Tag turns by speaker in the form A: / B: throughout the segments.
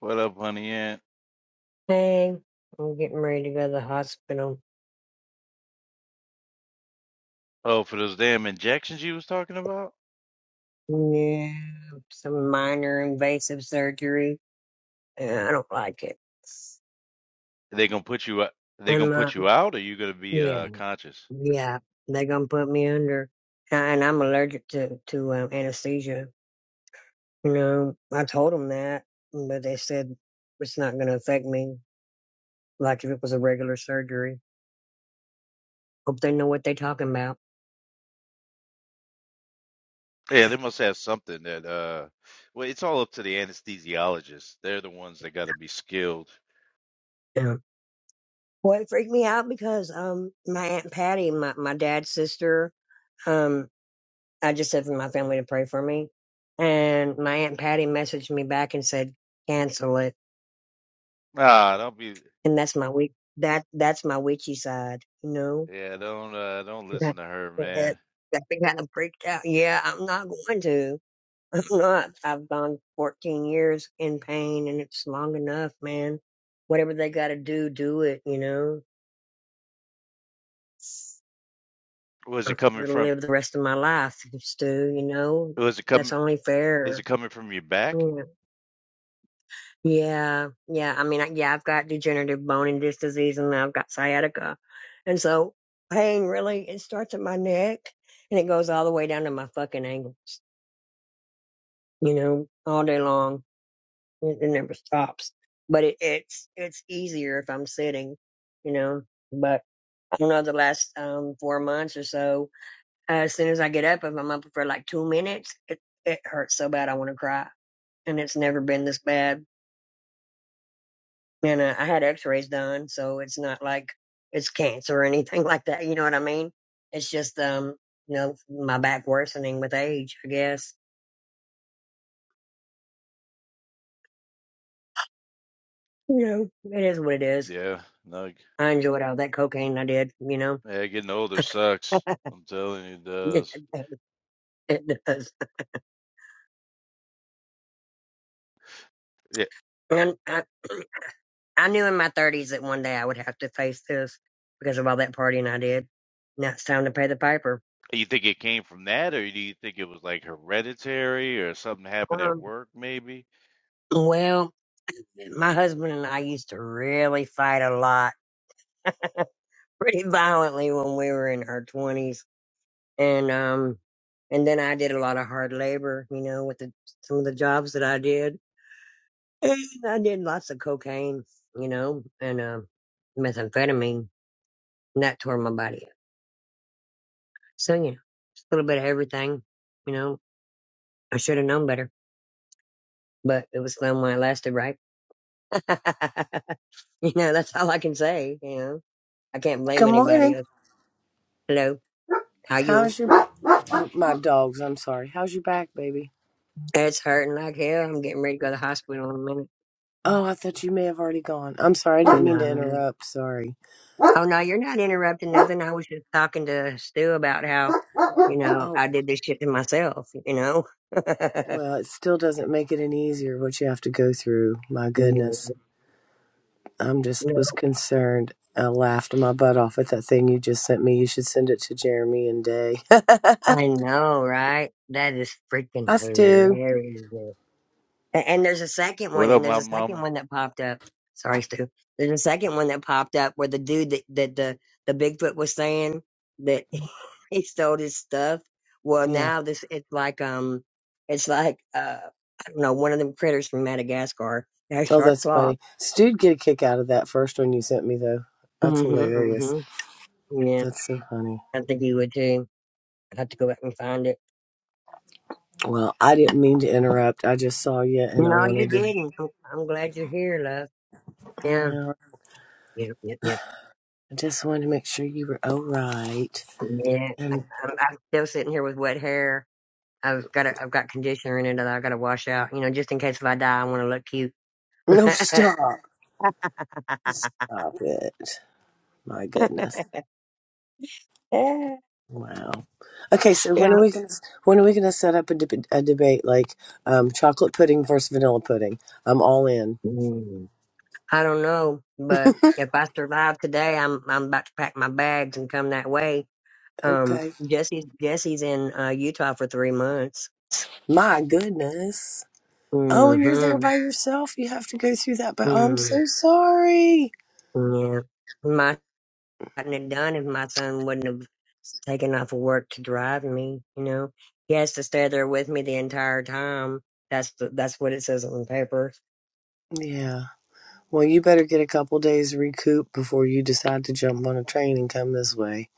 A: What up, honey? Ant?
B: Hey, I'm getting ready to go to the hospital.
A: Oh, for those damn injections you was talking about?
B: Yeah, some minor invasive surgery. Yeah, I don't like it.
A: They gonna put you? out- They gonna
B: And uh,
A: put you out, or you gonna be
B: yeah,
A: uh conscious?
B: yeah, they gonna put me under, and I'm allergic to to um, anesthesia. You know, I told them that, but they said it's not gonna affect me like if it was a regular surgery. Hope they know what they are talking about.
A: Yeah, they must have something that uh. Well, it's all up to the anesthesiologists. They're the ones that gotta be skilled.
B: Yeah. Well, it freaked me out because um my aunt Patty, my my dad's sister, um. I just said for my family to pray for me. And my aunt Patty messaged me back and said, cancel it.
A: Nah, don't be.
B: And that's my weak, that, that's my witchy side, you know?
A: Yeah, don't uh, don't
B: That,
A: listen to her,
B: that,
A: man.
B: that thing kind of freaked out. Yeah, I'm not going to. I'm not. I've gone 14 years in pain and it's long enough, man. Whatever they gotta do, do it, you know?
A: Was it
B: I'm
A: coming
B: gonna
A: from?
B: live the rest of my life, Stu, you know?
A: Was it
B: That's
A: coming?
B: only
A: Is
B: fair.
A: it coming from your back?
B: Yeah. Yeah, yeah. I mean, I, yeah, I've got degenerative bone and disc disease, and I've got sciatica, and so pain really it starts at my neck and it goes all the way down to my fucking ankles. You know, all day long, it, it never stops. But it, it's it's easier if I'm sitting, you know. But I don't know the last um four months or so. As soon as I get up, if I'm up for like two minutes, it it hurts so bad I want to cry, and it's never been this bad and uh, I had X-rays done, so it's not like it's cancer or anything like that. You know what I mean? It's just um, you know, my back worsening with age. I guess you know it is what it is.
A: Yeah, no.
B: I enjoyed all that cocaine I did. You know,
A: Yeah, getting older sucks. I'm telling you, it
B: it
A: does.
B: does. It does. And I, I knew in my thirties that one day I would have to face this because of all that partying I did. Now it's time to pay the piper.
A: You think it came from that, or do you think it was like hereditary or something happened at
B: Um,
A: work, maybe?
B: well, my husband and I used to really fight a lot pretty violently when we were in our twenties, and um, and then I did a lot of hard labor, you know, with the some of the jobs that I did, and I did lots of cocaine, you know, and um, methamphetamine, and that tore my body up. So you know, just a little bit of everything, you know. I should have known better, but it was fun while it lasted, right? you know, that's all I can say. You know, I can't blame
C: Good
B: anybody
C: morning.
B: else. Hello, how you?
C: How's your oh, my dogs? I'm sorry. How's your back, baby?
B: It's hurting like hell. I'm getting ready to go to the hospital in a minute.
C: Oh, I thought you may have already gone. I'm sorry. I didn't mean to
B: No.
C: interrupt. Sorry.
B: Oh no, you're not interrupting nothing. I was just talking to Stu about how, you know,
C: Oh,
B: I did this shit to myself, you know.
C: well, it still doesn't make it any easier what you have to go through. My
B: No.
C: goodness. I'm just
B: no.
C: was concerned. I laughed my butt off at that thing you just sent me. You should send it to Jeremy and Day.
B: I know, right? That is freaking
C: I Stu.
B: hilarious. And, and there's a second one,
A: What
B: and
A: up,
B: there's
A: my
B: a second
A: mama?
B: one that popped up. Sorry, Stu. There's a second one that popped up where the dude that, that the the Bigfoot was saying that he stole his stuff. Well,
C: Yeah.
B: now this it's like um, it's like uh, I don't know, one of them critters from Madagascar that has
C: Oh,
B: sharp
C: that's
B: claws.
C: funny. Stu'd get a kick out of that first one you sent me though. That's
B: Mm-hmm.
C: hilarious.
B: Mm-hmm. Yeah,
C: That's so funny.
B: I think you would too. I'd have to go back and find it.
C: Well, I didn't mean to interrupt. I just saw you and I
B: No, you
C: wanted to.
B: didn't. I'm, I'm glad you're here, love. Yeah.
C: Well,
B: Yeah, yeah, Yep.
C: I just wanted to make sure you were all right.
B: Yeah. I-
C: And
B: I'm, I'm still sitting here with wet hair. I've got a, I've got conditioner in it that I got to wash out. You know, just in case if I die, I want to look cute.
C: no, stop. Stop it. My goodness. Wow. Okay, so
B: yeah.
C: when are we gonna when are we gonna set up a, deb a debate like um, chocolate pudding versus vanilla pudding? I'm all in.
B: Mm. I don't know, but if I survive today, I'm I'm about to pack my bags and come that way. Um,
C: Okay.
B: Jesse's Jesse's in uh, Utah for three months.
C: My goodness. Oh, and you're there
B: Mm-hmm.
C: by yourself. You have to go through that. But I'm
B: Mm,
C: so sorry.
B: yeah. gotten it done if my son wouldn't have taken off of work to drive me. You know, he has to stay there with me the entire time. That's the, that's what it says on the paper.
C: Yeah. Well, you better get a couple days recoup before you decide to jump on a train and come this way.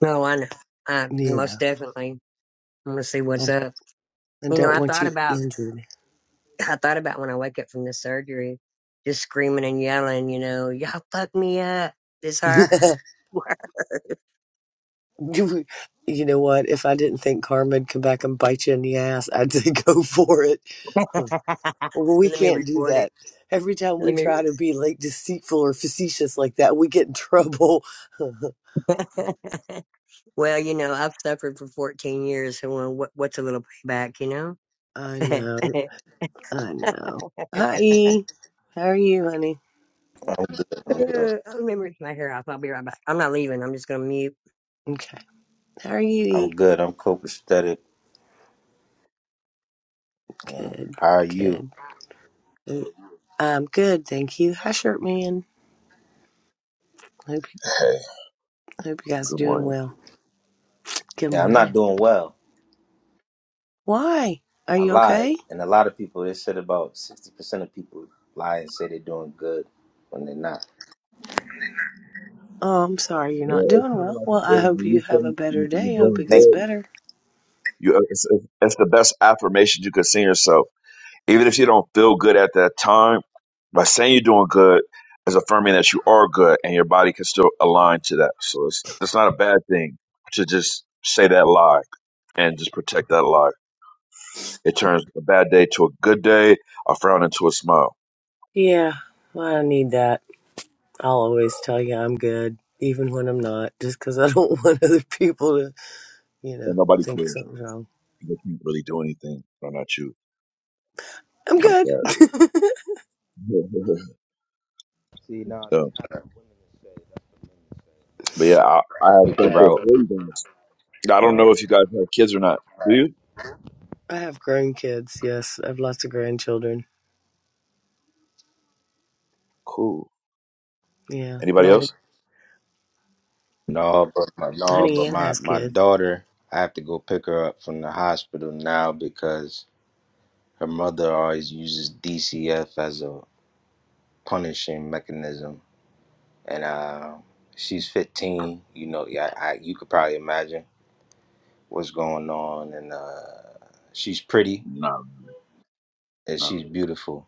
B: No, I know. I
C: Yeah.
B: most definitely want to see what's
C: I
B: up.
C: I
B: You know,
C: don't
B: I
C: want
B: thought
C: you
B: about
C: injured.
B: I thought about when I wake up from the surgery, just screaming and yelling. You know, y'all fuck me up. This hurt.
C: you you know what? If I didn't think karma would come back and bite you in the ass, I'd say go for it. Well, we
B: Let me
C: can't do
B: record it.
C: that. Every time
B: Let
C: we
B: me.
C: try to be like deceitful or facetious like that, we get in trouble.
B: well, you know, I've suffered for 14 years, so well, what, what's a little payback, you know?
C: I know. I know. Hi, E. How are you, honey?
D: I'm good. I'm good.
B: Let me reach my hair off. I'll be right back. I'm not leaving. I'm just going to mute.
C: Okay. How are you, E?
D: I'm good. I'm copacetic. man.
C: Good.
D: How are you?
C: Good. I'm good, thank you. Hi, shirt man. Hope you,
E: Hey,
C: hope you guys are
E: good
C: doing
E: morning.
C: well. Good
D: Yeah, I'm not
C: morning.
D: doing well.
C: Why? Are
D: I
C: you
D: lied,
C: okay?
D: and a lot of people. They said about sixty percent of people lie and say they're doing good when they're not.
C: Oh, I'm sorry you're
E: Yeah,
C: not
E: it's
C: doing
E: kind of
C: well.
E: like a
C: Well, I
E: thing
C: hope
E: when
C: you
E: you
C: have a
E: think
C: better
E: you- you're
C: day. I hope
E: doing
C: it gets
D: Thank
E: good.
D: you.
C: better.
E: You, uh, it's, it's it's the best affirmation you could send yourself, even if you don't feel good at that time. By saying you're doing good is affirming that you are good, and your body can still align to that. So it's it's not a bad thing to just say that lie and just protect that lie. It turns a bad day to a good day, a frown into a smile,
C: Yeah, well, I need that. I'll always tell you I'm good, even when I'm not, just 'cause I am not just because i do not want other people to, you know,
E: and nobody
C: think
E: cares.
C: something's wrong.
E: They can't really do anything. Why not you?
C: I'm
E: Kind
C: good.
E: of
D: See now,
E: bad. But yeah, I, I have
D: I the
E: something for
D: route.
E: you guys. I don't
D: Uh,
E: know if you guys have kids or not. Do you?
C: I have grown kids. Yes, I have lots of grandchildren.
E: Cool.
C: Yeah,
E: Anybody
C: Well,
E: else?
D: no, but my
E: Huh.
D: no, but
C: honey Ann
D: my
C: has
D: my
C: kids.
D: daughter. I have to go pick her up from the hospital now because her mother always uses DCF as a punishing mechanism, and uh, she's 15. You know, yeah, I, you could probably imagine. what's going on and uh she's pretty
E: Not really.
D: and
E: Not
D: she's
E: really.
D: beautiful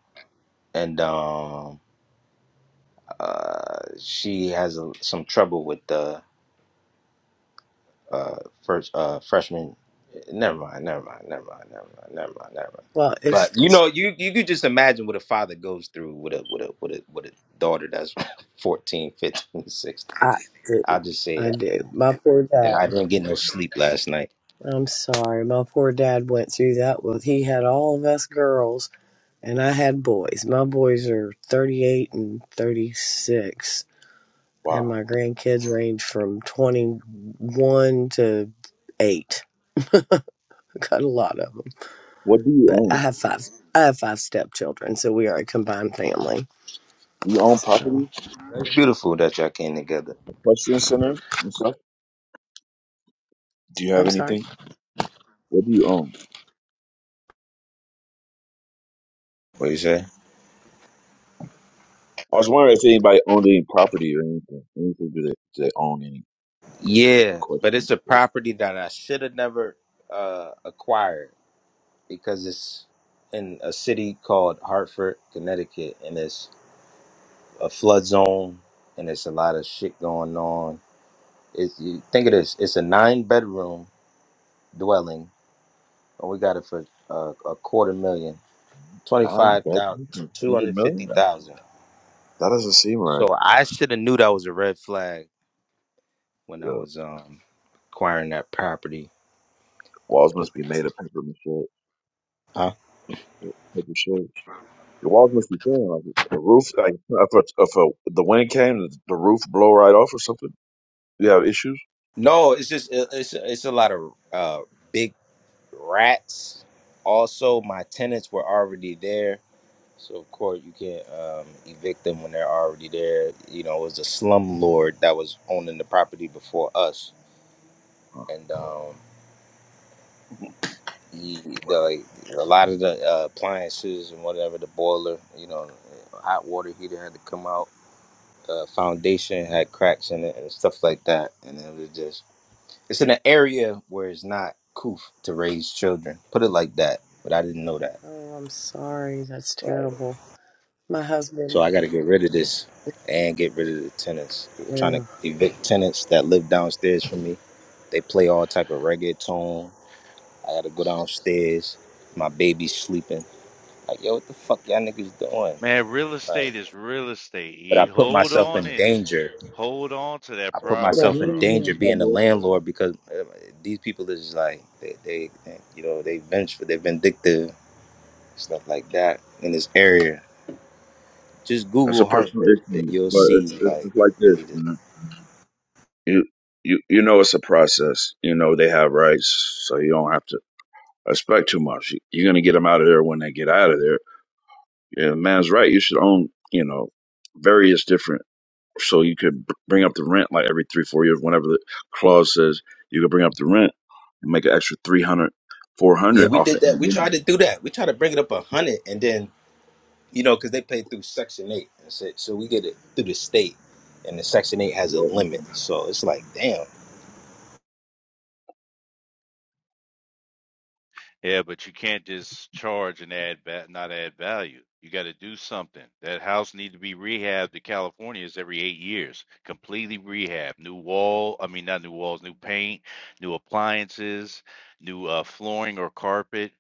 D: and um uh she has a, some trouble with the uh first uh freshman never mind never mind never mind never mind never mind never mind
C: Well, if
D: but you know you you could just imagine what a father goes through with a with a with a with a daughter that's 14, 15, 16.
C: I,
D: i'll just say
C: I
D: that
C: do. My poor
D: and i
C: dad.
D: didn't get no sleep last night
C: I'm sorry. My poor dad went through that with he had all of us girls and I had boys. My boys are 38 and 36 and
E: Wow.
C: my grandkids range from 21 to 8. I got a lot of them.
E: What do you
C: But I
E: own?
C: have five I have five stepchildren, so we are a combined family.
E: Do you own
C: So,
E: property,
D: it's beautiful that y'all came together
E: equestrian centers and stuff? Do you have
C: I'm sorry.
E: anything? What do you own?
D: what you say
E: I was wondering if anybody owned any property or anything. Anything do they, do they own any
D: Yeah, but
E: equestrian?
D: it's a
E: centers?
D: property that I should have never uh, acquired because it's in a city called Hartford, Connecticut, and it's a flood zone, and it's a lot of shit going on. It's, you think of this: it's a nine-bedroom dwelling, and we got it for uh, a quarter million,
E: Nine
D: twenty-five thousand,
E: bedrooms and a
D: two
E: hundred
D: hundred
E: million?
D: fifty
E: That
D: thousand.
E: that doesn't seem
D: So
E: right.
D: I should have knew that was a red flag when I
E: The
D: was um acquiring that property.
E: walls must be made of paper mache.
D: Huh?
E: Paper mache. The walls must be thin. Like the roof, like if, a, if a, the wind came, the, the roof blow right off or something. You have issues.
D: No, it's just it- it's it's a lot of uh big rats. Also, my tenants were already there, so of course you can't um, evict them when they're already there. You know, it was a slum lord that was owning the property before us,
E: Huh.
D: and um,
E: Hold
D: he, the a lot of the uh, appliances and whatever the boiler, you know, hot water heater had to come out. Uh, foundation had cracks in it and stuff like that, and it was just It's in an area where it's not cool to raise children. Put it like that. But I didn't know that.
C: Oh, I'm sorry. That's
D: Right.
C: terrible. My
D: So
C: husband.
D: I got to get rid of this and get rid of the tenants. I'm
C: Yeah.
D: trying to evict tenants that live downstairs from me. They play all type of reggaeton. I got to go downstairs. My baby's sleeping. Like, yo, what the fuck y'all niggas doing?
A: Man, real
D: Like,
A: estate is real estate.
D: but
A: E.
D: I put
A: Hold
D: myself
A: on
D: in
A: it.
D: danger.
A: Hold on to that
D: I put
E: on,
A: property,
D: myself in
E: hold
A: bro.
E: on, hold
D: danger
E: on,
D: being a
E: cowboy.
D: landlord because uh, these people is like they, they, they you know, they vengeful, they are vindictive stuff like that in this area. Just
E: That's a
D: Google
E: personal
D: Hartford, and
E: issue,
D: you'll
E: but it's
D: see
E: it's,
D: like
E: it's like this,
D: really just
E: man. You you you know it's a process. You know they have rights, so you don't have to expect too much. You- You're gonna get them out of there when they get out of there. Yeah, the man's right. You should own, you know, various different. so you could b- bring up the rent like every three four years whenever the clause says you could bring up the rent and make an extra 300, four
D: Yeah,
E: hundred
D: we
E: off it
D: did that. We tried to do that. We tried to bring it up a hundred, and then you know, because they pay through Section Eight, and so, so we get it through the state, and the Section Eight has a limit. So it's like, damn,
A: Yeah, but you can't just charge and add va- not add value. You got to do something. That house need to be rehabbed to California's every eight years, completely rehab, new wall. I mean, not new walls, new paint, new appliances, new uh, flooring or carpet.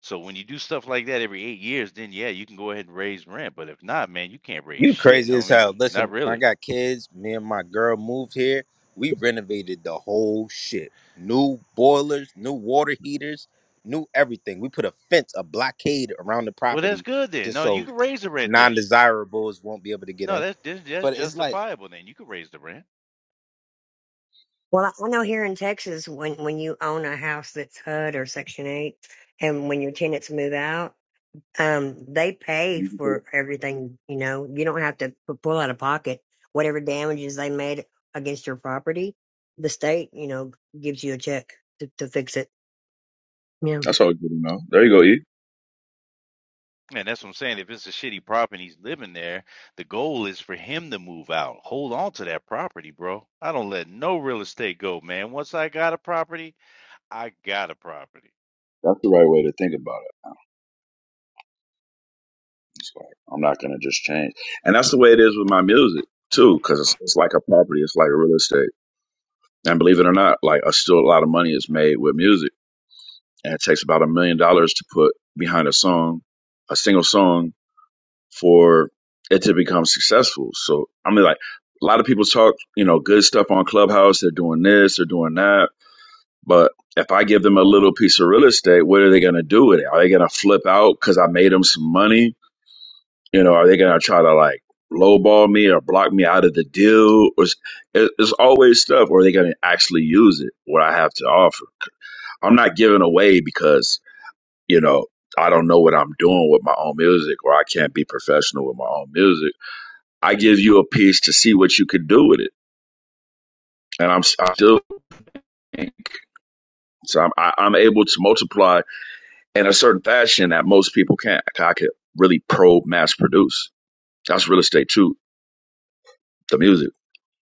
A: So when you do stuff like that every eight years, then yeah, you can go ahead and raise rent. But if not, man, you can't raise
D: you
A: shit,
D: crazy as
A: homie.
D: hell.
A: Not
D: Listen, I
A: really.
D: got kids. Me and my girl moved here. We renovated the whole shit. New boilers, new water heaters, new everything. We put a fence, a blockade around the
A: Well, that's
D: property,
A: good then.
D: just
A: No, you
D: so
A: can raise the rent then.
D: non-desirables won't be able to get
A: No,
D: in.
A: that's that's that's
D: But it's like
A: justifiable then. You can raise the rent.
B: Well, I I know here in Texas, when, when you own a house that's HUD or Section 8, and when your tenants move out, um, they pay for everything. You know, you don't have to pu- pull out of pocket whatever damages they made against your property. The state, you know, gives you a check to, to fix it. Yeah.
E: that's all good enough there you go e
A: And that's what I'm saying. If it's a shitty property and he's living there, the goal is for him to move out. Hold on to that property, bro. I don't let no real estate go, man. Once I got a property, I got a property.
E: that's the right way to think about it it's like i'm not gonna just change and that's the way it is with my music too because it's, it's like a property it's like a real estate and believe it or not like a still a lot of money is made with music and it takes about a million dollars to put behind a song a single song for it to become successful. So I mean, like a lot of people talk, you know, good stuff on Clubhouse. They're doing this, they're doing that. But if I give them a little piece of real estate, what are they going to do with it? Are they going to flip out because I made them some money? You know, are they going to try to like lowball me or block me out of the deal? Or s- it- It's always stuff. Or are they going to actually use it? What I have to offer? I'm not giving away because you know I don't know what I'm doing with my own music, or I can't be professional with my own music I give you a piece to see what you can do with it. And I'm, I'm still, so I'm, I, I'm able to multiply in a certain fashion that most people can't. I could really pro mass produce. That's real estate too, the music.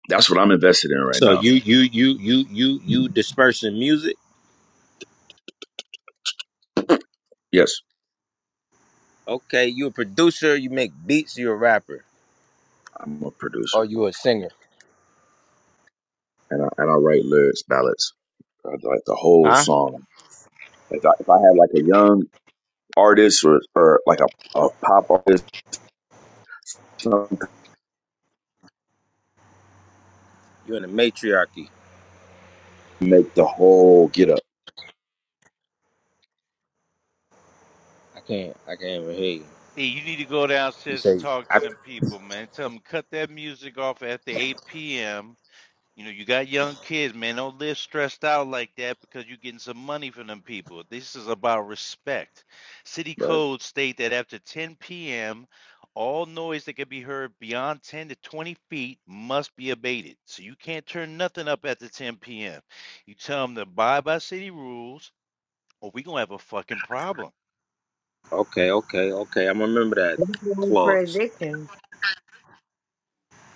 E: That's what I'm invested in right
D: so
E: now.
D: you you you you you you dispersing music.
E: Yes,
D: Okay, you a producer, you make beats, you a rapper,
E: I'm a
D: or
E: producer
D: you a singer,
E: and I, and I write lyrics, ballads, uh, like the whole
D: huh?
E: song. If I, if I had like a young artist or, or like a, a pop artist, something
D: You in a matriarchy.
E: to make the whole get up,
D: I can't I can't even hear you.
A: Hey, you need to go
D: You
A: downstairs and
D: say
A: talk to
D: I,
A: them people, man. Tell them cut that music off at the 8 p.m. You know, you got young kids, man. Don't live stressed out like that because you're getting some money from them people. This is about respect. City
E: right?
A: codes state that after 10 p.m., all noise that can be heard beyond 10 to 20 feet must be abated. So you can't turn nothing up after 10 p.m. You tell them to abide by city rules, or we're going to have a fucking problem.
D: okay okay okay. I'm gonna remember that
B: For
D: clause.
B: eviction.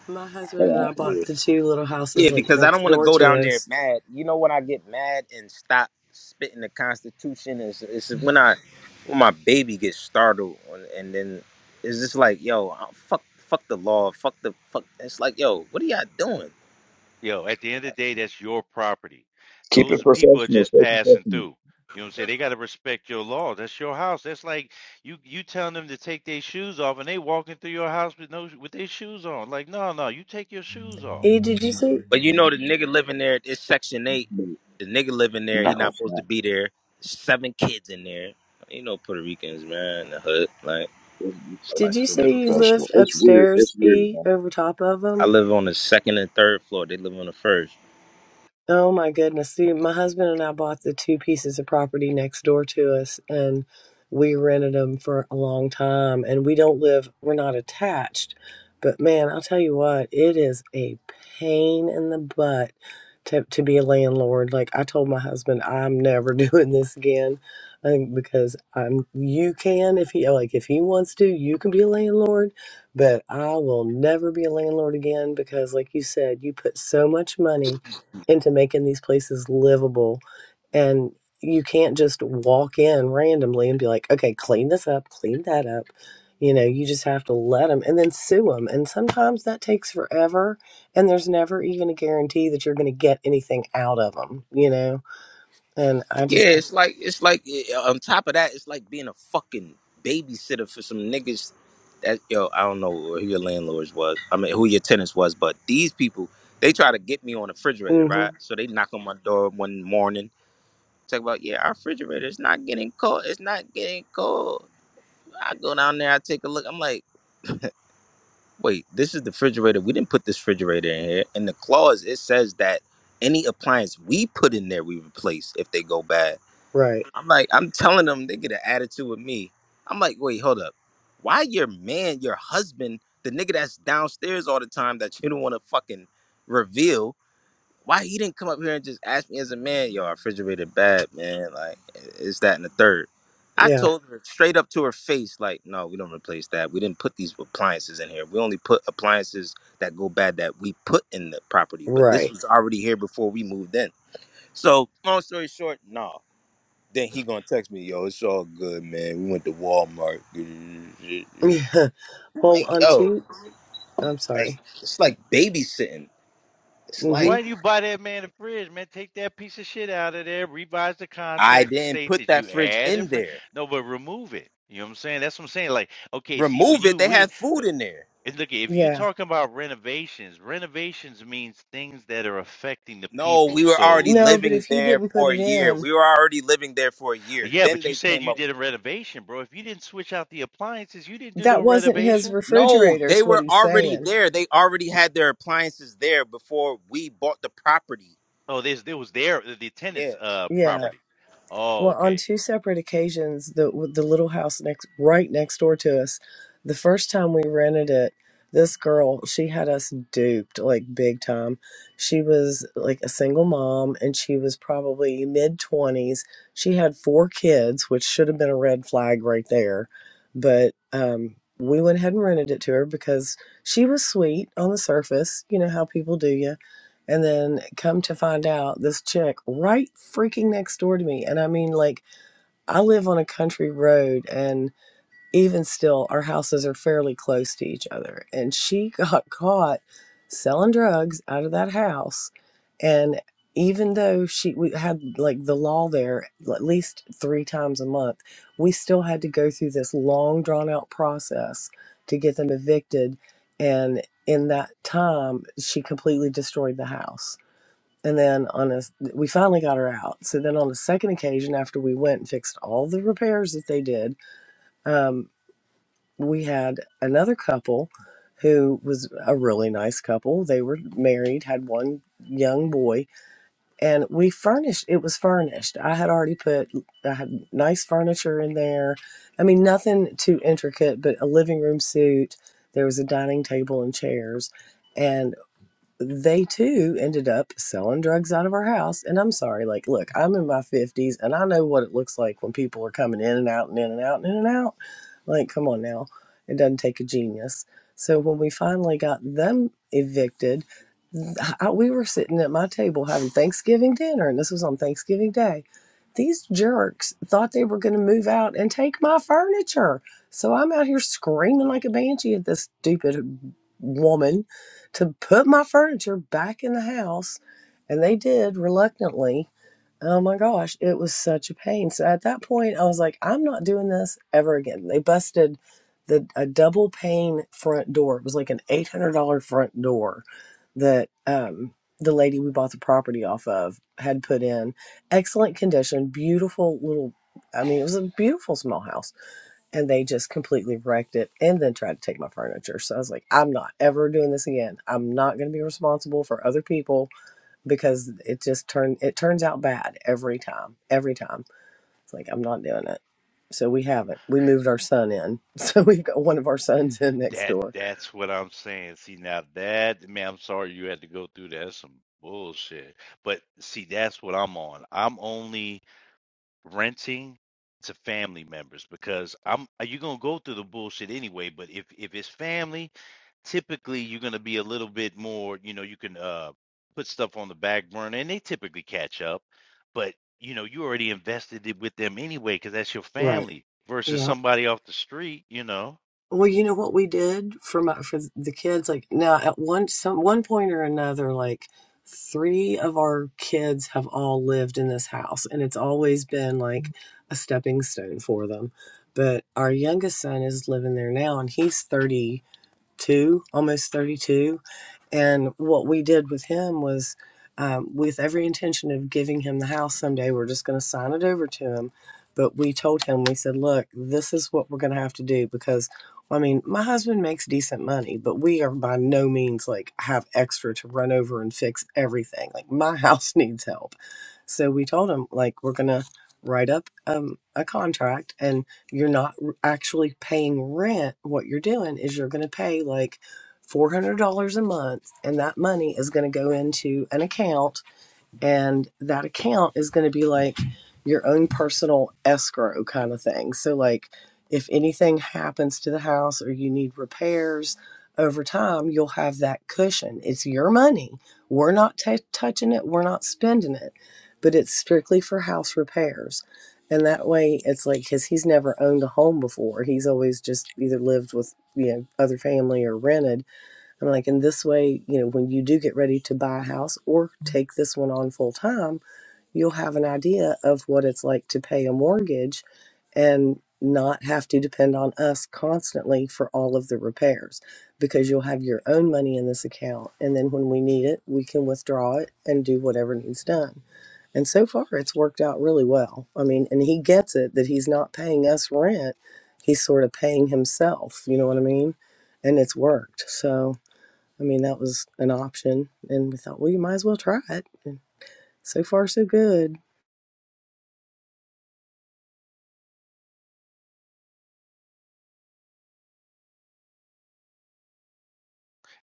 C: My husband and I bought the two little houses
D: Yeah,
C: like
D: because I don't
C: next
D: want to
C: door
D: go down
C: to
D: there
C: us.
D: mad. You know when I get mad and stop spitting the Constitution is is when I when my baby gets startled and, and then it's just like yo uh, fuck fuck the law fuck the fuck it's like yo what are y'all doing?
A: Yo, at the end of the day, that's your property.
E: Keep it
A: Those people are
E: professional,
A: just
E: stay
A: passing
E: professional.
A: through. You know what I'm saying? They got to respect your law. That's your house. That's like you you telling them to take their shoes off and they walking through your house with no with their shoes on. Like, no, no, you take your shoes off.
C: E, did you say
D: But you know the nigga living there it's Section Eight. The nigga living
E: I'm
D: there he
E: not gonna
D: not supposed
E: snap.
D: to be there. Seven kids in there. You know Puerto Ricans man in the hood like
E: It's, it's
D: it's
E: gotta be
C: did
D: like
C: you
E: staying
C: say you
E: professional.
C: lived
E: It's weird.
C: upstairs?
E: It's weird,
C: E,
E: man.
C: over top of them.
D: I live on the second and third floor. They live on the first.
C: Oh my goodness. See, my husband and I bought the two pieces of property next door to us and we rented them for a long time and we don't live, we're not attached. But man, I'll tell you what, it is a pain in the butt to, to be a landlord. Like I told my husband, I'm never doing this again. I think because I'm, you can, if he, like, if he wants to, you can be a landlord, but I will never be a landlord again because, like you said, you put so much money into making these places livable. And you can't just walk in randomly and be like, okay, clean this up, clean that up. You know, you just have to let them and then sue them. And sometimes that takes forever. And there's never even a guarantee that you're going to get anything out of them, you know? And I
D: Yeah,
C: just,
D: it's like it's like eh, on top of that, it's like being a fucking babysitter for some niggas that yo, I don't know who your landlords was. I mean, who your tenants was, but these people they try to get me on the refrigerator,
C: hmm
D: right? So they knock on my door one morning, talk about yeah, our refrigerator is not getting cold. It's not getting cold. I go down there, I take a look. I'm like, wait, this is the refrigerator. We didn't put this refrigerator in here. In the clause, it says that any appliance we put in there, we replace if they go bad.
C: right.
D: I'm like, I'm telling them they get an attitude with me. I'm like, wait, hold up. Why your man, your husband, the nigga that's downstairs all the time that you don't want to fucking reveal, why he didn't come up here and just ask me as a man, yo, our refrigerator bad, man. Like, is that and the third? I
C: Yeah,
D: told her straight up to her face, like, no, we don't replace that. We didn't put these appliances in here. We only put appliances that go bad that we put in the property. But this
C: right.
D: was already here before we moved in. So, long story short, no. Then he gonna text me, yo, it's all good, man. We went to Walmart.
C: Yeah.
D: I'm
C: Well,
D: like,
C: on
D: yo,
C: two, I'm
D: like
C: sorry.
D: it's like babysitting. It's
C: hmm
D: like
A: Why do you buy that man a fridge, man? Take that piece of shit out of there, revise the
D: I
A: contract to
D: didn't
A: state
D: put
A: that
D: that
A: you
D: fridge
A: add a
D: in
A: fridge.
D: there.
A: No, but remove it. You know what I'm saying? That's what I'm saying. Like, okay, see, when
D: Remove it.
A: you
D: They
A: we
D: had food in there.
A: And look, if you're
C: Yeah.
A: talking about renovations, renovations means things that are affecting the
D: No,
A: people.
D: we were
A: So,
D: already
C: No, but if
D: living
C: he
D: there
C: didn't put
D: for a
C: it
D: year.
C: in,
D: We were already living there for a year.
A: yeah,
D: Then
A: but you
D: they
A: said
D: came
A: you
D: up
A: did
D: with
A: a renovation, bro. If you didn't switch out the appliances, you didn't do no
C: that wasn't his
A: renovation.
D: no,
C: refrigerator,
D: they
C: is what
D: were
C: he's
D: already
C: saying.
D: there. They already had their appliances there before we bought the property.
A: Oh, this there was their the tenant's
D: Yes.
A: uh
D: yes.
C: Yeah.
A: property. Oh,
C: Well, on
A: okay.
C: two separate occasions, the with the little house next right next door to us, the first time we rented it, this girl, she had us duped like big time. She was like a single mom and she was probably mid 20s. She had four kids, which should have been a red flag right there. But um we went ahead and rented it to her because she was sweet on the surface, you know how people do you and then come to find out this chick right freaking next door to me. And I mean, like, I live on a country road, and even still, our houses are fairly close to each other. And she got caught selling drugs out of that house. And even though she we had like the law there at least three times a month, we still had to go through this long, drawn out process to get them evicted. And in that time, she completely destroyed the house and then on a, we finally got her out. So then on the second occasion, after we went and fixed all the repairs that they did, um, we had another couple who was a really nice couple. They were married, had one young boy, and we furnished, it was furnished. I had already put, I had nice furniture in there. I mean, nothing too intricate, but a living room suite. There was a dining table and chairs. and they too ended up selling drugs out of our house. And I'm sorry, like, look, I'm in my 50s and I know what it looks like when people are coming in and out and in and out and in and out. Like, come on now. It doesn't take a genius. So when we finally got them evicted, I, we were sitting at my table having Thanksgiving dinner, and this was on Thanksgiving Day. These jerks thought they were going to move out and take my furniture. So I'm out here screaming like a banshee at this stupid woman to put my furniture back in the house, and they did reluctantly. Oh my gosh, it was such a pain. So at that point, I was like, I'm not doing this ever again. They busted the a double pane front door. It was like an eight hundred dollar front door that um, the lady we bought the property off of had put in. Excellent condition, beautiful little. I mean, it was a beautiful small house and they just completely wrecked it and then tried to take my furniture. So I was like, I'm not ever doing this again. I'm not going to be responsible for other people because it just turned it turns out bad every time. Every time. It's like I'm not doing it. So we haven't. We moved our son in. So we've got one of our sons in next
A: That
C: door.
A: that's what I'm saying. See now that man, I'm sorry you had to go through that. That's some bullshit. But see, that's what I'm on. I'm only renting to family members because I'm uh, you're gonna go through the bullshit anyway. But if if it's family, typically you're gonna be a little bit more. You know, you can uh put stuff on the back burner, and they typically catch up. But you know, you already invested it with them anyway because that's your
C: Right.
A: family versus
C: Yeah.
A: somebody off the street. You know.
C: Well, you know what we did for my, for the kids. Like now, at one some one point or another, like three of our kids have all lived in this house, and it's always been like a stepping stone for them. But our youngest son is living there now, and he's thirty two, almost thirty two, and what we did with him was, um, with every intention of giving him the house someday, we're just going to sign it over to him. But we told him, we said, look, this is what we're going to have to do because, I mean, my husband makes decent money, but we are by no means like have extra to run over and fix everything. Like, my house needs help. So we told him, like, we're going to write up um, a contract and you're not r- actually paying rent. What you're doing is you're going to pay like $400 a month and that money is going to go into an account and that account is going to be like your own personal escrow kind of thing so like if anything happens to the house or you need repairs over time you'll have that cushion it's your money we're not t- touching it we're not spending it but it's strictly for house repairs and that way it's like because he's never owned a home before he's always just either lived with you know other family or rented I'm like, in this way, you know, when you do get ready to buy a house or take this one on full time, you'll have an idea of what it's like to pay a mortgage and not have to depend on us constantly for all of the repairs because you'll have your own money in this account. And then when we need it, we can withdraw it and do whatever needs done. And so far, it's worked out really well. I mean, and he gets it that he's not paying us rent, he's sort of paying himself. You know what I mean? And it's worked. So. I mean, that was an option. And we thought, well, you might as well try it. And so far, so good.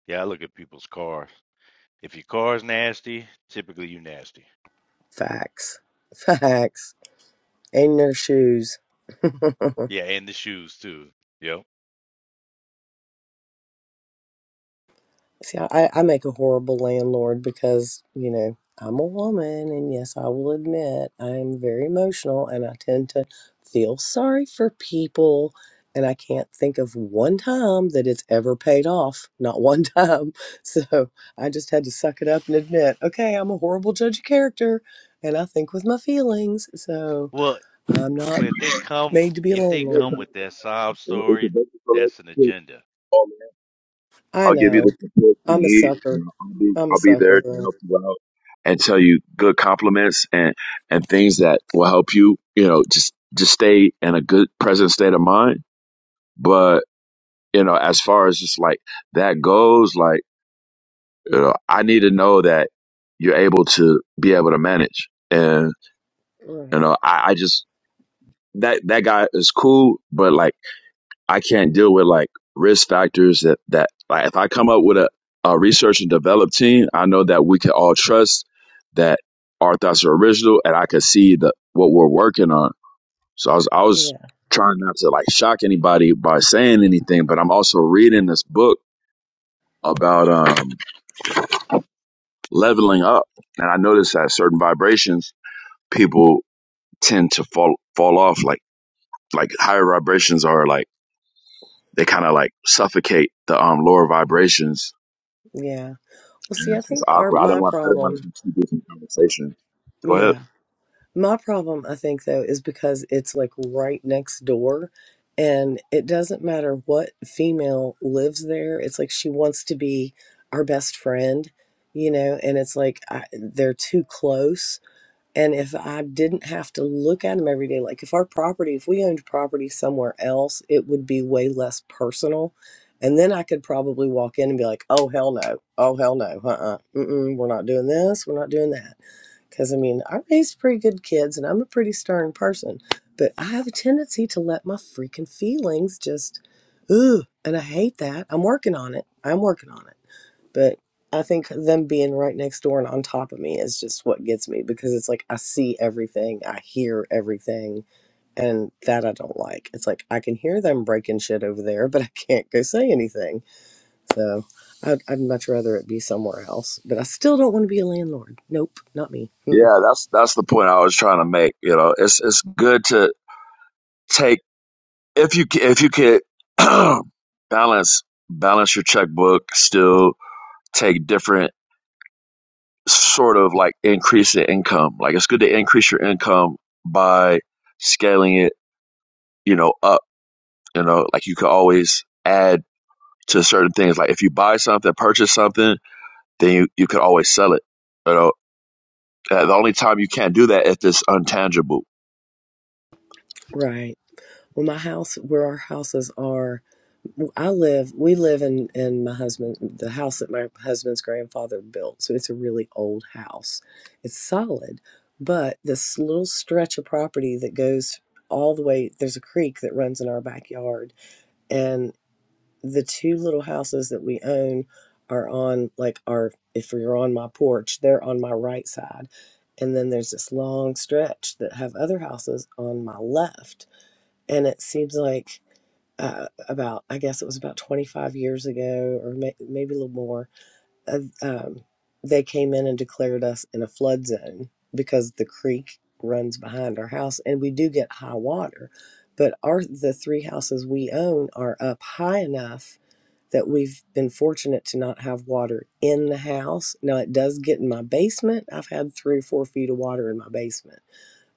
A: Yeah, I look at people's cars. If your car's nasty, typically you nasty.
C: Facts. Facts. In their shoes.
A: Yeah, and the shoes too. Yep.
C: See, I, I make a horrible landlord because, you know, I'm a woman, and yes, I will admit I am very emotional and I tend to feel sorry for people. And I can't think of one time that it's ever paid off, not one time. So I just had to suck it up and admit, okay, I'm a horrible judge of character and I think with my feelings. So
A: Well,
C: I'm not
A: Well, if they come,
C: made to be a
A: if they
E: I'm not
A: come
C: landlord.
E: trying
A: with
E: to
A: that sob
E: with with the
A: story,
E: business
A: that's an
E: relationship.
A: agenda.
E: Oh man,
C: I
E: I'll give you
C: know.
E: the support you
C: I'm a
E: need.
C: sucker.
E: You know, I'll be
C: I'm a
E: I'll be there
C: sucker.
E: to help
C: Right.
E: you out and tell you good compliments and and things that will help you. You know, just just stay in a good present state of mind. But you know, as far as just like that goes, like you know, I need to know that you're able to be able to manage. And
C: Right.
E: you know, I, I just that that guy is cool, but like I can't deal with like risk factors that that like if I come up with a, a research and develop team, I know that we can all trust that our thoughts are original and I can see the what we're working on. So I was I was
C: Yeah.
E: trying not to like shock anybody by saying anything, but I'm also reading this book about um leveling up and I noticed that certain vibrations people tend to fall fall off like like higher vibrations are like they kind of like suffocate the um lower vibrations,
C: Yeah. Well,
E: and
C: see, I
E: it's just
C: think our
E: awkward. I didn't
C: my
E: want I didn't want
C: problem,
E: to be too deep in conversation. Go ahead.
C: yeah, my problem, I think though, is because it's like right next door, and it doesn't matter what female lives there. It's like she wants to be our best friend, you know, and it's like I, they're too close and if I didn't have to look at them every day, like if our property, if we owned property somewhere else, it would be way less personal. And then I could probably walk in and be like, oh, hell no. Oh, hell no. Uh uh-uh. uh. mm We're not doing this. We're not doing that. Because I mean, I raised pretty good kids and I'm a pretty stern person, but I have a tendency to let my freaking feelings just, ooh, and I hate that. I'm working on it. I'm working on it but I think them being right next door and on top of me is just what gets me because it's like I see everything, I hear everything, and that I don't like. It's like I can hear them breaking shit over there, but I can't go say anything. So I'd, I'd much rather it be somewhere else. But I still don't want to be a landlord. Nope, not me. Mm-mm.
E: Yeah, that's that's the point I was trying to make. You know, it's it's good to take if you ca- if you can balance balance your checkbook, still take different sort of like increase in income. Like it's good to increase your income by scaling it, you know, up. You know, like you could always add to certain things. Like if you buy something, purchase something then you, you could always sell it. You know, Uh, the only time you can't do that if it's untangible.
C: Right. Well, my house, where our houses are, I live, we live in in my husband, the house that my husband's grandfather built. So it's a really old house. It's solid, but this little stretch of property that goes all the way, there's a creek that runs in our backyard, and the two little houses that we own are on like our if you're on my porch, they're on my right side. And then there's this long stretch that have other houses on my left and it seems like uh, about I guess it was about 25 years ago or may, maybe a little more. Uh, um, they came in and declared us in a flood zone because the creek runs behind our house, and we do get high water. But our the three houses we own are up high enough that we've been fortunate to not have water in the house. Now it does get in my basement. I've had three or four feet of water in my basement,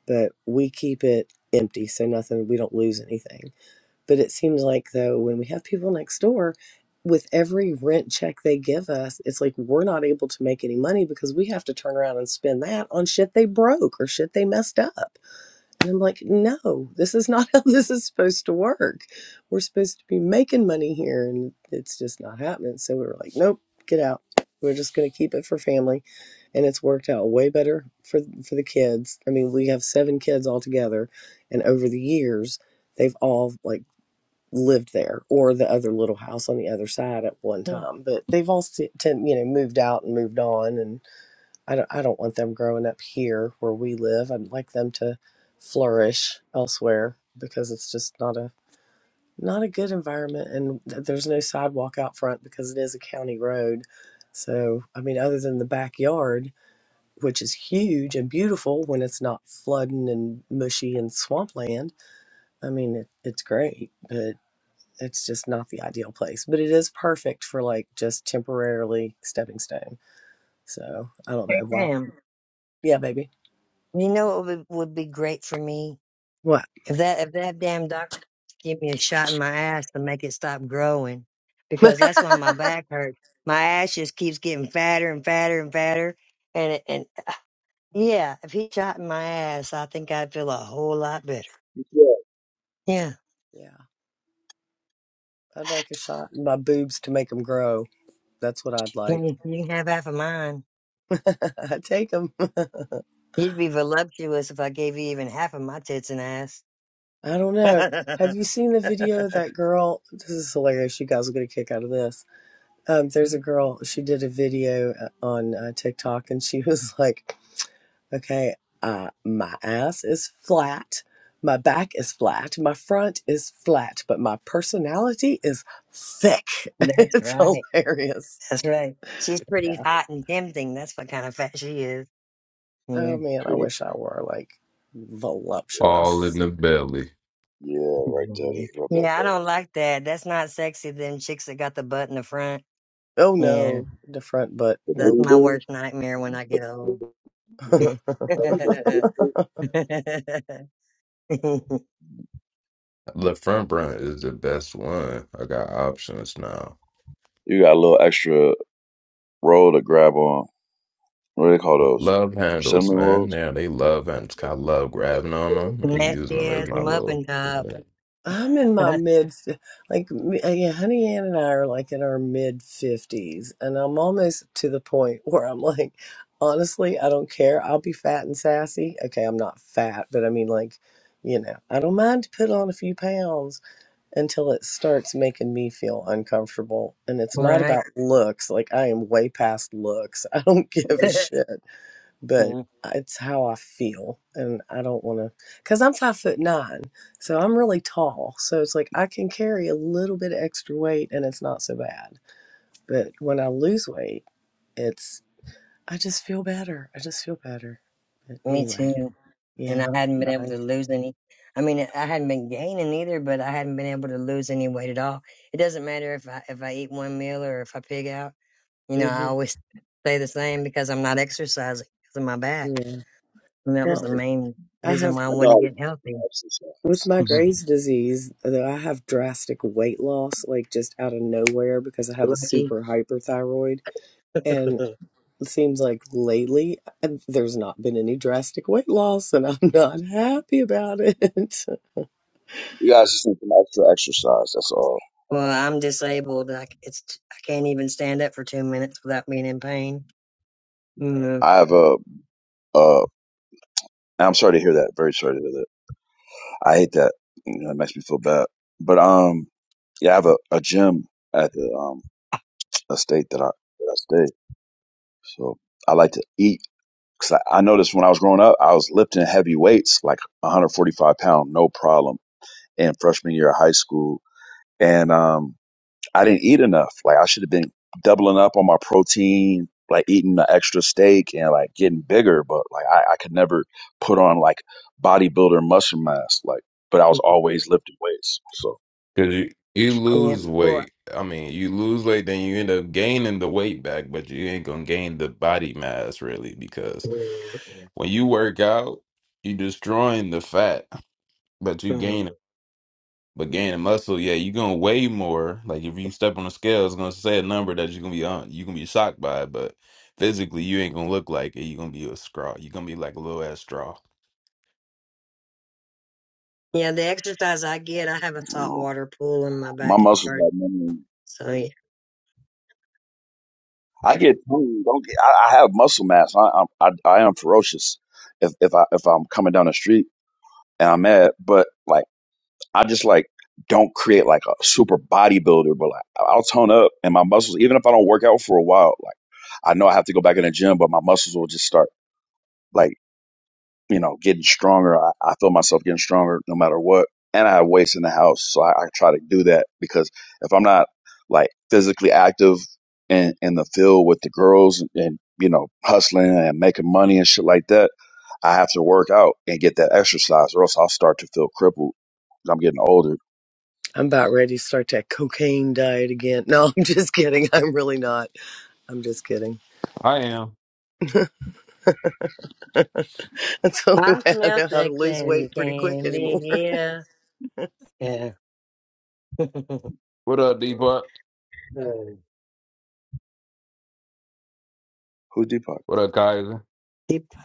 C: but we keep it empty so nothing we don't lose anything but it seems like though when we have people next door, with every rent check they give us, it's like we're not able to make any money because we have to turn around and spend that on shit they broke or shit they messed up. And I'm like, no, this is not how this is supposed to work. We're supposed to be making money here and it's just not happening. So we were like, nope, get out. We're just going to keep it for family. And it's worked out way better for for the kids. I mean, we have seven kids altogether and over the years they've all like lived there or the other little house on the other side at one time but they've all se- ten- you know moved out and moved on and I don't, I don't want them growing up here where we live i'd like them to flourish elsewhere because it's just not a not a good environment and th- there's no sidewalk out front because it is a county road so i mean other than the backyard which is huge and beautiful when it's not flooding and mushy and swampland i mean it, it's great but it's just not the ideal place, but it is perfect for like just temporarily stepping stone. So I don't know. Wow.
B: Damn.
C: Yeah, baby.
B: You know, it would, would be great for me
C: What?
B: If that if that damn doctor give me a shot in my ass to make it stop growing, because that's why my back hurts. My ass just keeps getting fatter and fatter and fatter. And and yeah, if he shot in my ass, I think I'd feel a whole lot better. Yeah,
C: Yeah. I'd like a shot in my boobs to make them grow. That's what I'd like.
B: you can, you can have half of mine.
C: I take them.
B: You'd be voluptuous if I gave you even half of my tits and ass.
C: I don't
B: that's
C: know. Have you seen the video of that girl? This is hilarious. You guys will get a kick out of this. Um, there's a girl. She did a video uh, on uh, TikTok, and she was like, Okay. Uh, my ass is flat. My back is flat. My front is flat, but my personality is thick. it's
B: right.
C: hilarious.
B: That's right. She's pretty
C: Yeah.
B: hot and tempting. That's what kind of fat she is. Yeah.
C: Oh man, I
E: Pretty.
C: wish I were like
F: All in
C: voluptuous.
F: the belly.
E: Yeah, right there.
B: Mhm.
E: Just rub that
B: Yeah, I
E: button.
B: don't like that. That's not sexy. Them chicks that got the butt in the front.
C: Oh
B: Yeah,
C: no, the front butt.
E: The
B: that's
E: booty
C: Nope.
B: my
E: do?
B: worst nightmare when I
E: The
B: get old.
E: booty do?
F: The front brunt is the best one. I got options now.
E: You got a little extra roll to grab on. What do they call those?
F: Love
E: Cinnamon
F: handles, man.
E: rolls?
F: Yeah, they love handles. I love grabbing on them and using
B: Nasty
F: them as
B: ass
F: my little.
B: muffin top.
F: Because
C: I'm in my mid, like, me- uh, yeah, Honey Ann and I are like in our mid 50s, and I'm almost to the point where I'm like, honestly, I don't care. I'll be fat and sassy. Okay, I'm not fat, but I mean, like, you know, I don't mind to put on a few pounds until it starts making me feel uncomfortable. And it's not
B: right?
C: about looks. Like, I am way past looks. I don't give a shit but
B: Mm,
C: it's how I feel. And I don't want to, because I'm five foot nine. So I'm really tall. So it's like I can carry a little bit of extra weight and it's not so bad. But when I lose weight, it's, I just feel better. I just feel better. But
B: Me
C: anyway,
B: too. And I
C: yeah.
B: hadn't been able
C: Sorry.
B: to lose any. I mean, I hadn't been gaining either, but I hadn't been able to lose any weight at all. It doesn't matter if I if I eat one meal or if I pig out. You know, I
C: hmm
B: always stay the same because I'm not exercising because of my back.
C: Yeah.
B: And that was
C: Well,
B: the main
C: I
B: reason
C: have,
B: why I
E: I know how
B: wanted to
E: to do
B: get healthy.
C: with
E: exercise.
C: my Graves' disease, though I have drastic weight loss, like just out of nowhere because I have a
B: Lucky.
C: super hyperthyroid And it seems like lately uh, there's not been any drastic weight loss, and I'm not happy about it.
E: You guys just need some extra exercise. That's all.
B: Well, I'm disabled. I, c- it's, t- I can't even stand up for two minutes without being in pain. mm
E: I have a. Uh, I'm sorry to hear that. Very sorry to hear that. I hate that. You know, it makes me feel bad. But um, yeah, I have a, a gym at the um a state that I that I stay. So I like to eat because I, I noticed when I was growing up, I was lifting heavy weights, like 145 pound, no problem, in freshman year of high school, and um, I didn't eat enough. Like I should have been doubling up on my protein, like eating the extra steak and like getting bigger, but like I, I could never put on like bodybuilder muscle mass, like. But I was always lifting weights, so
F: you, you
E: it's kind of
B: Yeah.
F: lose
E: weird.
B: Well,
F: weight. I mean, you lose weight, then you end up gaining the weight back, but you ain't going to gain the body mass really because
B: yeah. Yeah.
F: when you work out, you destroying the fat, but you
B: Mm.
F: gaining But gaining muscle, yeah, you're gonna weigh more. Like if you step on the scale, it's gonna say a number that you're gonna be on. You're gonna be shocked by it, but physically, you ain't gonna look like it. You're gonna be a straw. You're gonna be like a little ass straw.
B: Yeah, The exercise I get, I have a
E: You know.
B: saltwater pool in my
E: My muscles
B: backyard.
E: have memory.
B: So yeah.
E: I get tongue. Don't get. I, I have muscle mass. I, I'm- I I am ferocious. If if I if I'm coming down the street and I'm mad, but like I just like don't create like a super bodybuilder, but like I'll tone up and my muscles. Even if I don't work out for a while, like I know I have to go back in the gym, but my muscles will just start like you know, getting stronger. I, I feel myself getting stronger no matter what. And I have weights in the house. So I, I try to do that because if I'm not like physically active in, in the field with the girls and, you know, hustling and making money and shit like that, I have to work out and get that exercise or else I'll start to feel crippled. 'Cause I'm getting older.
C: I'm about ready to start that cocaine diet again. No, I'm just kidding. I'm really not. I'm just kidding.
F: I am.
C: That's the only
B: I
C: way I
B: smell
C: know how to
B: sex
C: lose weight
B: and
C: pretty quick
B: candy.
C: anymore.
B: Yeah. Yeah.
F: What up, Depot?
B: Mm.
E: Who's Deepak?
F: What up, Kaiser?
B: Yep.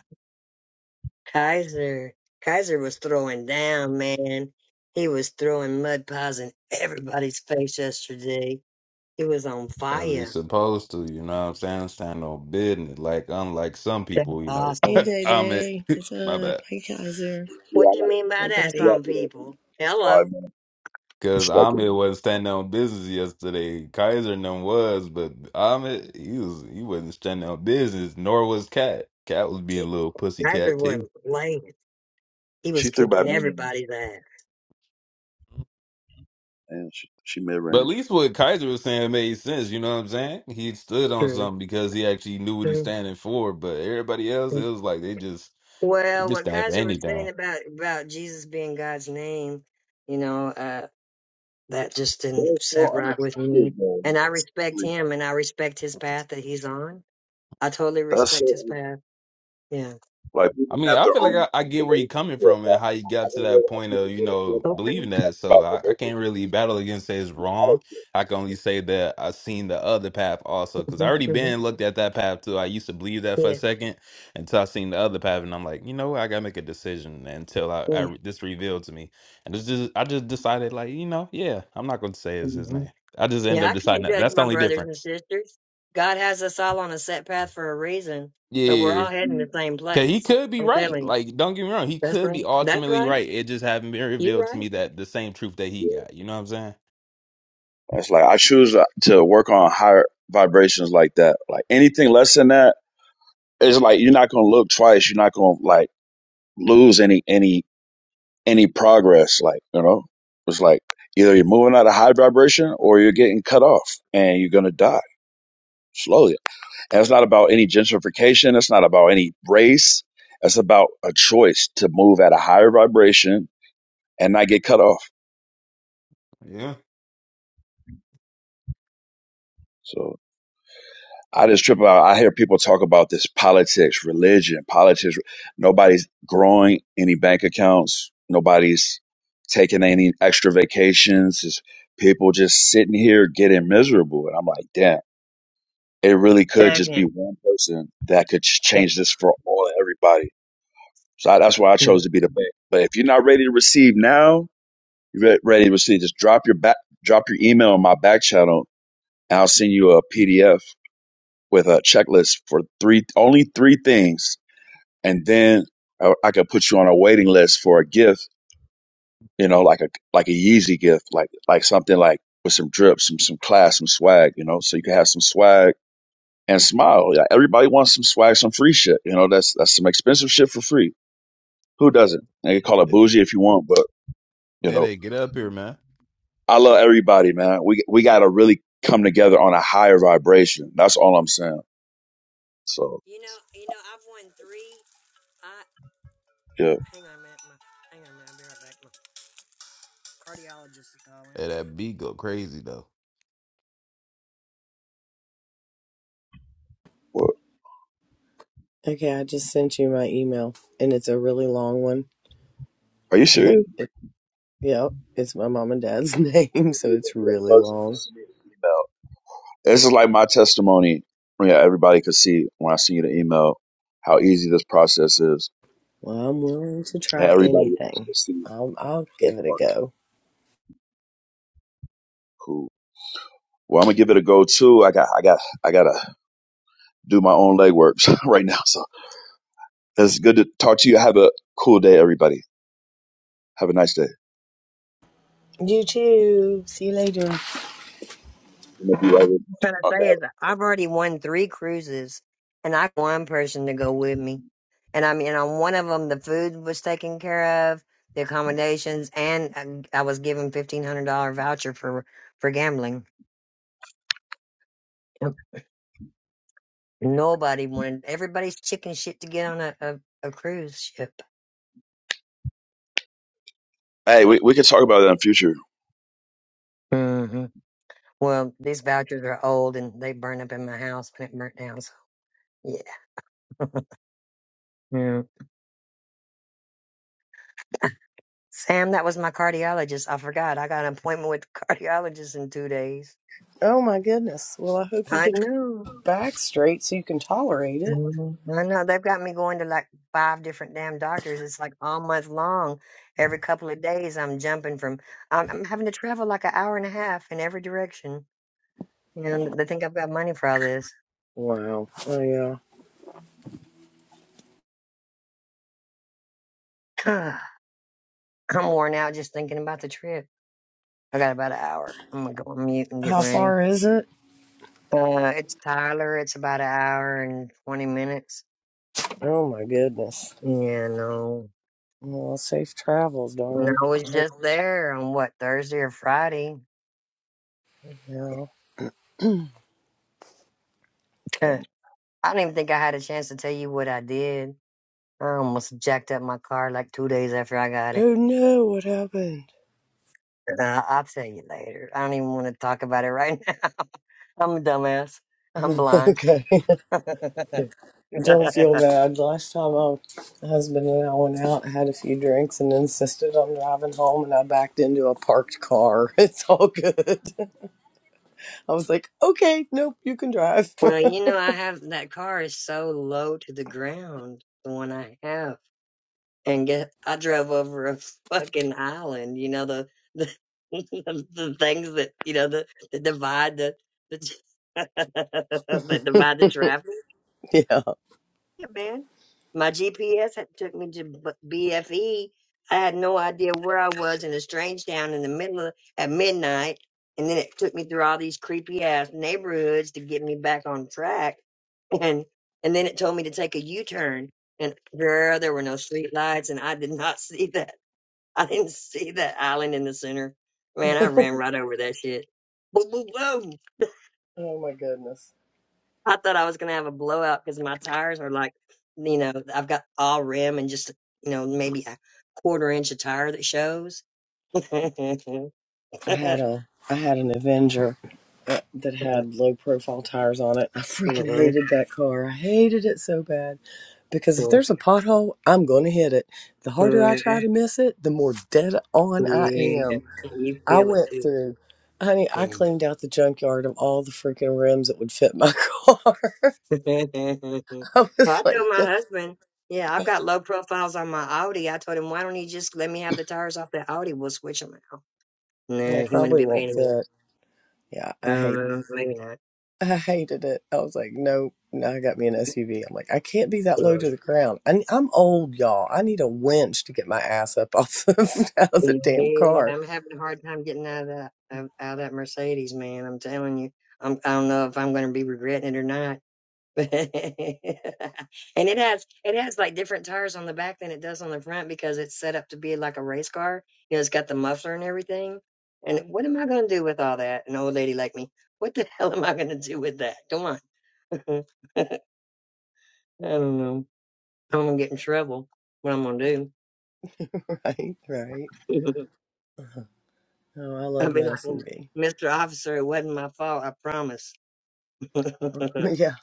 B: Kaiser. Kaiser was throwing down, man. He was throwing mud pies in everybody's face yesterday. He was on
F: As he's
B: fire.
F: supposed to, you know what I'm saying? Stand on business. Like unlike some
B: That's
F: people, you know.
C: Hey,
B: awesome.
C: Day
F: I'm it.
C: Day. What's
F: My
C: up?
F: bad.
C: Hi, Kaiser.
E: Yeah,
B: What
E: I
B: do you
E: gotta
B: mean by that, some
C: Everybody.
E: wrap it up in
B: people?
E: like
B: Hello.
E: five minutes.
F: Cause
E: Start
F: Ahmed
E: getting-
F: wasn't standing on business yesterday. Kaiser and them was, but Ahmed he was he wasn't standing on business, nor was Cat. Cat was being a little pussy cat
B: Kaiser
F: too.
B: wasn't playing. He was
E: She threw back
B: kicking
E: mid range
B: everybody's ass.
E: and she, she mid
F: But at
E: range.
F: least what Kaiser was saying made sense, you know what I'm saying? He stood on
B: True.
F: something because he actually knew what he's
B: True.
F: standing for, but everybody else, it was like they just they
B: Well,
F: just
B: what
F: stand for
B: Kaiser was
F: anything.
B: saying about about Jesus being God's name, you know, uh, that just
E: They're
B: didn't set
E: so
B: right with me.
E: unattractive though.
B: And I
E: That's
B: respect
E: unbelievable.
B: him and I respect his path that he's on I totally
E: That's
B: respect his
E: so
B: path. Yeah.
E: Like
F: I
E: people
F: mean,
E: have
F: I
E: their
F: feel like
E: own
F: I, I get where you're
E: beliefs and
F: coming
E: stuff.
F: from and
E: Like,
F: how you
E: I
F: got to
E: don't know
F: that
E: how
F: point of,
E: people
F: you
E: get a feel
F: know,
E: like
B: Okay.
F: believing that. So
E: about
F: I, I
E: religion.
F: can't really battle against say it's
E: I
F: wrong.
E: don't feel
F: I can only say that i seen the other path also because I
B: hmm
F: already
B: hmm
F: been looked at that path too. I used to believe that for a
B: Yeah.
F: second until I seen the other path and I'm like, you know what? I got to make a decision until I, I
B: Yeah.
F: re- this revealed to me. And it's just, I just decided like, you know, yeah, I'm not going to say it's his
B: hmm
F: name. I just end
B: Yeah.
F: up
B: I
F: deciding
B: can't
F: that.
B: judge
F: That's the
B: my
F: only
B: brothers and
F: difference.
B: sisters. God has us all on a set path for a reason, but we're
F: Yeah.
B: all heading the same
F: Cause he
B: place.
F: could be
B: I'm
F: right.
B: telling you.
F: Like, don't get me wrong, he
B: That's
F: could be
B: right. That's
F: ultimately
B: right.
F: right. It just haven't been
B: You're
F: revealed to
B: right.
F: me that the same truth that he
E: yeah.
F: got. You know what I'm saying?
E: It's like I choose to work on higher vibrations like that. Like anything less than that, it's like you're not gonna look twice. You're not gonna like lose any any any progress. Like you know, it's like either you're moving at a high vibration or you're getting cut off and you're gonna die slowly. And it's not about any gentrification. It's not about any race. It's about a choice to move at a higher vibration and I get cut off.
F: Yeah.
E: So I just trip out. I hear people talk about this politics, religion, politics. Nobody's growing any bank accounts. Nobody's taking any extra vacations. It's people just sitting here getting miserable. And I'm like, damn, it really could just be
B: Stagnant.
E: one person that could ch-
B: Okay.
E: change this for all everybody. So I, that's why I
B: Yeah. You
E: chose to be the bank. But if you're not ready to receive now, you're re- ready to receive. Just drop your back, drop your email on my back channel, and I'll send you a PDF with a checklist for three only three things and then I, I could put you on a waiting list for a gift you know like a like a Yeezy gift like like something like with some drips some some class some swag you know so you can have some swag and smile yeah, everybody wants some swag some free shit you know that's that's some expensive shit for free who doesn't and you call it bougie if you want but you
F: They
E: know
F: they get up here, man.
E: I love everybody man we we got to really come together on a higher vibration that's all I'm saying so
B: know. You know. I've won three. I
E: yeah
B: hang on a minute. My, hang on a minute. I'll be right back. My cardiologist is calling.
F: Hey, that beat go crazy though.
E: Well,
C: Okay, I just sent you my email, and it's a really long one.
E: are you serious
C: Yep, it's my mom and dad's name, so
E: You're going
C: it's
E: to be the
C: really
E: first one to
C: long.
E: send me an email. This is like my testimony. Yeah, everybody could see when I send you the email how easy this process is.
C: Well, I'm willing to
E: And
C: try
E: Everybody else
C: anything.
E: could see.
C: I'll, I'll
E: They
C: give it a
E: fuck
C: go.
E: cool. Well, I'm gonna give it a go too. I got, I got, I gotta do my own legwork right now. So it's good to talk to you. Have a cool day, everybody. Have a nice day.
C: You too. See you later.
E: I'm gonna be right with.
B: trying to
E: you. Okay.
B: say is I've already won three cruises, and I got one person to go with me, and I mean on one of them the food was taken care of, the accommodations, and I, I was given fifteen hundred dollar voucher for for gambling. Nobody wanted everybody's chicken shit to get on a a, a cruise ship.
E: Hey, we we can talk about that in the future.
B: hmm Well, these vouchers are old and they burned up in my house when it burnt down. So yeah. yeah. Sam, that was my cardiologist. I forgot. I got an appointment with the cardiologist in two days.
C: Oh my goodness. Well, I hope you
B: I
C: get
B: know.
C: your back straight so you can tolerate
B: I
C: it.
B: know. I know. They've got me going to like five different damn doctors. It's like all month long. Every couple of days, I'm jumping from, I'm, I'm having to travel like an hour and a half in every direction. You know, and they think I've got money for all this.
C: Wow. Oh yeah.
B: I'm worn out just thinking about the trip. I got about an hour. I'm going to go on mute and get
C: How
B: ready.
C: far is it?
B: Uh, it's Tyler. It's about an hour and 20 minutes.
C: Oh my goodness.
B: Yeah, no.
C: Well, safe travels,
B: And
C: darling.
B: I was
C: I hope
B: just there on what, Thursday or Friday.
C: no. Good.
B: I don't even think I had a chance to tell you what I did. I almost jacked up my car like two days after I got it.
C: Oh no, what happened?
B: Uh, I'll tell you later. I don't even want to talk about it right now. I'm a dumbass. I'm blind.
C: okay.
B: well,
C: Don't feel bad. Last time my husband and I went out, had a few drinks, and insisted on driving home, and I backed into a parked car. It's all good. I was like, okay, nope, you can drive.
B: you know, I have that car is so low to the ground, the one I have. And get, I drove over a fucking island, you know, the, the, the things that, you know, the, that divide the, the that divide the traffic.
C: yeah.
B: Yeah, man. My GPS had took me to B- BFE. I had no idea where I was in a strange town in the middle of, at midnight, and then it took me through all these creepy ass neighborhoods to get me back on track. And and then it told me to take a U turn. And girl, there were no street lights, and I did not see that. I didn't see that island in the center. Man, I
C: oh
B: ran right over that shit. Boom, boom, boom.
C: my goodness.
B: I thought I was gonna have a blowout because my tires are like, you know, I've got all rim and just, you know, maybe a quarter inch of tire that shows. yeah,
C: I had a I had an Avenger uh, that had low profile tires on it. I freaking hated that car. I hated it so bad because if there's a pothole, I'm going to hit it. The harder I try to miss it, the more dead on I am.
B: you
C: I
B: feel it
C: went
B: too.
C: through Honey, I
B: Mm.
C: cleaned out the junkyard of all the freaking rims that would fit my car.
B: well,
C: I
B: I
C: was
B: told
C: like,
B: my
C: "Get-
B: husband, yeah, I've got low profiles on my Audi. I told him, why don't you just let me have the tires off the Audi? We'll switch them out.
C: they
B: Nah, he wouldn't
C: probably
B: be a
C: won't
B: pain in the
C: fit.
B: ass.
C: Yeah, I hate.
B: Uh, maybe not.
C: I hated it. I was like, nope. Now I got me an SUV. I'm like, I can't be that low
B: Uh,
C: to the ground. I, I'm old, y'all. I need a winch to get my ass up off of, out of the damn
B: Yeah,
C: car.
B: I'm having a hard time getting out of that out of that Mercedes, man. I'm telling you, I'm I don't know if I'm going to be regretting it or not. But and it has it has like different tires on the back than it does on the front because it's set up to be like a race car. You know, it's got the muffler and everything. And what am I going to do with all that? An old lady like me, what the hell am I going to do with that? Come on, I don't know. I'm gonna get in trouble. What I'm gonna
C: Right, right.
B: do?
C: Uh-huh. Oh, I
B: I'll
C: love
B: be
C: my
B: like, "Mm,
C: SUV.
B: Mr. Officer, it wasn't my fault, I promise. hey,
C: But yeah,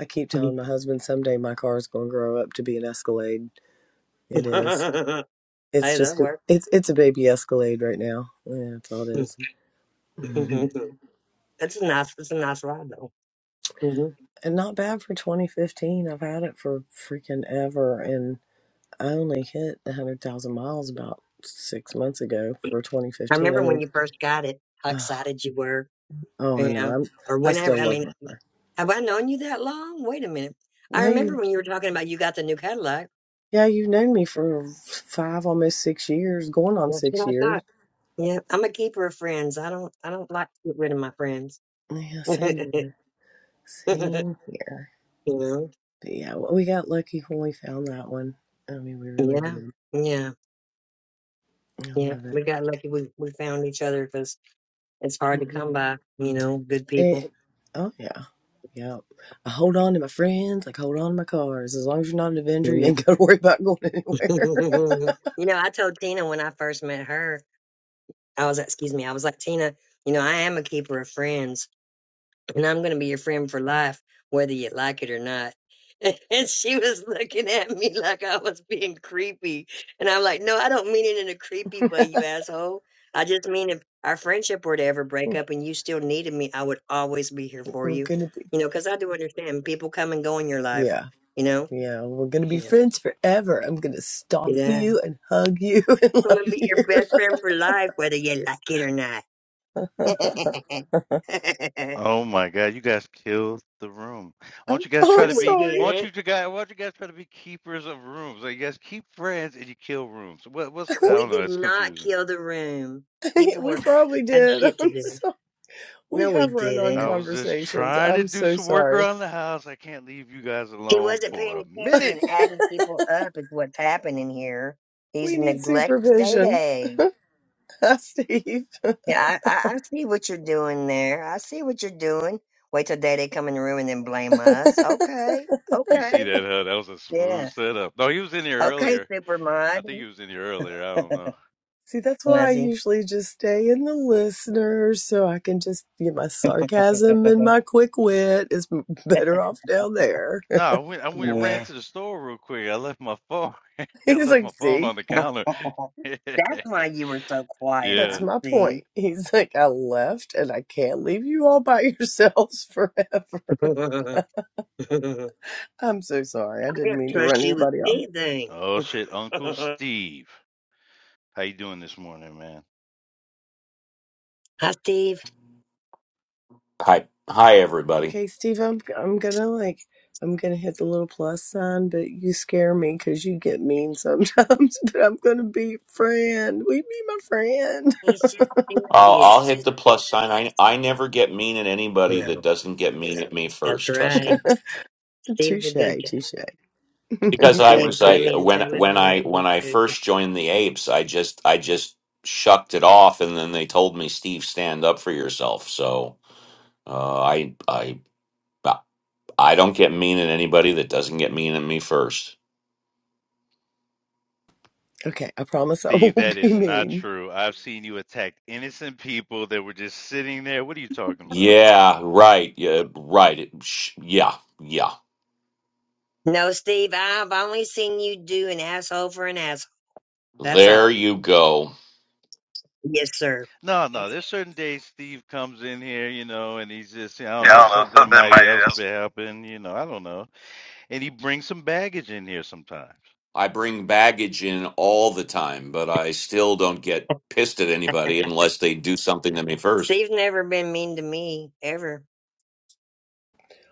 C: I keep telling my husband someday my car is going to grow up to be an Escalade. It is. It's
B: that
C: just a,
B: worked.
C: it's it's a baby Escalade right now. Yeah, that's all it
B: it's
C: is.
B: a
C: Mhm.
B: nice, it's a nice ride though. hmm
C: And not bad for 2015. I've had it for freaking ever, and. I only hit 100,000 miles about six months ago for
B: I
C: 2015. I
B: remember when
C: mean,
B: you first got it, how
C: oh,
B: excited you were.
C: oh, I know.
B: Yeah.
C: I'm,
B: Or
C: I
B: whenever,
C: still
B: I
C: love
B: mean,
C: her.
B: have I known you that long? Wait a minute. I
C: Now
B: remember
C: you,
B: when you were talking about you got the new Cadillac.
C: yeah, you've known me for five, almost six years, going on
B: That's
C: six
B: what I
C: years.
B: thought. Yeah, I'm a keeper of friends. I don't, I don't like to get rid of my friends.
C: Yeah, same
B: you
C: here. Same here.
B: know?
C: But yeah, w- we got lucky when we found that one. I mean, we really
B: Yeah.
C: did.
B: Yeah.
C: I
B: Yeah,
C: love it.
B: we got lucky. We we found each other because it's hard to
C: hmm
B: come by, you know, good people.
C: it oh, yeah. Yeah. I hold on to my friends, like hold on to my cars. As long as you're not an Avenger, you
B: Yeah.
C: ain't got to worry about going anywhere.
B: you know, I told Tina when I first met her, I was like, excuse me, I was like, Tina, you know, I am a keeper of friends. and I'm going to be your friend for life, whether you like it or not. And she was looking at me like I was being creepy. And I'm like, no, I don't mean it in a creepy way, you asshole. I just mean if our friendship were to ever break up and you still needed me, I would always be here for
C: We're
B: you.
C: gonna be.
B: You know, because I do understand people come and go in your life,
C: Yeah,
B: you know?
C: yeah, we're gonna be
B: Yeah.
C: friends forever. I'm gonna stalk
B: Yeah. I'm
C: you and hug you and
B: going to be your best
C: love
B: friend for life, whether you like it or not.
C: you.
A: Oh my God, you guys killed the room. Why
C: I'm,
A: don't you guys
C: oh,
A: try
C: I'm
B: no,
A: to
B: we
A: be? Why
C: sorry.
B: didn't.
A: don't you two guys? Why don't you guys try to be keepers of rooms? Like you guys keep friends and you kill rooms. What? What's? I
B: We
A: don't know.
B: did
A: It's
B: not
A: confusing.
B: kill the room. People
C: we
B: were
C: probably
B: had
C: did.
B: shit to
C: I'm
B: do.
C: so, we
B: No, we
C: have run on
A: I
B: didn't.
A: was just
C: conversations.
A: trying to
C: I'm
A: do
C: so
A: some work
C: sorry.
A: around the house. I can't leave you guys
B: He
A: alone
B: wasn't
A: for
B: paying
A: a
B: attention
A: minute.
B: and adding people up is what's happening here. He's
C: We need
B: neglects Day
C: supervision,
B: Day.
C: Steve.
B: Yeah, I, I, I see what you're doing there. I see what you're doing. Wait till Day Day come in the room and then blame us. Okay,
A: You see
B: okay,
A: that? Huh? That was a smooth
B: yeah,
A: setup. No, he was in here
B: okay,
A: earlier.
B: super
A: I
B: mod.
A: think he was in here earlier. I don't know.
C: See, that's why I
B: Was he?
C: usually just stay in the listener so I can just, you know, my sarcasm and my quick wit is better off down there.
A: No, I went. I went and ran
B: yeah.
A: to the store real quick. I left my phone. I
C: He's
A: left
C: like,
A: my phone
C: see?
A: on the counter.
B: That's why you were so quiet. I
C: That's
A: Yeah.
C: my
B: see.
C: point. He's like, I left and I can't leave you all by yourselves forever.
B: I couldn't
C: I'm so sorry. I didn't mean to
B: trust
C: run
B: you with
C: anybody off.
B: anything.
A: Oh shit, Uncle
B: Hi,
A: Steve. How you doing this morning, man?
B: Steve.
G: Hi, hi, everybody.
C: Okay, Steve, I'm I'm gonna like I'm gonna hit the little plus sign, but you scare me because you get mean sometimes. But I'm gonna be friend. We be my friend.
B: He's just
G: I'll
B: serious.
G: I'll hit the plus sign. I I never get mean at anybody that
B: No,
G: doesn't get mean at me
B: that's
G: first. Trust
B: right.
G: me,
B: Steve's a
C: Touche,
B: good guy.
C: touche.
G: because I
C: Okay,
G: was
B: Steve's
C: cool.
G: I
B: really
G: when
B: intelligent
G: when
B: and
G: I
B: he's
G: when
B: a
G: I
B: good guy.
G: first joined the Apes, I just I just shucked it off, and then they told me, Steve, stand up for yourself. So uh, I I I don't get mean at anybody that doesn't get mean at me first.
C: Okay, I promise I
A: Steve, that
C: won't be
A: is not
C: mean.
A: true. I've seen you attack innocent people that were just sitting there. What are you talking about?
G: Yeah, right. Yeah, right. It- Sh- Yeah, yeah.
B: No, Steve, I've only seen you do an asshole for an asshole. That's
G: There
B: all.
G: you go.
B: Yes, sir.
A: No, no.
C: That's
A: There's certain days Steve comes in here, you know, and he's just, I
G: Yeah,
A: don't
G: I
A: know,
G: don't know.
A: something
G: Something
A: might else
G: might.
A: be happening, you know, I don't know. And he brings some baggage in here sometimes.
G: I bring baggage in all the time, but I still don't get pissed at anybody unless they do something to me first.
B: Steve's never been mean to me, ever.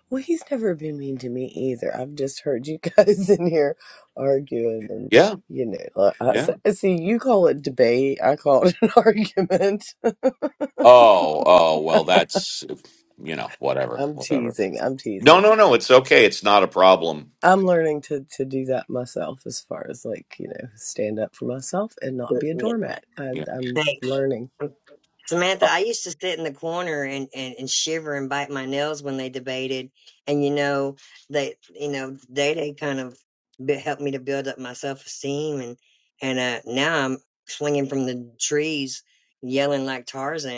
C: well, he's never been mean to me either. I've just heard you guys in here arguing, and
G: Yeah,
C: you know, like, I
G: yeah.
C: s- see you call it debate. I call it an argument.
G: Oh, oh, well, that's, you know, whatever,
C: I'm
G: whatever.
C: teasing. I'm
G: No,
C: teasing.
G: no, no, it's okay. It's not a problem.
C: I'm learning to to do that myself, as far as like you know, stand up for myself and not be a
B: Mm-mm.
C: doormat. I,
G: Yeah.
C: I'm
B: Hey.
C: learning.
B: Samantha,
G: Uh,
B: I used to sit in the corner and, and, and shiver and bite my nails when they debated. And, you know, they, you know, they, they kind of be- helped me to build up my self esteem. And, and, uh, now I'm swinging from the trees yelling like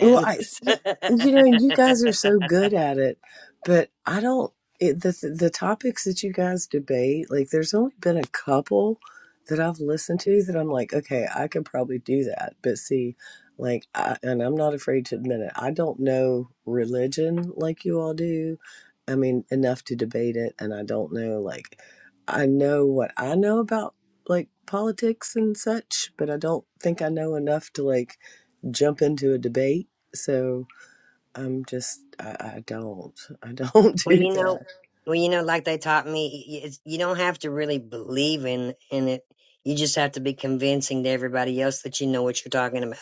C: Well, I yeah, you know, you guys are so good at it, but I don't. It, the the topics that you guys debate, like, there's only been a couple that I've listened to that I'm like, okay, I could probably do that. But see, like, I, and I'm not afraid to admit it. I don't know religion like you all do. I mean, enough to debate it, and I don't know like, I know what I know about like politics and such, but I don't think I know enough to like jump into a debate so I'm just I, I don't I don't
B: well,
C: do
B: you know,
C: that.
B: well, you know, like they taught me, y- y- it's, you don't have to really believe in, in it. You just have to be convincing to everybody else that you know what you're talking about.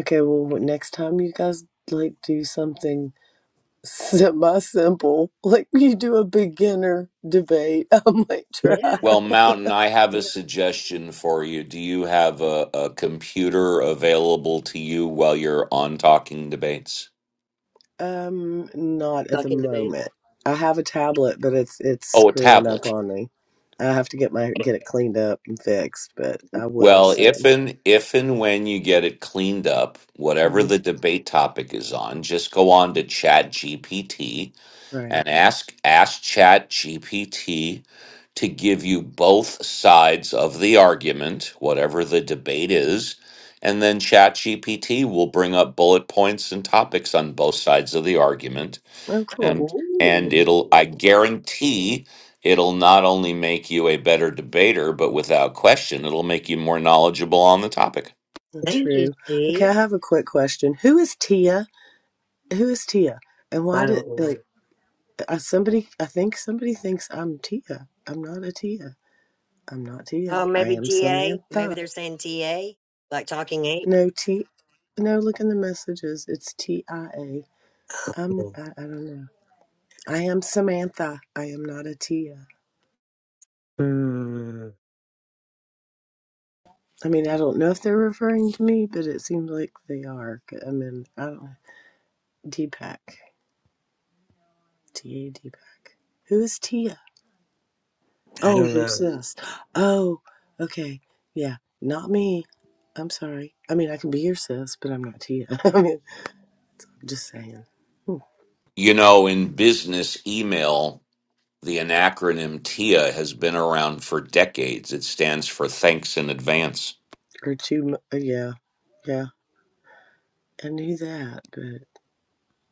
C: Okay, well next time you guys like do something semi simple, like you do a beginner debate, I might try.
B: Yeah.
G: well, Mountain, I have
B: Yeah.
G: a suggestion for you. Do you have a, a computer available to you while you're on talking debates?
C: Um, not at the
B: Talking debated.
C: moment. I have a tablet, but it's it's
G: Oh, a
C: screwing
G: tablet.
C: up on me. I have to get my get it cleaned up and fixed, but I will
G: Well, if
C: soon.
G: and if and when you get it cleaned up, whatever
C: hmm
G: the debate topic is on, just go on to Chat GPT
C: Right.
G: and ask ask Chat GPT to give you both sides of the argument, whatever the debate is, and then Chat GPT will bring up bullet points and topics on both sides of the argument
C: Oh, cool.
G: and and it'll i
B: Ooh.
G: guarantee it'll not only make you a better debater but without question it'll make you more knowledgeable on the topic
B: Thank you,
C: True. Okay,
B: G.
C: I have a quick question. Who is Tia? Who is Tia? And why
B: I
C: did
B: don't
C: like
B: know.
C: uh, somebody? I think somebody thinks I'm Tia. I'm not a Tia. I'm not Tia.
B: Oh,
C: I
B: maybe
C: am
B: TA. Maybe
C: Samantha.
B: they're saying TA, like talking ape.
C: No T. No, look in the messages. It's T I A. I'm.
B: Hmm.
C: I, I don't know. I am Samantha. I am not a Tia. I mean, I don't know if they're referring to me, but it seems like they are. I mean, I don't. Deepak. T A Deepak. Who is Tia?
B: I
C: Oh,
B: don't
C: your
B: know.
C: sis. Oh, okay. Yeah, not me. I'm sorry. I mean, I can be your sis, but I'm not Tia. I mean, just saying. Hmm.
G: you know in business email the acronym tia has been around for decades it stands for thanks in advance
C: Or two. Uh, yeah, yeah. I knew that, but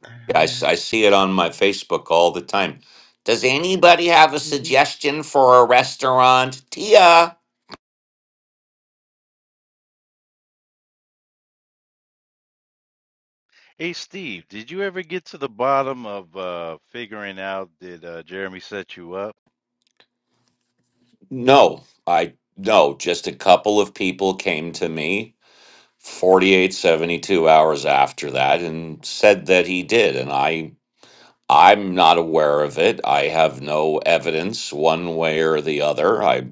C: I
G: i,
C: don't
G: s-
C: know.
G: I see it on my facebook all the time does anybody have a
C: Mhm.
G: suggestion for a restaurant tia
A: Hey Steve, did you ever get to the bottom of uh, figuring out did uh, Jeremy set you up?
G: no i no just a couple of people came to me 48 72 hours after that and said that he did and i i'm not aware of it i have no evidence one way or the other i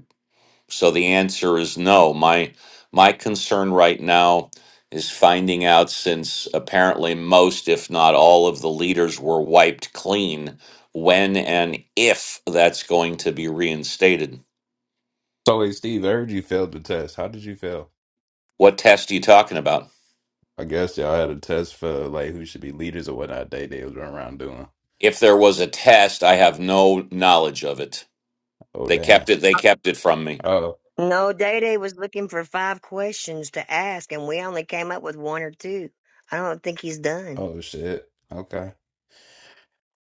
G: so the answer is no my my concern right now is finding out since apparently most if not all of the leaders were wiped clean when and if that's going to be reinstated
F: So hey Steve, I heard you failed the test. How did you fail?
G: what test are you talking about
F: I guess y'all had a test for like who should be leaders or whatnot they they was running around doing.
G: if there was a test i have no knowledge of it
F: Oh
G: They
F: damn.
G: kept it. They kept it from me.
F: Oh
B: No, Day Day was looking for five questions to ask, and we only came up with one or two. I don't think he's done.
F: oh shit. Okay.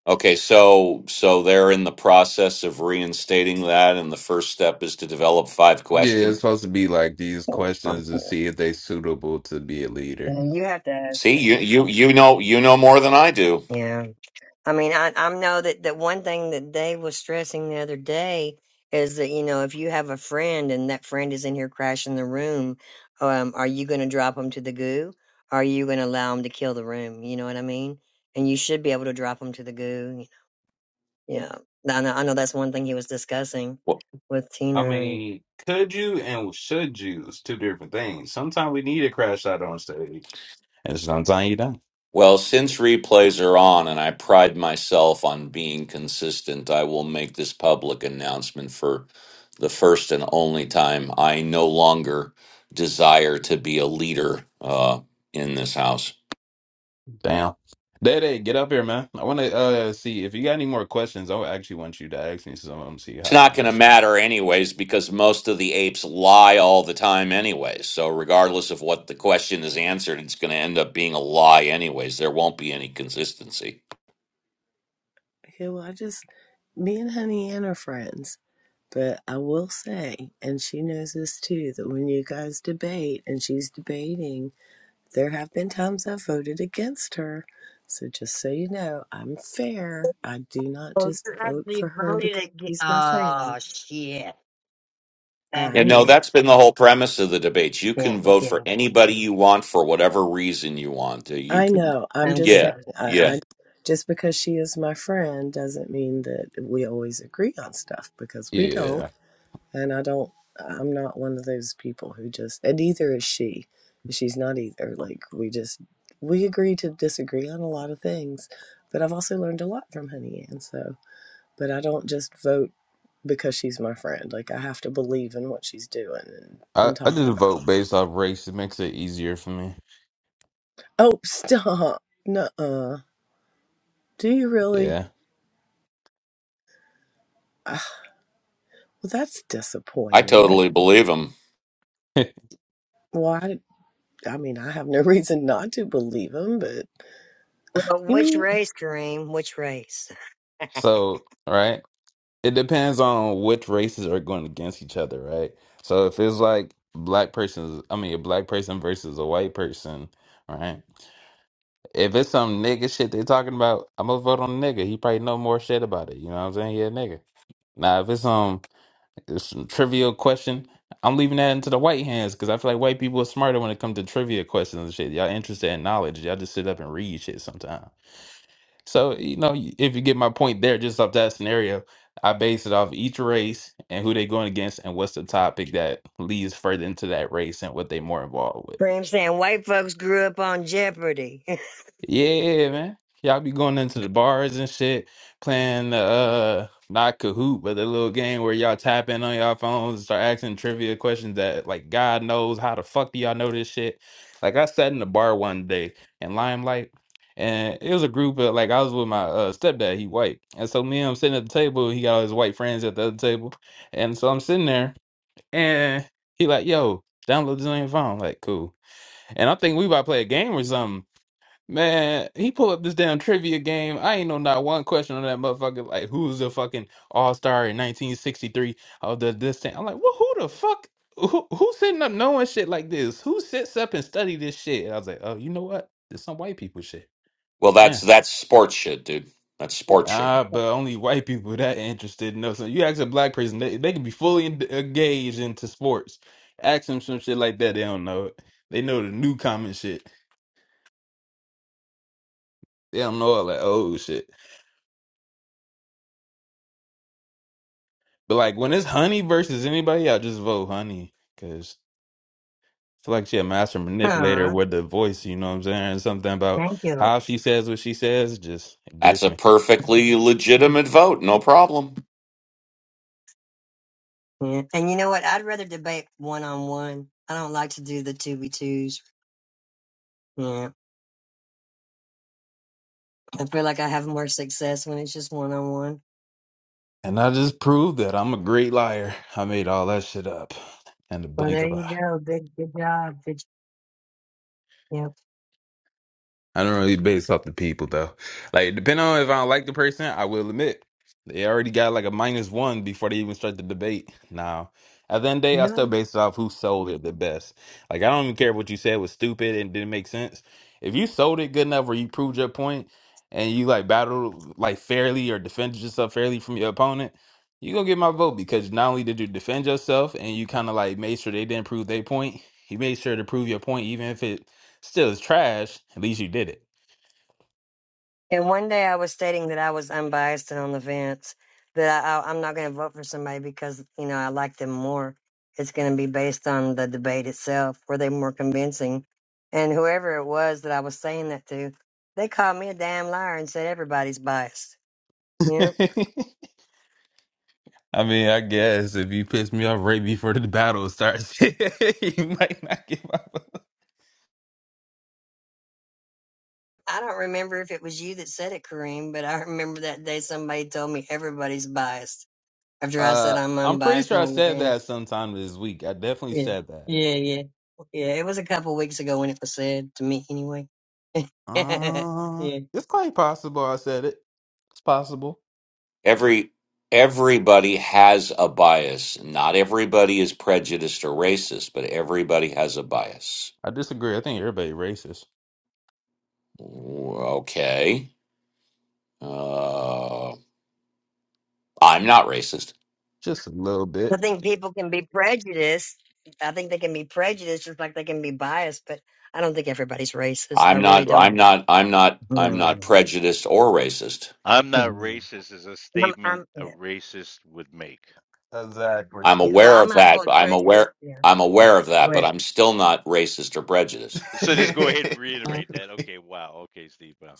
G: Okay, so so they're in the process of reinstating that, and the first step is to develop five
F: Yeah, it's
G: questions.
F: supposed to be like these
G: All right.
F: questions to see if they suitable to be a leader.
B: You have to ask
G: See,
B: him.
G: you you you know you know more than I do.
B: Yeah. I mean, I, I know that, that one thing that Dave was stressing the other day is that, you know, if you have a friend and that friend is in here crashing the room, um, are you going to drop them to the goo? are you going to allow them to kill the room? You know what I mean? And you should be able to drop them to the goo. You know, yeah. I know, I know that's one thing he was discussing
G: Well,
B: with
F: I
B: Tina. And,
F: mean, could you and should you is two different things. Sometimes we need a crash out on stage, and sometimes you don't.
G: well, since replays are on, and I pride myself on being consistent, I will make this public announcement for the first and only time. I no longer desire to be a leader uh, in this house.
F: Damn. Day Day, get up here, man. I want to uh see if you got any more questions. I actually want you to ask me some of them, see how
G: It's
F: I
G: not going to
F: answer 'em.
G: matter anyways because most of the apes lie all the time anyways. So regardless of what the question is answered, it's going to end up being a lie anyways. There won't be any consistency.
C: Okay, well, I just me and Honey Ann are friends, but I will say, and she knows this too, that when you guys debate, and she's debating. There have been times I've voted against her. So just so you know, I'm fair. I do not
B: oh,
C: just
B: you
C: vote
B: actually
C: for her because
B: voted against.
C: she's my
B: Oh,
C: friend.
B: shit. That's
G: You
C: I
G: know,
B: it.
G: that's been the whole premise of the debates. You
B: Yeah,
G: can
B: I'm
G: vote for
B: kidding.
G: anybody you want for whatever reason you want. Uh, You
C: I
G: can
C: know. I'm
B: I'm
C: just
G: Yeah.
C: saying.
B: kidding.
C: I,
G: Yeah.
C: I just because she is my friend doesn't mean that we always agree on stuff because we
F: Yeah.
C: don't. And I don't. I'm not one of those people who just. And neither is she. She's not either. Like we just we agree to disagree on a lot of things. But I've also learned a lot from Honey Ann. So. but I don't just vote because she's my friend. Like I have to believe in what she's doing and,
F: I,
C: and
F: I
C: talking
F: just vote
C: about.
F: based off race. It makes it easier for me.
C: Oh, stop. Nuh-uh. Do you really?
F: Yeah.
C: Ugh, well, that's
G: I
C: disappointing.
G: totally believe him.
C: Why? did- I mean, I have no reason not to believe him, but
B: Well,
C: you
B: which
C: mean
B: race, Kareem? Which race?
F: So, right? It depends on which races are going against each other, right? So if it's like black persons, I mean, a black person versus a white person, right? If it's some nigga shit they talking about, I'm gonna vote on the nigga. He probably know more shit about it. You know what I'm saying? Yeah, nigga. Now, if it's um It's some trivial question. I'm leaving that into the white hands because I feel like white people are smarter when it comes to trivia questions and shit. Y'all interested in knowledge. Y'all just sit up and read shit sometimes. So, you know, if you get my point there, just off that scenario, I base it off each race and who they going against and what's the topic that leads further into that race and what they more involved with.
B: Graham saying white folks grew up on Jeopardy.
F: Yeah, man. Y'all be going into the bars and shit, playing the uh not Kahoot, but the little game where y'all tap in on y'all phones and start asking trivia questions that like God knows how the fuck do y'all know this shit? Like I sat in the bar one day in Limelight and it was a group of like I was with my uh stepdad, he white. And so me and him sitting at the table, he got all his white friends at the other table. And so I'm sitting there and he like, yo, download this on your phone. Like, cool. And I think we about to play a game or something. Man, he pulled up this damn trivia game. I ain't know not one question on that motherfucker. Like, who's the fucking all star in 1963 of the this thing? I'm like, well, who the fuck? Who, who's sitting up knowing shit like this? Who sits up and study this shit? I was like, oh, you know what? There's some white people shit.
G: Well,
F: Yeah.
G: that's that's sports shit, dude. That's sports shit.
F: Nah, but only white people that interested in So you ask a black person, they, they can be fully en- uh, engaged into sports. Ask them some shit like that, they don't know it. They know the new common shit. They don't know all that old shit. But like when it's Honey versus anybody, I just vote Honey because I feel like she a master manipulator
B: Aw,
F: with the voice. You know what I'm saying? Something about
B: thank you.
F: how she says what she says just
G: That's
F: gets
G: a
F: me.
G: perfectly legitimate vote. No problem.
B: Yeah. And you know what? I'd rather debate one on one. I don't like to do the two v twos. Yeah. I feel like I have more success when it's just one on one.
F: And I just proved that I'm a great liar. I made all that shit up in the
B: Well,
F: blink
B: there
F: of an
B: you go. Good, good job. Good. Yeah.
F: I don't really based off the people though. Like depending on if I don't like the person, I will admit they already got like a minus one before they even start the debate. Now at the end of the day, I still base it off who sold it the best. Like I don't even care if what you said was stupid and didn't make sense. If you sold it good enough where you proved your point and you like battled like fairly or defended yourself fairly from your opponent, you gonna get my vote because not only did you defend yourself and you kind of like made sure they didn't prove their point, you made sure to prove your point even if it Still, it's trash. At least you did it.
B: And one day I was stating that I was unbiased and on the fence, that I, I, I'm not going to vote for somebody because, you know, I like them more. It's going to be based on the debate itself. Were they more convincing? And whoever it was that I was saying that to, they called me a damn liar and said everybody's biased. You know,
F: I mean, I guess if you piss me off right before the battle starts, you might not give up.
B: I don't remember if it was you that said it, Kareem, but I remember that day somebody told me everybody's biased after I said
F: Uh,
B: I'm
F: I'm pretty
B: unbiased and
F: sure I
B: on the
F: said
B: fence.
F: that sometime this week. I definitely
B: Yeah,
F: said that.
B: yeah, yeah, yeah. It was a couple weeks ago when it was said to me, anyway. yeah,
F: Uh,
B: I
F: it's quite possible I said it. It's possible.
G: Every everybody has a bias. Not everybody is prejudiced or racist, but everybody has a bias.
F: I disagree. I think everybody racist.
G: Okay. Uh, I'm not racist.
F: Just a little bit.
B: think people can be prejudiced. I think they can be prejudiced just like they can be biased. But I don't think everybody's racist. I
G: I'm
B: really
G: not. I'm
B: don't.
G: not. I'm not. I'm not
B: No,
G: prejudiced or racist.
A: I'm
B: no.
A: not
B: I'm,
A: racist is a statement
B: I'm,
A: a
B: yeah.
A: racist would make.
F: Exactly.
G: I'm
B: yeah. Well, I
G: aware of
B: might
G: that. but
B: hold
G: I'm
B: prejudice.
G: aware.
B: Yeah,
G: I'm
B: yeah.
G: aware of
B: Go
G: that, but
B: ahead.
G: I'm still not racist or prejudiced.
A: So just go ahead and
C: I
A: reiterate that. Okay, wow. Okay, Steve. Wow.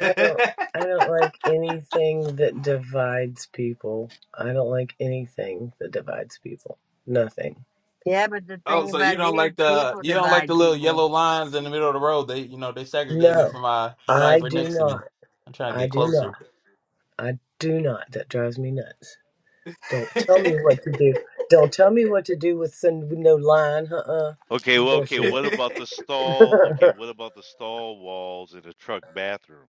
C: don't. I don't like anything that divides people. I don't like anything that divides people. Nothing.
B: Yeah, but the
F: oh,
B: thing
F: so you
B: about
F: don't
B: it is,
F: like the
B: people
F: you don't like the
B: divide
F: little yellow
B: people.
F: lines in the middle of the road? They you know they segregate me
C: No,
F: from my
C: I
F: driver
C: do
F: next to me.
C: not.
F: I'm trying to
C: I
F: get
C: do
F: closer.
C: not. I do not. That drives me nuts. Don't tell me
F: I'm
C: what to do. Don't tell me what to do with some with no line. Uh uh
A: Okay,
C: It's
A: well, okay.
C: bullshit.
A: What about the stall? Okay, what about the stall walls in a truck bathroom?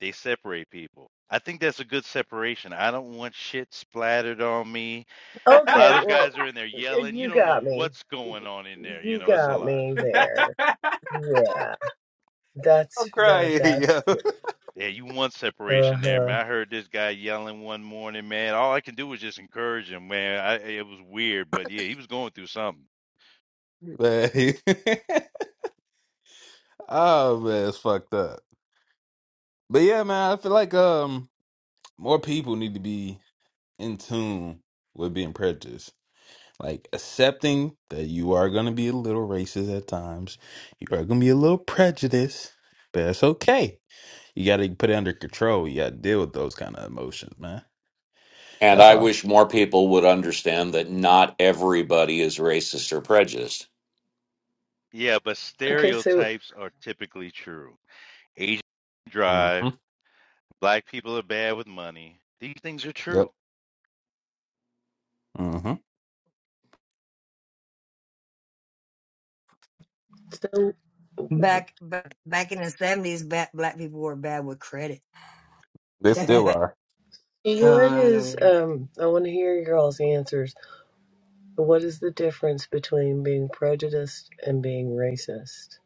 A: They separate people. I think that's a good separation. I don't want shit splattered on me. A lot
C: okay,
A: of those
C: well,
A: guys are in there yelling. You
C: you
A: don't know
C: got me.
A: what's going on in there. You
C: You
A: know, it's a
C: got
A: lot.
C: me there. Yeah, that's that.
F: crying,
C: That's
F: yo.
A: Yeah, you want
C: uh
A: separation there,
C: huh.
A: man. I heard this guy yelling one morning, man. All I can do was just encourage him, man. I, it was weird, but yeah, he was going through something.
F: Man. oh man, it's fucked up. But yeah, man, I feel like um more people need to be in tune with being prejudiced. Like accepting that you are gonna be a little racist at times. You are gonna be a little prejudiced, but that's okay. You got to put it under control. You got to deal with those kind of emotions, man.
G: And
F: That's
G: I
F: all.
G: wish more people would understand that not everybody is racist or prejudiced.
A: Yeah, but
C: Okay, so
A: stereotypes are typically true. Asian
F: hmm
A: drive, black people are bad with money. These things are
F: Yep.
A: true.
F: hmm
C: so
B: Back, back, back in the seventies, black people were bad with credit.
F: They still
B: uh,
F: are.
B: I
C: what
B: don't
C: is
B: know.
C: um? I want to hear your all's answers. What is the difference between being prejudiced and being racist?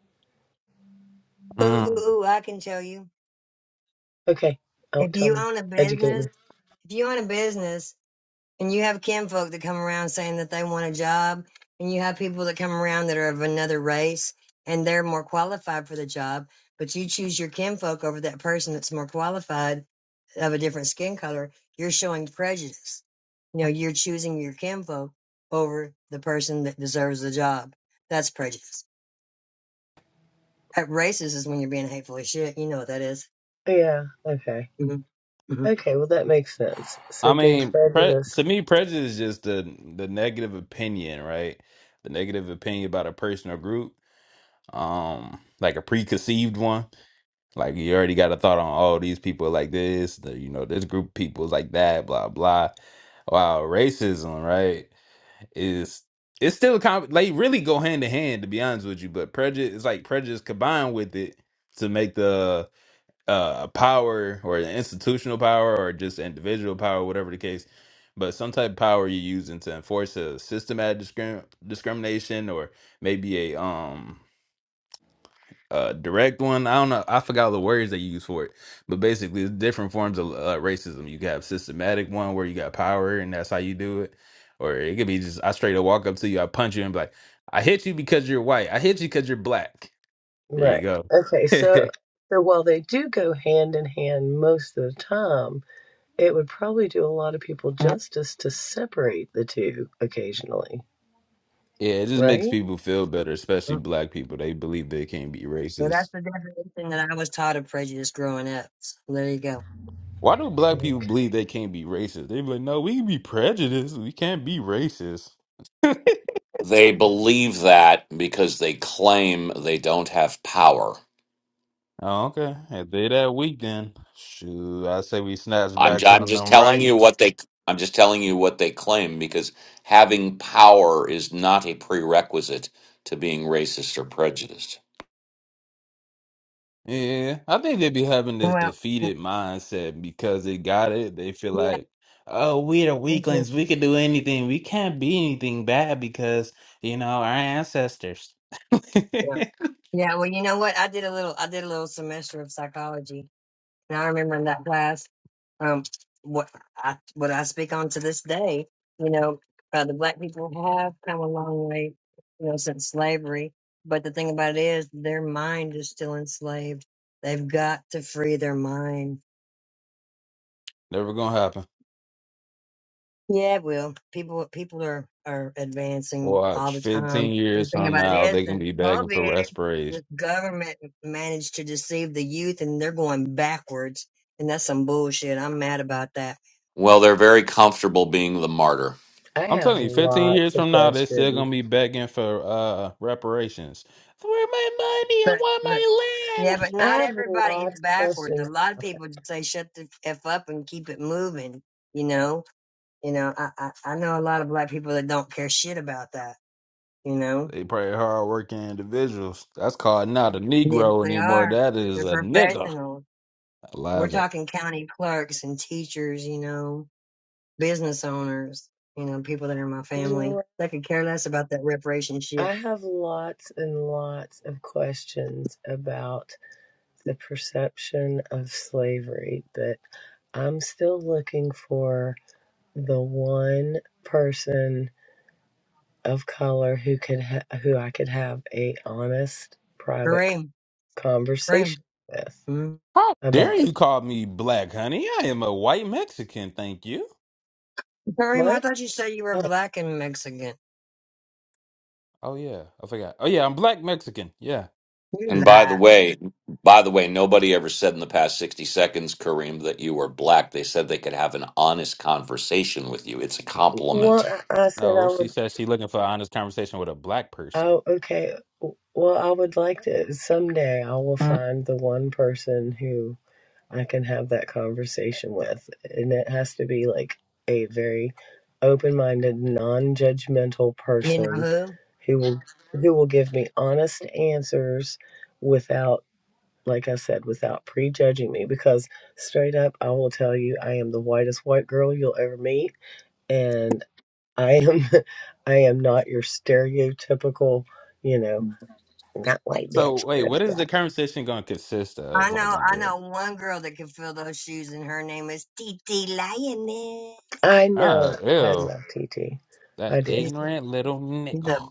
B: Ooh, ooh,
F: Mm.
B: ooh, I can tell you.
C: Okay, oh,
B: If
C: tell
B: you
C: me.
B: own a
C: Educate
B: business,
C: me.
B: if you own a business and you have kinfolk that come around saying that they want a job, and you have people that come around that are of another race and they're more qualified for the job, but you choose your kinfolk over that person that's more qualified of a different skin color, you're showing prejudice. You know, you're choosing your kinfolk over the person that deserves the job. That's prejudice. Uh, Racist is when you're being hateful as shit. You know what that is.
C: Yeah. Okay.
B: Mhm. Mhm.
C: Okay, well that makes sense. So
F: I
C: being
F: mean, pre- to
C: prejudiced,
F: me, prejudice is just the the negative opinion, right? The negative opinion about a person or group, um, like a preconceived one. Like you already got a thought on oh these people are like this, the, you know this group of people is like that, blah blah. Wow, racism, right? Is it's still a com- they really go hand to hand to be honest with you, but prejudice is like prejudice combined with it to make the uh power or the institutional power or just individual power, whatever the case, but some type of power you're using to enforce a systematic discrim- discrimination or maybe a um uh direct one i don't know i forgot the words they use for it but basically it's different forms of uh, racism you can have systematic one where you got power and that's how you do it or it could be just i straight up walk up to you i punch you and be like i hit you because you're white i hit you because you're black there you
C: right?
F: go
C: Okay,
F: yeah
C: so so while they do go hand in hand most of the time, it would probably do a lot of people justice to separate the two occasionally,
F: it just makes
C: right?
F: people feel better especially black people they believe they can't be
B: Well, that's
F: racist
B: the definition that I was taught of prejudice growing up. So there you go.
F: why do black people
C: Okay.
F: believe they can't be racist they be like no we can be prejudiced we can't be racist
G: They believe that because they claim they don't have power.
F: Oh, okay. If they that weak, then shoot, I say we snatch
G: I'm
F: back
G: j-
F: some
G: I'm
F: of
G: just
F: them
G: telling you
F: rights.
G: what they I'm just telling you what they claim because having power is not a prerequisite to being racist or prejudiced.
F: Yeah, I think they be having this
B: Well, mm,
F: defeated mindset because they got it. They feel
B: yeah,
F: like, oh, we the
B: thank you.
F: weaklings. We can do anything. We can't be anything bad because you know our ancestors.
B: Yeah. yeah, well, you know what? I did a little, I did a little semester of psychology, and I remember in that class, um, what I what I speak on to this day. You know, uh, the black people have come a long way, you know, since slavery. But the thing about it is, their mind is still enslaved. They've got to free their mind
F: Never gonna happen.
B: Yeah, it will. People people are, are advancing all
F: Watch,
B: the time.
F: fifteen
B: But the
F: years
B: thing
F: from
B: about it
F: now,
B: is
F: they can
B: since
F: be begging for
B: COVID,
F: respiration.
B: this government managed to deceive the youth and they're going backwards. And that's some bullshit. I'm mad about that.
G: Well, they're very comfortable being the martyr.
C: I
F: I'm
C: have
F: telling you, 15 years
C: lots of
F: from now, they're still
C: questions.
F: gonna be begging for uh reparations. Where my money? I
B: But
F: want
B: look,
F: my
B: yeah,
F: land.
B: but
C: I
B: not
C: have
B: everybody is
C: lots of
B: backwards. A
C: questions.
B: lot of
C: about
B: people just say shut the F up and keep it moving, you know? You know, I, I, I know a lot of black people that don't care shit about that, you know?
F: They probably hardworking individuals. That's called not a
B: Yes,
F: Negro
B: they
F: anymore.
B: are.
F: That is
B: They're
F: a nigga.
B: professionals.
F: I
B: We're
F: love it.
B: talking county clerks and teachers, you know, business owners, you know, people that are in my
C: that. You know,
B: family
C: what?
B: that could care less about that reparation shit.
C: I have lots and lots of questions about the perception of slavery that I'm still looking for the one person of color who could ha- who I could have a honest private
B: Kareem, Kareem,
C: conversation with
B: hmm?
F: How dare
C: about it.
F: you call me black, honey? I am a white Mexican, thank you.
B: Kareem, I
C: what?
B: thought you said you were
C: Uh,
B: black and Mexican.
F: Oh yeah, I forgot. Oh yeah, I'm black Mexican. Yeah.
B: You
G: And by the
B: lie.
G: way, by the way, nobody ever said in the past 60 seconds, Kareem, that you were black. They said they could have an honest conversation with you. It's a
C: well,
G: compliment.
C: I I said
F: No,
C: I
F: she
C: would.
F: says she looking for an honest conversation with a black person.
C: Oh, okay. Well, I would like to someday. I will find the one person who I can have that conversation with. And it has to be like a very open minded, non judgmental
B: You know
C: person
B: who?
C: who will who will give me honest answers without like I said, without prejudging me because straight up I will tell you I am the whitest white girl you'll ever meet and I am I am not your stereotypical, you know, not white
F: So
C: bitch.
F: wait, what is the conversation gonna consist
B: I
F: of? Like,
B: know,
F: on the
B: I
F: road?
B: know one girl that can fill those shoes, and her name is Titi Lioness.
C: I know.
F: Ah,
C: I
F: ew.
C: love TT.
F: That
C: I do.
B: She's
F: ignorant little nick.
B: she's a bad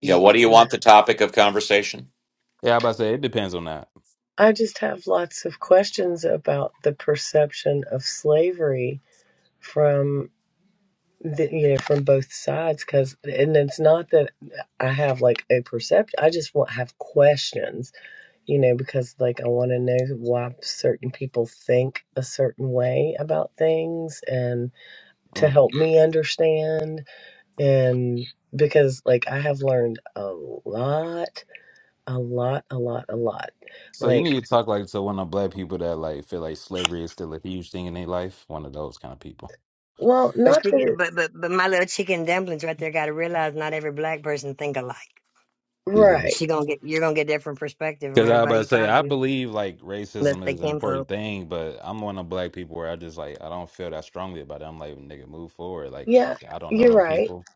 G: Yeah,
B: bitch.
G: what do
B: I
G: you
B: love
G: want the
B: her.
G: topic of conversation?
F: Yeah, I about to say it depends on that.
C: I just have lots of questions about the perception of slavery from the, you know from both sides because and it's not that I have like a perception I just want have questions you know because like I want to know why certain people think a certain way about things and to
F: Mm.
C: help me understand and because like I have learned a lot a lot a lot a lot
F: So you
C: like
F: need to talk like to one of the black people that like feel like slavery is still a huge thing in their life. One of those kind of people.
C: well
B: But
C: not
B: she,
C: that
B: get-
C: it's
B: but but but my little chicken dumplings right there got to realize not every black person think alike.
F: Yeah.
C: right
B: She gonna get you're gonna get different perspective from
F: Because I about
B: everybody
F: to
B: you
F: say
B: talk
F: I
B: to.
F: believe like
B: Unless
F: racism
B: they
F: is an
B: came
F: important
B: folk.
F: thing, but I'm one of the black people where I just like I don't feel that strongly about it. I'm like nigga, move forward. Like I,
C: Yeah,
F: I don't know
C: you're
F: them
C: right.
F: people.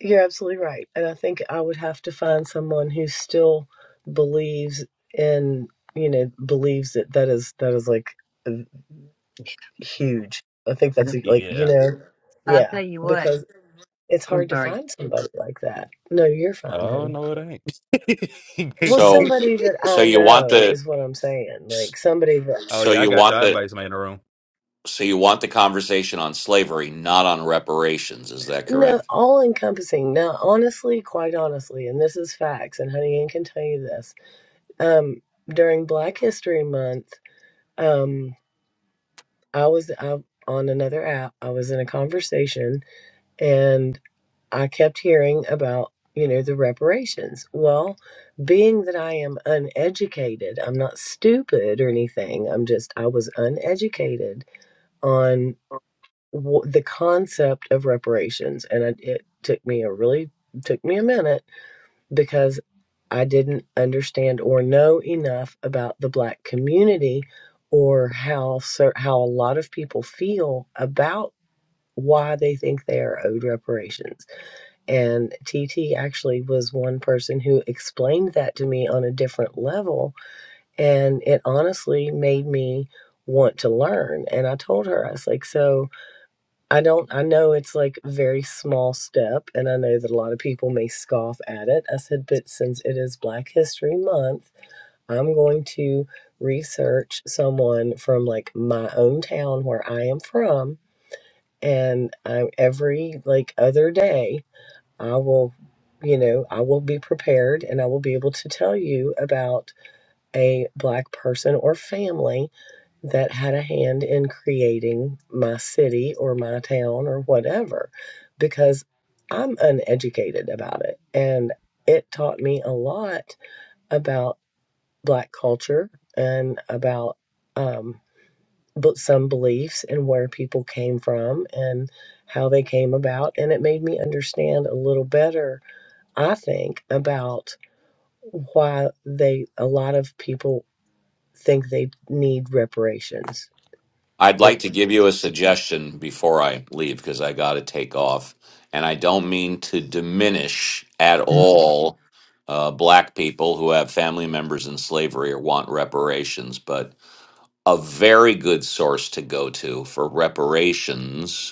C: You're absolutely right. And I think I would have to find someone who still believes in, you know, believes that that is that is like huge. I think that's like, you
F: Yeah.
C: know,
B: I'll
C: yeah,
B: tell you what.
C: because it's
B: I'm
C: hard to
B: sorry.
C: find somebody like that. No, you're fine,
F: Oh
C: honey.
F: no, it ain't.
C: Well,
G: So,
C: somebody that
G: so
C: I
G: you want
C: know
G: the,
C: is what I'm saying. Like somebody that
F: oh
G: so
F: yeah, I
G: you
F: got you.
G: want
F: I
G: the,
F: invite somebody in the room.
G: so you want the conversation on slavery, not on reparations. Is that
C: no,
G: correct?
C: all encompassing. Now, honestly, quite honestly, and this is facts, and honey Ann can tell you this Um, during Black History Month, um, I was I on another app. I was in a conversation and I kept hearing about, you know, the reparations. Well, being that I am uneducated, I'm not stupid or anything. I'm just, I was uneducated on w- the concept of reparations. And it, it took me a really, took me a minute because I didn't understand or know enough about the black community or how how a lot of people feel about why they think they are owed reparations. And T T actually was one person who explained that to me on a different level and it honestly made me want to learn. And I told her I was like so I don't, I know it's like a very small step, and I know that a lot of people may scoff at it. I said, but since it is Black History Month, I'm going to research someone from like my own town where I am from. And I, every like other day, I will, you know, I will be prepared and I will be able to tell you about a Black person or family that had a hand in creating my city or my town or whatever because I'm uneducated about it. And it taught me a lot about Black culture and about um, but some beliefs and where people came from and how they came about. And it made me understand a little better, I think, about why they, a lot of people think they need reparations.
G: I'd like to give you a suggestion before I leave because I got to take off, and I don't mean to diminish at all uh, black people who have family members in slavery or want reparations, but a very good source to go to for reparations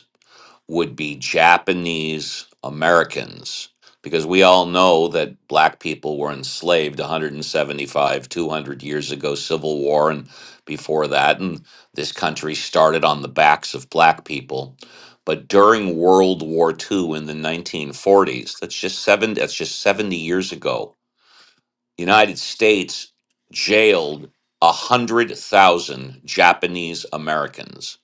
G: would be Japanese Americans because we all know that black people were enslaved 175 200 years ago civil war and before that and this country started on the backs of black people but during world war ii in the 1940s that's just 7 that's just 70 years ago the united states jailed 100,000 Japanese Americans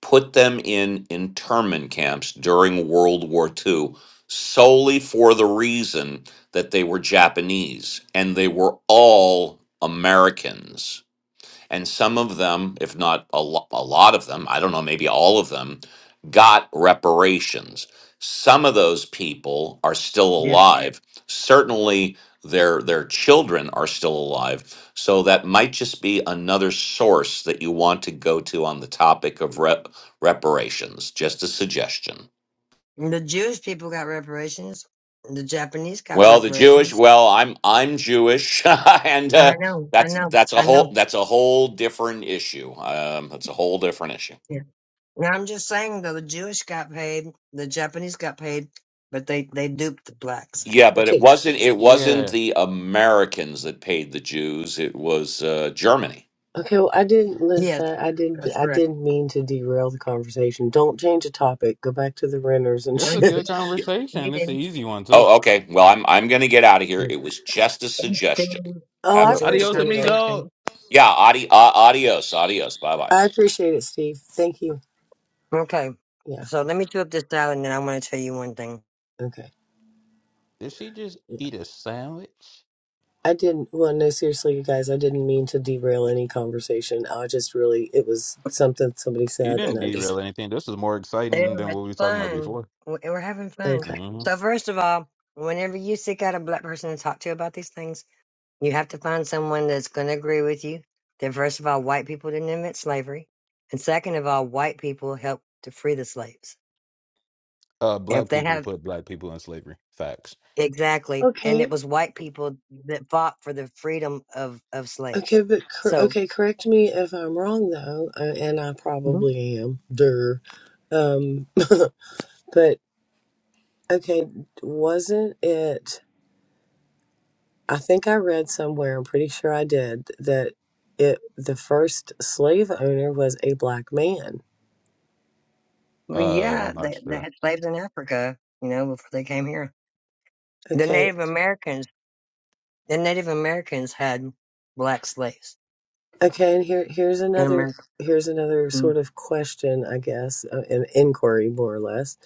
G: put them in internment camps during World War II solely for the reason that they were Japanese and they were all Americans and some of them, if not a, lo- a lot of them, I don't know, maybe all of them, got reparations. Some of those people are still
B: Yeah.
G: alive. Certainly, their their children are still alive. So that might just be another source that you want to go to on the topic of rep- reparations. Just a suggestion.
B: The Jewish people got reparations. The Japanese got
G: Well, the Jewish.
B: reparations.
G: Well, I'm I'm Jewish, and
B: And
G: uh,
B: I know, I
G: that's
B: know,
G: that's a
B: I
G: whole
B: know.
G: that's a whole different issue. Um, that's a whole different issue.
B: Yeah. Now I'm just saying though, the Jewish got paid, the Japanese got paid, but they they duped the blacks.
G: Yeah, but
C: Okay.
G: it wasn't it wasn't
F: Yeah.
G: the Americans that paid the Jews. It was uh, Germany.
C: Okay, well, I didn't list
B: Yes,
C: that. I didn't.
B: that's
C: I
B: correct.
C: didn't mean to derail the conversation. Don't change the topic. Go back to the renters and
B: Oh,
F: It's a
B: you
F: good
B: didn't.
C: shit.
G: Yeah.
B: You
F: conversation. It's an
B: didn't.
F: easy one too.
G: Oh, okay. Well, I'm I'm going to get out of here. It was just a suggestion.
B: didn't
C: Oh,
G: Have
C: I
G: a
B: Enjoy the
F: Adios,
C: appreciate it.
B: conversation.
F: amigo.
G: yeah. Adi- uh, adios. Adios. Bye bye.
C: I appreciate it, Steve. Thank you.
B: Okay.
C: Yeah.
B: So let me chew up this salad, and then I want to tell you one thing.
C: Okay.
F: Did she just
C: Yeah.
F: eat a sandwich?
C: I didn't. Well, no, seriously, you guys. I didn't mean to derail any conversation. I just really. It was something somebody
F: You
C: said,
F: didn't
C: and I
F: derail
C: just.
F: anything. This is more
B: Ew,
F: exciting than
B: it's
F: what we were talking about
B: fun.
F: before.
B: We're we're having fun.
C: Okay.
F: hmm
B: So first of all, whenever you seek out a black person to talk to about these things, you have to find someone that's going to agree with you. That first of all, white people didn't invent slavery, and second of all, white people helped to free the slaves.
F: Uh, black
B: if they
F: people
B: have
F: put black people in slavery. Facts.
B: exactly, and
C: Okay.
B: it was white people that fought for the freedom of of
C: Okay,
B: slaves.
C: but cor-
B: So,
C: okay. Correct me if I'm wrong, though, uh, and I
B: Mhm.
C: probably am. Duh. Um, but Okay, wasn't it? I think I read somewhere, I'm pretty sure I did, that it the first slave owner was a black man.
B: well,
F: Uh, I'm
B: yeah,
F: not
B: they, they
F: sure.
B: had slaves in Africa, you know, before they came here. The
C: Okay,
B: Native Americans. The Native Americans had black slaves
C: okay, and here here's
B: in
C: another
B: America,
C: here's another
B: Mm.
C: sort of question, I guess, uh, an inquiry more or less.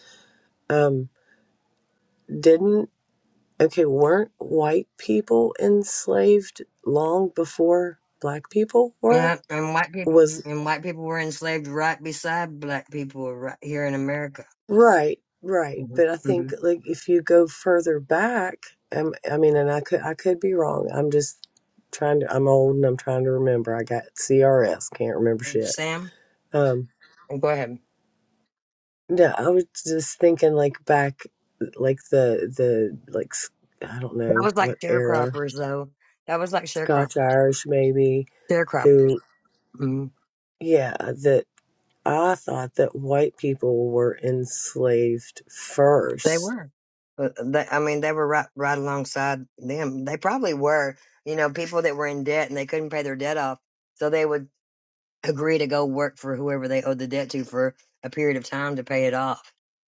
C: Um, didn't okay, weren't white people enslaved long before black people were?
B: and, and white people
C: Was
B: and white people were enslaved right beside black people right here in America.
C: Right, right.
B: hmm
C: But I
B: hmm
C: think like if you go further back, um, I mean, and I could I could be wrong. I'm just trying to. I'm old and I'm trying to remember. I got CRS, can't remember shit.
B: Sam,
C: Um,
B: go ahead.
C: no, I was just thinking like back, like the the like s- I don't
B: That
C: know
B: was like
C: what era,
B: sharecroppers, though. That was like sharecrop
C: Scotch Irish maybe,
B: sharecroppers.
C: who
B: Mm.
C: yeah that. I thought that white people were enslaved
B: They
C: first
B: were, but they, I mean, they were right right alongside them. They probably were, you know, people that were in debt and they couldn't pay their debt off, so they would agree to go work for whoever they owed the debt to for a period of time to pay it off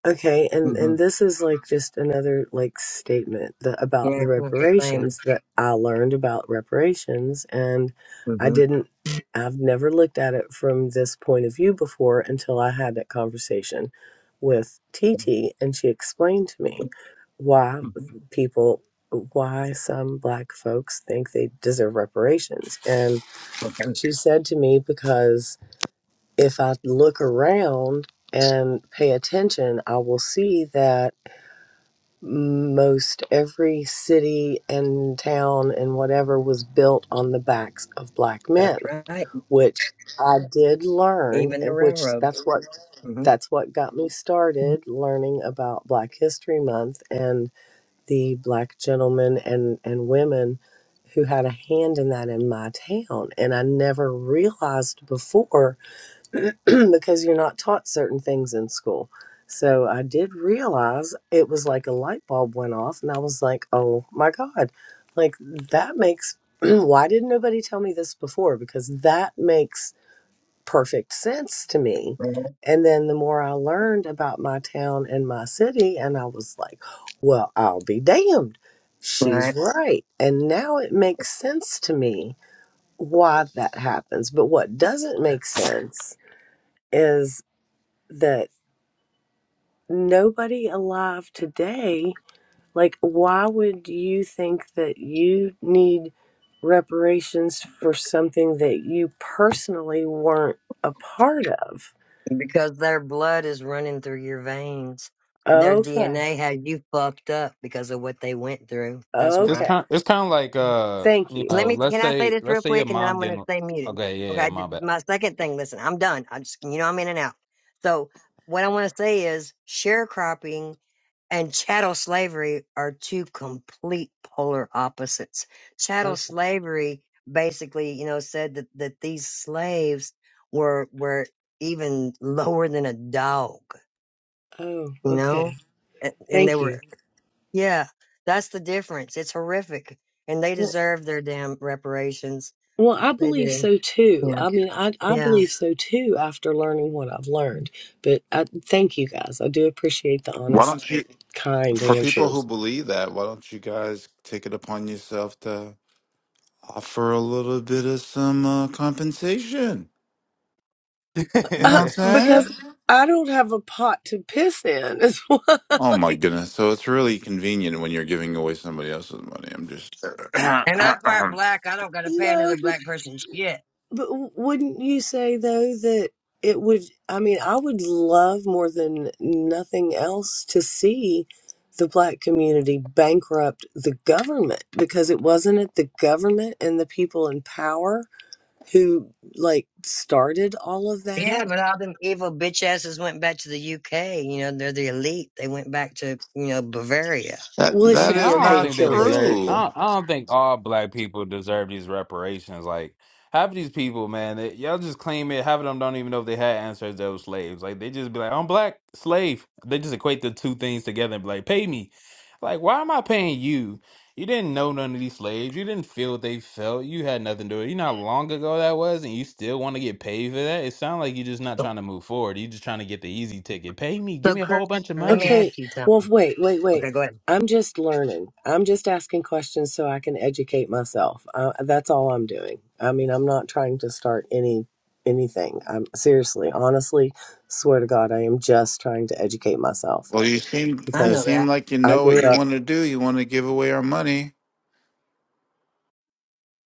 C: Okay, and
B: Mm-hmm.
C: and this is like just another like statement that
B: Yeah,
C: about the
B: it was the same.
C: reparations that I learned about reparations and I
B: Mm-hmm.
C: didn't I've never looked at it from this point of view before until I had that conversation with TT and she explained to me why
B: Mm-hmm.
C: people why some black folks think they deserve reparations and
B: Okay.
C: she said to me because if I look around and pay attention, I will see that most every city and town and whatever was built on the backs of black
B: That's
C: men,
B: right.
C: which I did learn,
B: Even the
C: and which
B: railroad.
C: that's what
B: Mm-hmm.
C: that's what got me started learning about Black History Month and the black gentlemen and, and women who had a hand in that in my town. And I never realized before because you're not taught certain things in school. So I did realize it was like a light bulb went off, and I was like, oh my God, like that makes, why didn't nobody tell me this before? Because that makes perfect sense to me.
B: Right.
C: And then the more I learned about my town and my city, and I was like, well, I'll be damned. She's
B: Right.
C: right. And now it makes sense to me why that happens. But what doesn't make sense? is that nobody alive today, like, why would you think that you need reparations for something that you personally weren't a part of?
B: Because their blood is running through your veins. Their
C: Okay.
B: DNA had you fucked up because of what they went through. That's why
F: It's
C: Okay.
F: kind. It's kind of like uh,
C: Thank
F: you
C: you.
B: Let
F: know,
B: me.
F: let's
B: Can I say
F: say
B: this real
F: let's say your
B: quick, and then I'm
F: mom
B: going to
F: getting
B: stay muted.
F: okay. Yeah,
B: Okay.
F: yeah,
B: I
F: my
B: did-
F: bad.
B: my second thing. Listen, I'm done. I'm just. You know, I'm in and out. So what I want to say is sharecropping and chattel slavery are two complete polar opposites. Chattel
C: Okay.
B: slavery basically, you know, said that, that these slaves were were even lower than a dog,
C: Oh,
B: you know?
C: okay.
B: And, and they
C: Thank you.
B: were yeah, that's the difference. It's horrific. And they
C: Well,
B: deserve their damn reparations.
C: well, I
B: They
C: believe
B: do.
C: so too.
B: Yeah.
C: I mean, I, I
B: Yeah.
C: believe so too after learning what I've learned. But I, thank you guys. I do appreciate the
H: Why don't
C: honest,
H: you,
C: kind
H: for people who
C: answers.
H: believe that, why don't you guys take it upon yourself to offer a little bit of some uh, compensation? You know what
C: Uh,
H: I'm saying?
C: because I don't have a pot to piss in as well.
H: Oh my
C: Like,
H: goodness! So it's really convenient when you're giving away somebody else's money. I'm just that
B: And I'm part black. I don't got to pay
C: no,
B: another
C: but
B: black person shit.
C: but wouldn't you say though that it would? I mean, I would love more than nothing else to see the black community bankrupt the government because it wasn't it the government and the people in power who like started all of
B: Yeah,
C: that.
B: but all them evil bitch asses went back to the UK. You know, they're the elite. They went back to, you know, Bavaria.
C: Well, it
F: I
H: that
C: should
F: mean, I
C: be
H: is
C: okay
F: don't
H: not
C: to
F: think they
C: kill those
F: deserve.
C: people.
F: I
H: true.
F: don't, I don't think all black people deserve these reparations. Like half of these people, man, they, y'all just claim it. Half of them don't even know if they had ancestors that were slaves. Like they just be like, "I'm black slave." They just equate the two things together and be like, "Pay me." Like, why am I paying you? You didn't know none of these slaves. You didn't feel what they felt. You had nothing to do with it. You know how long ago that was, and you still want to get paid for that? It sounds like you're just not
B: So,
F: trying to move forward. You're just trying to get the easy ticket. Pay me. Give
B: so
F: me a whole
B: Kurt,
F: bunch of
B: let me
F: money.
B: ask
C: Okay.
B: you
C: Well,
B: something.
C: wait, wait,
B: Okay,
C: wait.
B: go ahead.
C: I'm just learning. I'm just asking questions so I can educate myself. Uh, that's all I'm doing. I mean, I'm not trying to start any anything. I'm seriously, honestly, swear to God, I am just trying to educate myself
H: Well, you seem
B: I
H: you
B: know
C: because
H: seem
B: that.
H: like you
C: I
H: know what
C: grew
H: you
C: up.
H: want to do. You want to give away our money.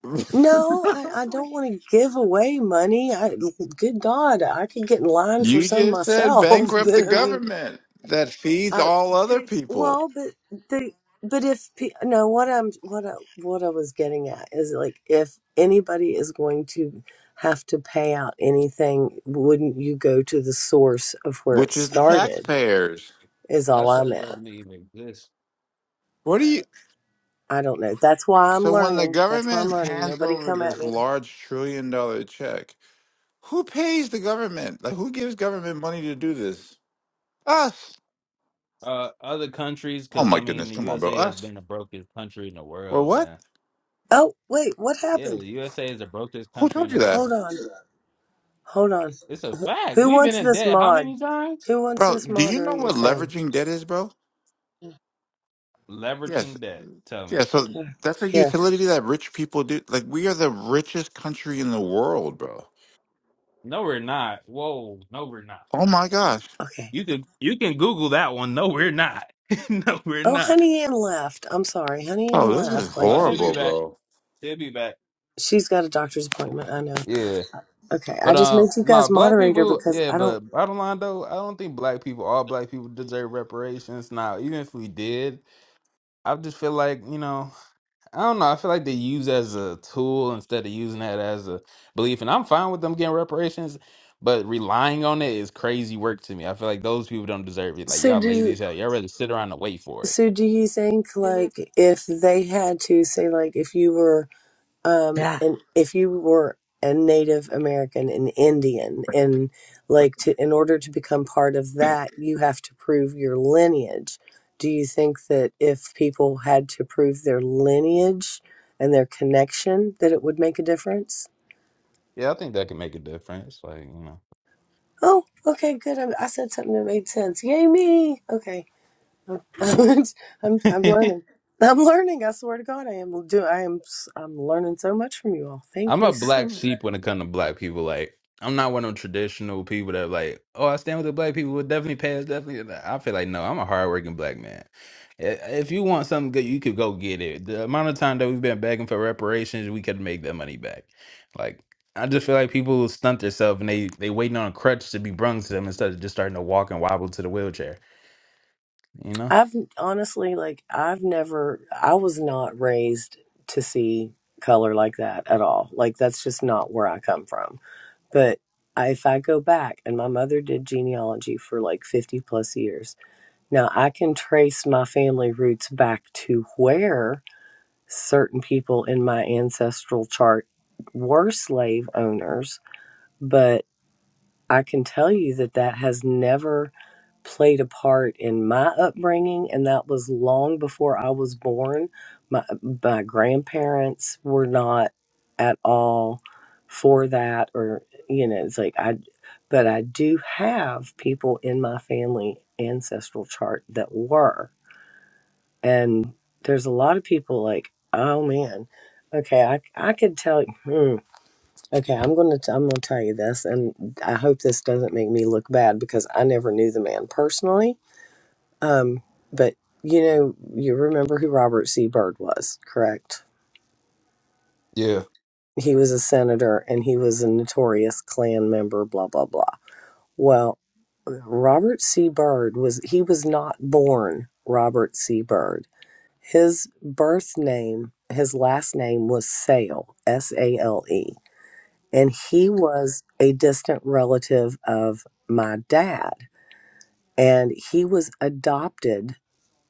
C: No, I, I don't want to give away money. I, good God, I could get in line for
H: you
C: some
H: just said
C: myself.
H: bankrupt the
C: But I mean,
H: government that feeds
C: I,
H: all other people.
C: Well, but the but if pe- no, what I'm what I, what I was getting at is like if anybody is going to have to pay out anything, wouldn't you go to the source of where it
H: which is the
C: started?
H: taxpayers.
C: Is all
F: That's
C: I'm
F: what
C: at.
F: doesn't even exist.
H: What do you?
C: I don't know. That's why I'm
H: So when the
C: learning. That's why I'm
H: government
C: learning.
H: hands
C: Nobody
H: over
C: come at
H: this
C: me.
H: large trillion dollar check, who pays the government? Like who gives government money to do this? Us.
F: Uh, other countries,
H: Oh
F: because
H: my
F: I mean,
H: goodness,
F: the
H: come on, bro.
F: USA has
H: Us.
F: been the brokest country in the
H: Well,
F: world,
H: what?
F: man.
C: Oh wait, what
F: Yeah, the
C: happened?
F: USA is the brokest
H: Who
F: country
H: told
F: in the
H: you that,
C: Hold
F: world.
C: on, hold on.
F: It's a fact.
C: Who
F: We've been
C: wants
F: in
C: this
F: debt how
C: mod?
F: many times?
C: Who wants
H: bro?
C: this
H: Do you know
C: moderator
H: what
C: thing?
H: leveraging debt is, bro? Yes.
F: Leveraging debt. Tell me.
H: Yeah. So
C: Here,
H: that's a
C: Here.
H: utility that rich people do. Like we are the richest country in the world, bro.
F: No, we're not. Whoa, no, we're not.
H: Oh my gosh,
C: okay.
F: You can you can Google that one. No, we're not. no, we're
C: Oh,
F: not.
C: Honey Ann left. I'm sorry, Honey Ann
H: bro. This is
C: left. Like
F: Oh,
C: I'm.
F: she'll be
H: horrible,
F: back.
H: bro.
F: She'll be back.
C: She's got a doctor's appointment. I know.
F: Yeah.
C: Okay,
F: But
C: I just
F: um,
C: made you
F: no,
C: guys
F: black
C: moderator
F: people,
C: because
F: yeah,
C: I
F: but
C: don't.
F: bottom line though, I don't think black people, all black people deserve reparations. Now, even if we did, I just feel like, you know. I don't know. I feel like they use it as a tool instead of using that as a belief. And I'm fine with them getting reparations, but relying on it is crazy work to me. I feel like those people don't deserve it. Like
C: So
F: y'all lazy
C: do
F: as hell. Y'all rather sit around and wait for it.
C: so do you think
F: Mhm.
C: like if they had to say like if you were um
B: Yeah.
C: and if you were a Native American and Indian and like to in order to become part of that you have to prove your lineage. Do you think that if people had to prove their lineage and their connection that it would make a difference?
F: Yeah, I think that could make a difference. Like you
C: Oh, okay, good. I, I said something that made sense. Yay me! Okay, I'm I'm
F: know.
C: learning. I'm learning. I swear to God, I am do. I am. s- I'm learning so much from you all. Thank
F: I'm
C: you
F: a black
C: so much.
F: sheep when it comes to black people. Like, I'm not one of them traditional people that like, oh, I stand with the black people. Would definitely pass. Definitely, I feel like no. I'm a hardworking black man. I- If you want something good, you could go get it. The amount of time that we've been begging for reparations, we could make that money back. Like, I just feel like people stunt themselves and they they waiting on a crutch to be brung to them instead of just starting to walk and wobble to the wheelchair. You
C: I've honestly, like, I've never. I was not raised to see color like that at all. Like, that's just not where I come from. But I, if I go back, and my mother did genealogy for like fifty plus years. Now I can trace my family roots back to where certain people in my ancestral chart were slave owners, but I can tell you that that has never played a part in my upbringing, and that was long before I was born. My, my grandparents were not at all for that, or, you know, it's like I, but I do have people in my family ancestral chart that were. And there's a lot of people like, oh man, okay, I, I could tell. Hmm, okay, I'm gonna t- I'm gonna tell you this, and I hope this doesn't make me look bad because I never knew the man personally. Um, but you know, you remember who Robert C. Byrd was, correct?
F: know?
C: He was a senator, and he was a notorious Klan member. Blah blah blah. Well, Robert C. Byrd was he was not born Robert C. Byrd His birth name, his last name was Sale, S A L E. And he was a distant relative of my dad. And he was adopted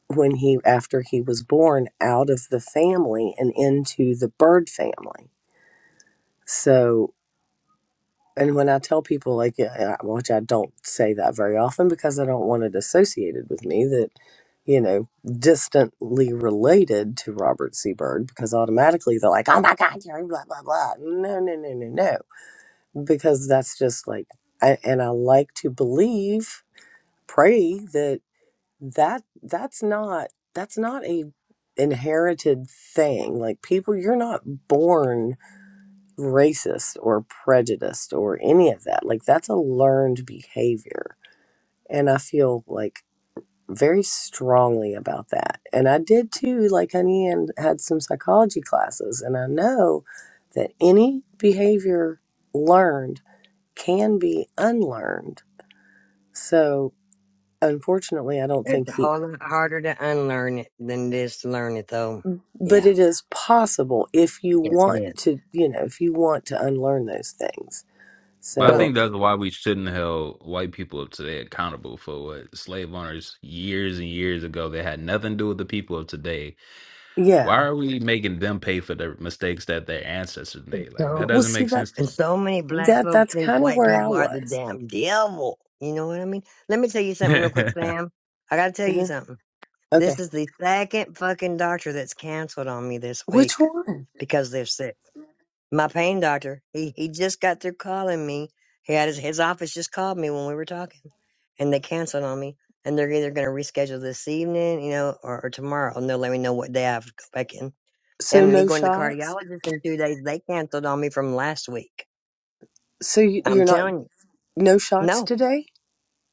C: when he, after he was born, out of the family and into the bird family. So And when I tell people, like, yeah, yeah, which I don't say that very often because I don't want it associated with me, that, you know, distantly related to Robert Seabird, because automatically they're like, oh my God, you're blah, blah, blah. No, no, no, no, no. Because that's just like, I, and I like to believe, pray that that that's not that's not a inherited thing like people you're not born racist or prejudiced or any of that. Like that's a learned behavior. And I feel like very strongly about that. And I did too, like honey, and had some psychology classes. And I know that any behavior learned can be unlearned. So unfortunately, I don't
B: It's
C: think
B: a
C: he,
B: whole lot harder to unlearn it than it is to learn it, though.
C: but
B: Yeah.
C: it is possible if you
B: Yes, it
C: want
B: is.
C: to, you know, if you want to unlearn those things.
F: But I
B: So,
F: think
C: So
F: that's why we shouldn't hold white people today accountable for what slave owners years and years ago they had nothing to do with the people of today. Why
C: yeah.
F: are we making them pay for the mistakes that their ancestors made? Like that
B: so
C: Well,
F: doesn't
C: see,
F: make
C: that
F: sense to
B: And so many black
C: That
B: folks
C: that's
B: think
C: kind of
B: white
C: where I
B: people are the
C: was.
B: damn devil. You know what I mean? Let me tell you
F: me.
B: something real quick, Sam. I gotta tell you
C: Uh-huh.
B: something.
C: Okay,
B: This is the second fucking doctor that's canceled on me this
C: which
B: week
C: one?
B: because they're sick. My pain doctor, he, he just got through calling me. He had his, his office just called me when we were talking and they canceled on me. And they're either gonna reschedule this evening, you know, or, or tomorrow and they'll let me know what day I have to go back in.
C: So
B: And me
C: no
B: going to the
C: shots.
B: cardiologist in two days, they canceled on me from last week.
C: So you,
B: I'm
C: you're not
B: telling you.
C: no shots
B: No,
C: today.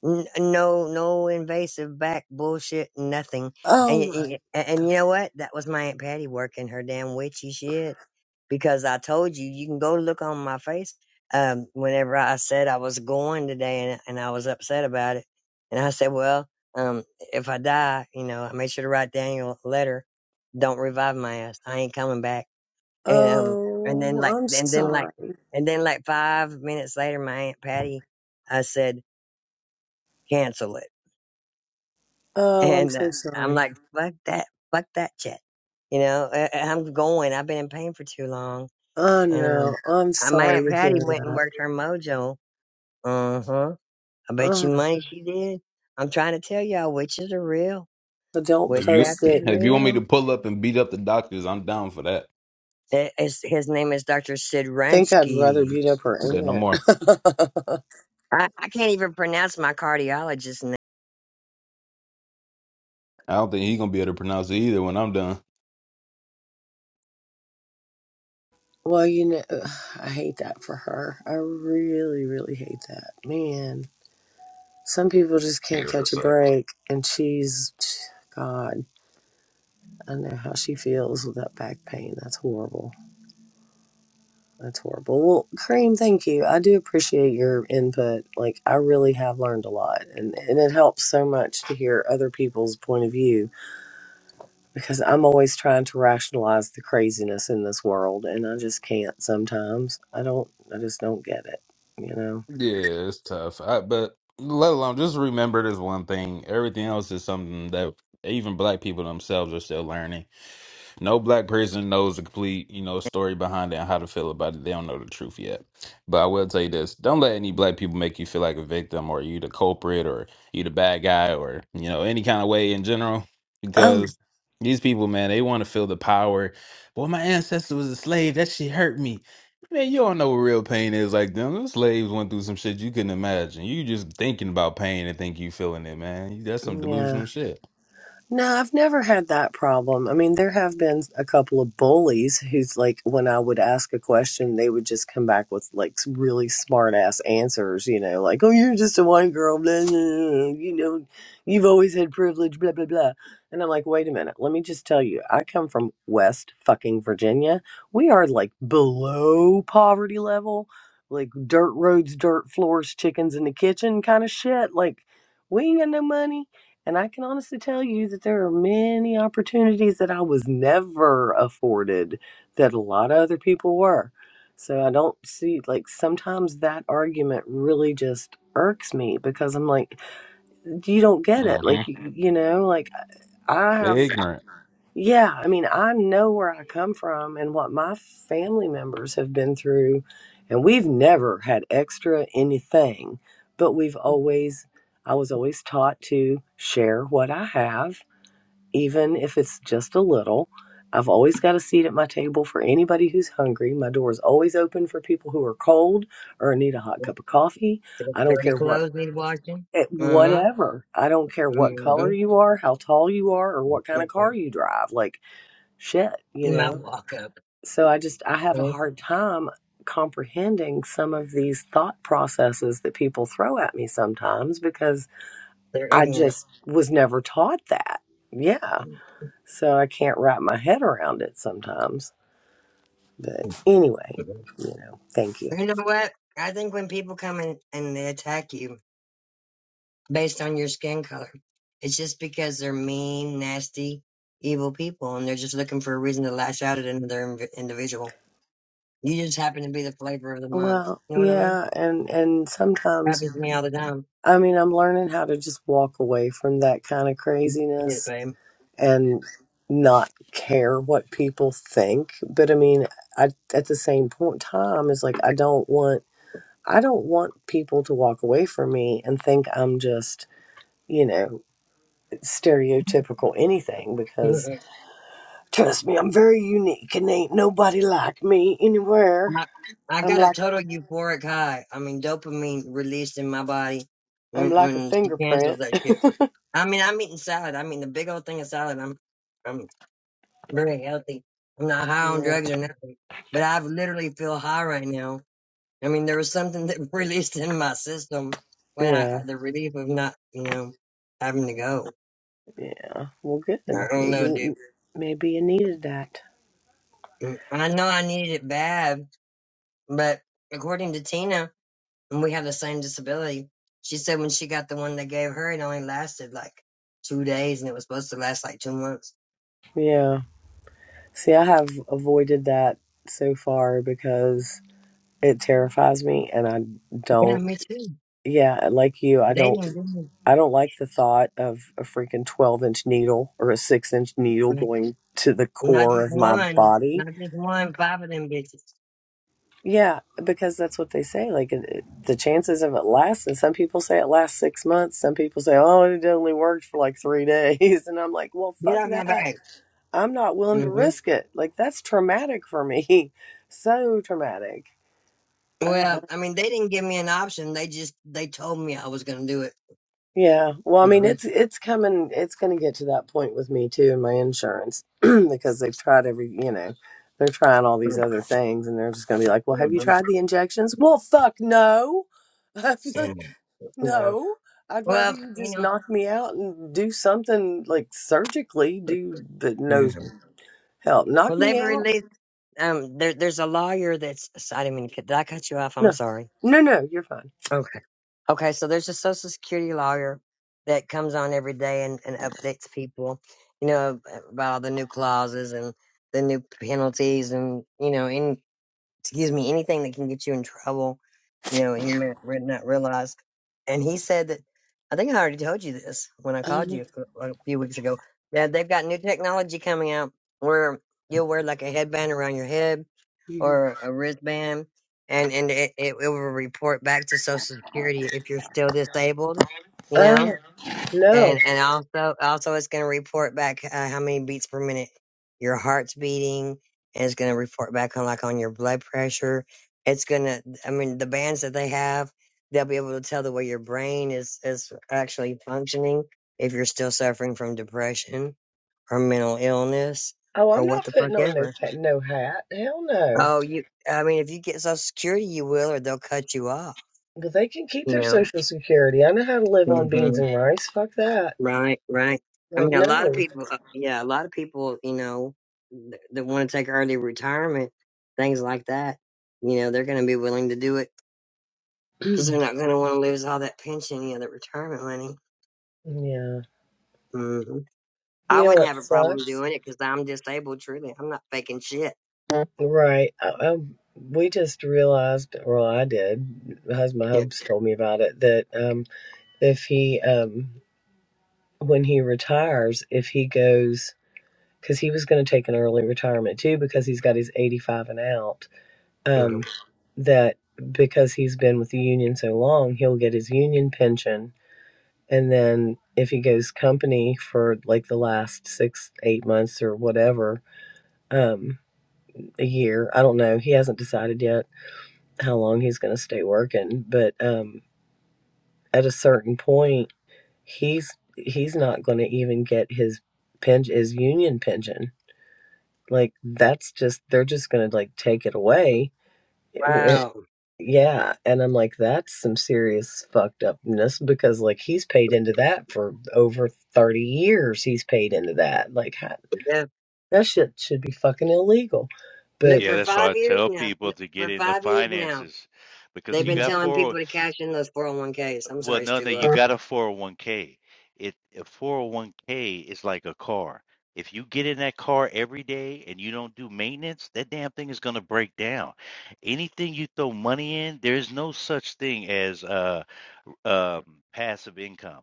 B: N- no, no invasive back bullshit, nothing. And,
C: Oh
B: y-
C: my.
B: y- and you know what? That was my Aunt Patty working her damn witchy shit because I told you, you can go look on my face. Um, whenever I said I was going today and, and I was upset about it. And I said, well, um, if I die, you know, I made sure to write Daniel a letter. Don't revive my ass. I ain't coming back. And, um, and then
C: Oh,
B: like,
C: I'm
B: and then like,
C: sorry.
B: and then like five minutes later, my Aunt Patty, I said, cancel it.
C: Oh, I'm
B: And uh,
C: so
B: I'm
C: sorry.
B: like, fuck that, fuck that shit. You know, I, I'm going. I've been in pain for too long.
C: Oh
B: And
C: no,
B: um,
C: I'm
B: I, my
C: sorry
B: aunt
C: to hear
B: Patty went and
C: that.
B: worked her mojo. Uh huh. I bet you
C: Oh,
B: money she did. I'm trying to tell y'all, witches are real.
C: but don't
F: If you
B: Witchcraft
C: post
B: is
C: it.
F: if you want me to
B: real.
F: pull up and beat up the doctors, I'm down for that.
B: It, it's, his name is Dr. Sid
C: Think I'd rather
B: Rensky.
C: beat up her
F: Say no
C: aunt.
F: more.
B: I, I can't even pronounce my cardiologist's name.
F: I don't think he's gonna be able to pronounce it either when I'm done.
C: well, you know, I hate that for her. I really, really hate that, man. Some people just
F: Yeah,
C: can't
F: that
C: catch a
F: sucks.
C: break, and she's, God, I know how she feels with that back pain. That's horrible. That's horrible. Well, Kareem, thank you. I do appreciate your input. Like, I really have learned a lot, and, and it helps so much to hear other people's point of view because I'm always trying to rationalize the craziness in this world, and I just can't sometimes. I don't, I just don't get it, you know?
F: Yeah, it's tough. I, but let alone just remember this one thing. Everything else is something that even black people themselves are still learning. No black person knows the complete, you know, story behind it and how to feel about it. They don't know the truth yet. But I will tell you this: don't let any black people make you feel like a victim or you the culprit or you the bad guy or you know any kind of way in general,
C: Oh,
F: because these people, man, they want to feel the power. Well, my ancestor was a slave. That shit hurt me. Man, you don't know what real pain is like them. Them slaves went through some shit you couldn't imagine. You just thinking about pain and think you feeling it, man. That's some
C: yeah.
F: delusional shit.
C: No, I've never had that problem. I mean, there have been a couple of bullies who's like, when I would ask a question, they would just come back with like s- really smart ass answers, you know, like, oh, you're just a white girl, blah, blah, blah, you know, you've always had privilege, blah, blah, blah. And I'm like, wait a minute, let me just tell you, I come from West fucking Virginia. We are like below poverty level, like dirt roads, dirt floors, chickens in the kitchen kind of shit. Like, we ain't got no money and I can honestly tell you that there are many opportunities that I was never afforded that a lot of other people were. So I don't see, like, sometimes that argument really just irks me because I'm like, you don't get it. Like,
F: hmm
C: you, you know, like I
F: They're
C: have,
F: ignorant.
C: yeah, I mean, I know where I come from and what my family members have been through. And we've never had extra anything, but we've always, I was always taught to share what I have even if it's just a little. I've always got a seat at my table for anybody who's hungry. My door is always open for people who are cold or need a hot cup of coffee. I don't
B: Dirty
C: care what,
B: clothes need washing.
C: it,
B: Uh
C: whatever. I don't care
B: huh.
C: what color
B: Mm-hmm.
C: you are, how tall you are, or what kind of car you drive. Like, shit, you
B: You might
C: know?
B: walk up.
C: So I just, I have a
B: Mm,
C: hard time comprehending some of these thought processes that people throw at me sometimes because
B: They're
C: I
B: ignorant.
C: just was never taught that. Yeah.
B: You
C: So I can't wrap my head around it sometimes. But anyway, you know, thank you.
B: know what? I think when people come in and they attack you based on your skin color, it's just because they're mean, nasty, evil people, and they're just looking for a reason to lash out at another inv- individual. You just happen to be the flavor of the month.
C: Well,
B: You know what I mean?
C: yeah, and and sometimes
B: Happens to me all the time.
C: I mean, I'm learning how to just walk away from that kind of
B: Get it,
C: craziness
B: babe.
C: and not care what people think. But I mean, I at the same point time it's like I don't want I don't want people to walk away from me and think I'm just, you know, stereotypical anything because. Trust me, I'm very unique and ain't nobody like me anywhere.
B: I, I
C: I'm
B: got a
C: like
B: total euphoric high. I mean, dopamine released in my body
C: I'm
B: when
C: like a
B: when she canceled
C: fingerprint.
B: that shit. I mean, I'm eating salad. I mean, the big old thing of salad. I'm, I'm very healthy. I'm not high on
C: Yeah,
B: drugs or nothing, but I have literally feel high right now. I mean, there was something that released in my system when I,
C: yeah,
B: the relief of not, you know, having to go.
C: yeah. Well, good.
B: I don't know,
C: Maybe
B: dude.
C: maybe you needed that.
B: Mm, I know I needed it bad, but according to Tina, and we have the same disability, she said when she got the one they gave her, it only lasted like two days and it was supposed to last like two months.
C: Yeah. See, I have avoided that so far because it terrifies me and I
B: Yeah,
C: don't
B: me too.
C: yeah, like you, I
B: They
C: don't
B: didn't do
C: I don't like the thought of a freaking 12-inch needle or a 6-inch needle
B: it.
C: going to the
B: Not
C: core
B: just
C: of my
B: one,
C: body.
B: not just one, five of them bitches.
C: Yeah, because that's what they say. Like it, it- the chances of it lasting. Some people say it lasts six months. Some people say, "Oh, it only worked for like three days." And I'm like, "Well,
B: Get
C: fuck
B: off my
C: that.
B: back.
C: I'm not willing to
B: hmm
C: risk it. Like that's traumatic for me. So traumatic." I, I,
B: Well, I mean, they didn't give me an option. They just they told me I was gonna do it.
C: yeah. Well, I mean,
B: hmm
C: it's it's coming. It's going to get to that point with me too, and my insurance, because they've tried every. You know, they're trying all these other things, and they're just going to be like, "Well, have you tried the injections?" Well, fuck no.
B: Yeah. yeah.
C: No, I'd rather
B: Well,
C: you
B: you
C: just
B: know.
C: knock me out and do something like surgically, do but
B: Yeah.
C: no hell, knock
B: Well, they've
C: me out.
B: released. Um, there, there's a lawyer that's. I didn't mean to cut. Did I cut you off? I'm
C: No,
B: sorry.
C: no, no, you're fine.
B: Okay. Okay. So there's a social security lawyer that comes on every day and, and updates people, you know, about all the new clauses and the new penalties and, you know, any, excuse me, anything that can get you in trouble, you know, and you might re- not realize. And he said that, I think I already told you this when I
C: I don't
B: called
C: know.
B: you a a few weeks ago, that they've got new technology coming out where you'll wear like a headband around your head
C: You're...
B: or a wristband, and and it, it, it will report back to Social Security if you're still disabled, you know.
C: Oh no.
B: And and also also it's going to report back uh, how many beats per minute your heart's beating, and it's going to report back on like on your blood pressure. It's gonna, I mean, the bands that they have, they'll be able to tell the way your brain is is actually functioning if you're still suffering from depression or mental illness
C: Oh,
B: or
C: I'm
B: what
C: not
B: the fuck
C: putting on no
B: ever.
C: ta- no hat. Hell no.
B: Oh, you. I mean, if you get Social Security, you will, or they'll cut you off.
C: But they can keep
B: You
C: their
B: know.
C: social security. I know how to live on
B: hmm
C: beans and rice. Fuck that.
B: Right. Right. I
C: Like
B: mean, a lot of
C: no.
B: people. uh, Yeah, a lot of people. You know, th- that want to take early retirement, things like that. You know, they're going to be willing to do it because they're not going to want to lose all that pension, you know, that retirement money.
C: yeah.
B: hmm I
C: You know
B: wouldn't
C: what
B: have a problem
C: sucks?
B: doing it because I'm disabled. Truly, I'm not faking shit.
C: Right. I, I, we just realized, well, I did. Husband
B: Yeah.
C: Hubs told me about it that um, if he, um, when he retires, if he goes, because he was going to take an early retirement too, because he's got his 85 and out, um,
B: Mhm.
C: that because he's been with the union so long, he'll get his union pension. And then if he goes company for like the last six, eight months or whatever, um, a year, I don't know. He hasn't decided yet how long he's going to stay working, but um, at a certain point, he's he's not going to even get his pen his union pension. Like that's just they're just going to like take it away. It w-
B: Wow.
C: yeah, and I'm like that's some serious fucked upness because like he's paid into that for over 30 years. He's paid into that. Like
B: Yeah.
C: that shit should be fucking illegal.
B: Look
C: But
A: Yeah,
B: for
A: that's why
B: five
A: I
B: years
A: tell
B: now.
A: people
B: Look,
A: to get
B: For
A: into
B: five years now.
A: finances because
B: They've
A: you
B: been
A: got
C: yeah,
B: telling
A: four. oh
B: people to cash in those 401ks. I'm
A: Well,
B: sorry,
A: no,
B: Stu.
A: no,
B: Go ahead.
A: you got a 401k. It a 401k is like a car. If you get in that car every day and you don't do maintenance, that damn thing is going to break down. Anything you throw money in, there's no such thing as uh um passive income.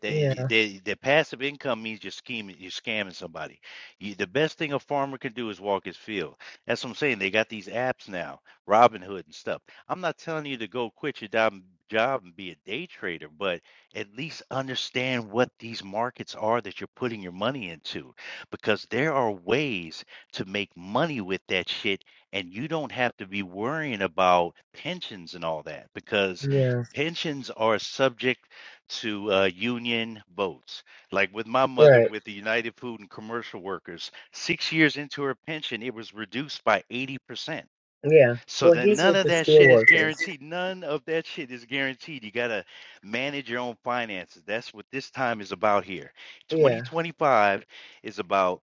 A: They, they, the passive income means you're scheming, you're scamming somebody. You, the best thing a farmer can do is walk his field. That's what I'm saying. They got these apps now, Robinhood and stuff. I'm not telling you to go quit your dom- job and be a day trader, but at least understand what these markets are that you're putting your money into, because there are ways to make money with that shit, and you don't have to be worrying about pensions and all that, because
C: yeah,
A: pensions are subject to uh, union votes. Like with my mother
C: right.
A: with the United Food and Commercial Workers, six years into her pension, it was reduced by 80%.
C: Yeah.
A: So
C: Well,
A: that
C: he's
A: none
C: with
A: of
C: the
A: that shit is
C: steelworkers.
A: guaranteed. None of that shit is guaranteed. You got to manage your own finances. That's what this time is about here.
C: Yeah,
A: 2025 is about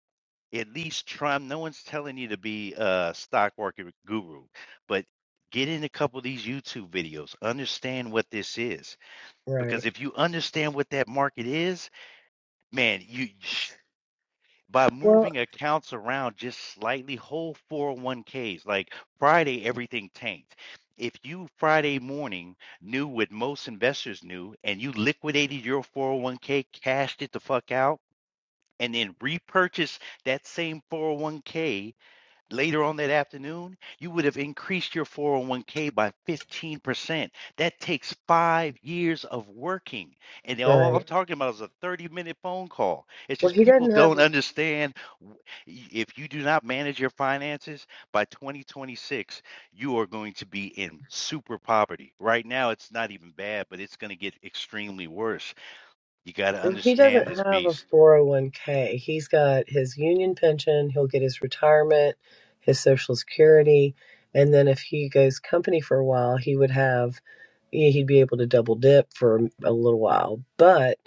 A: at least trying. No one's telling you to be a stock market guru, but Get in a couple of these YouTube videos. Understand what this is
C: right.
A: because if you understand what that market is, man, you by
C: Well,
A: moving accounts around just slightly, whole 401ks, like Friday, everything tanked. If you Friday morning knew what most investors knew and you liquidated your 401k, cashed it the fuck out, and then repurchased that same 401k later on that afternoon, you would have increased your 401k by 15%. That takes five years of working. And all I'm
C: right.
A: talking about is a 30 minute phone call. It's
C: Well,
A: just
C: he
A: people
C: doesn't have
A: don't understand if you do not manage your finances by 2026, you are going to be in super poverty. Right now, it's not even bad, but it's going to get extremely worse. You got to
C: well, he doesn't
A: understand this
C: have a
A: beast.
C: 401k. He's got his union pension, he'll get his retirement, his social security, and then if he goes company for a while, he would have he- he'd be able to double dip for a little while. But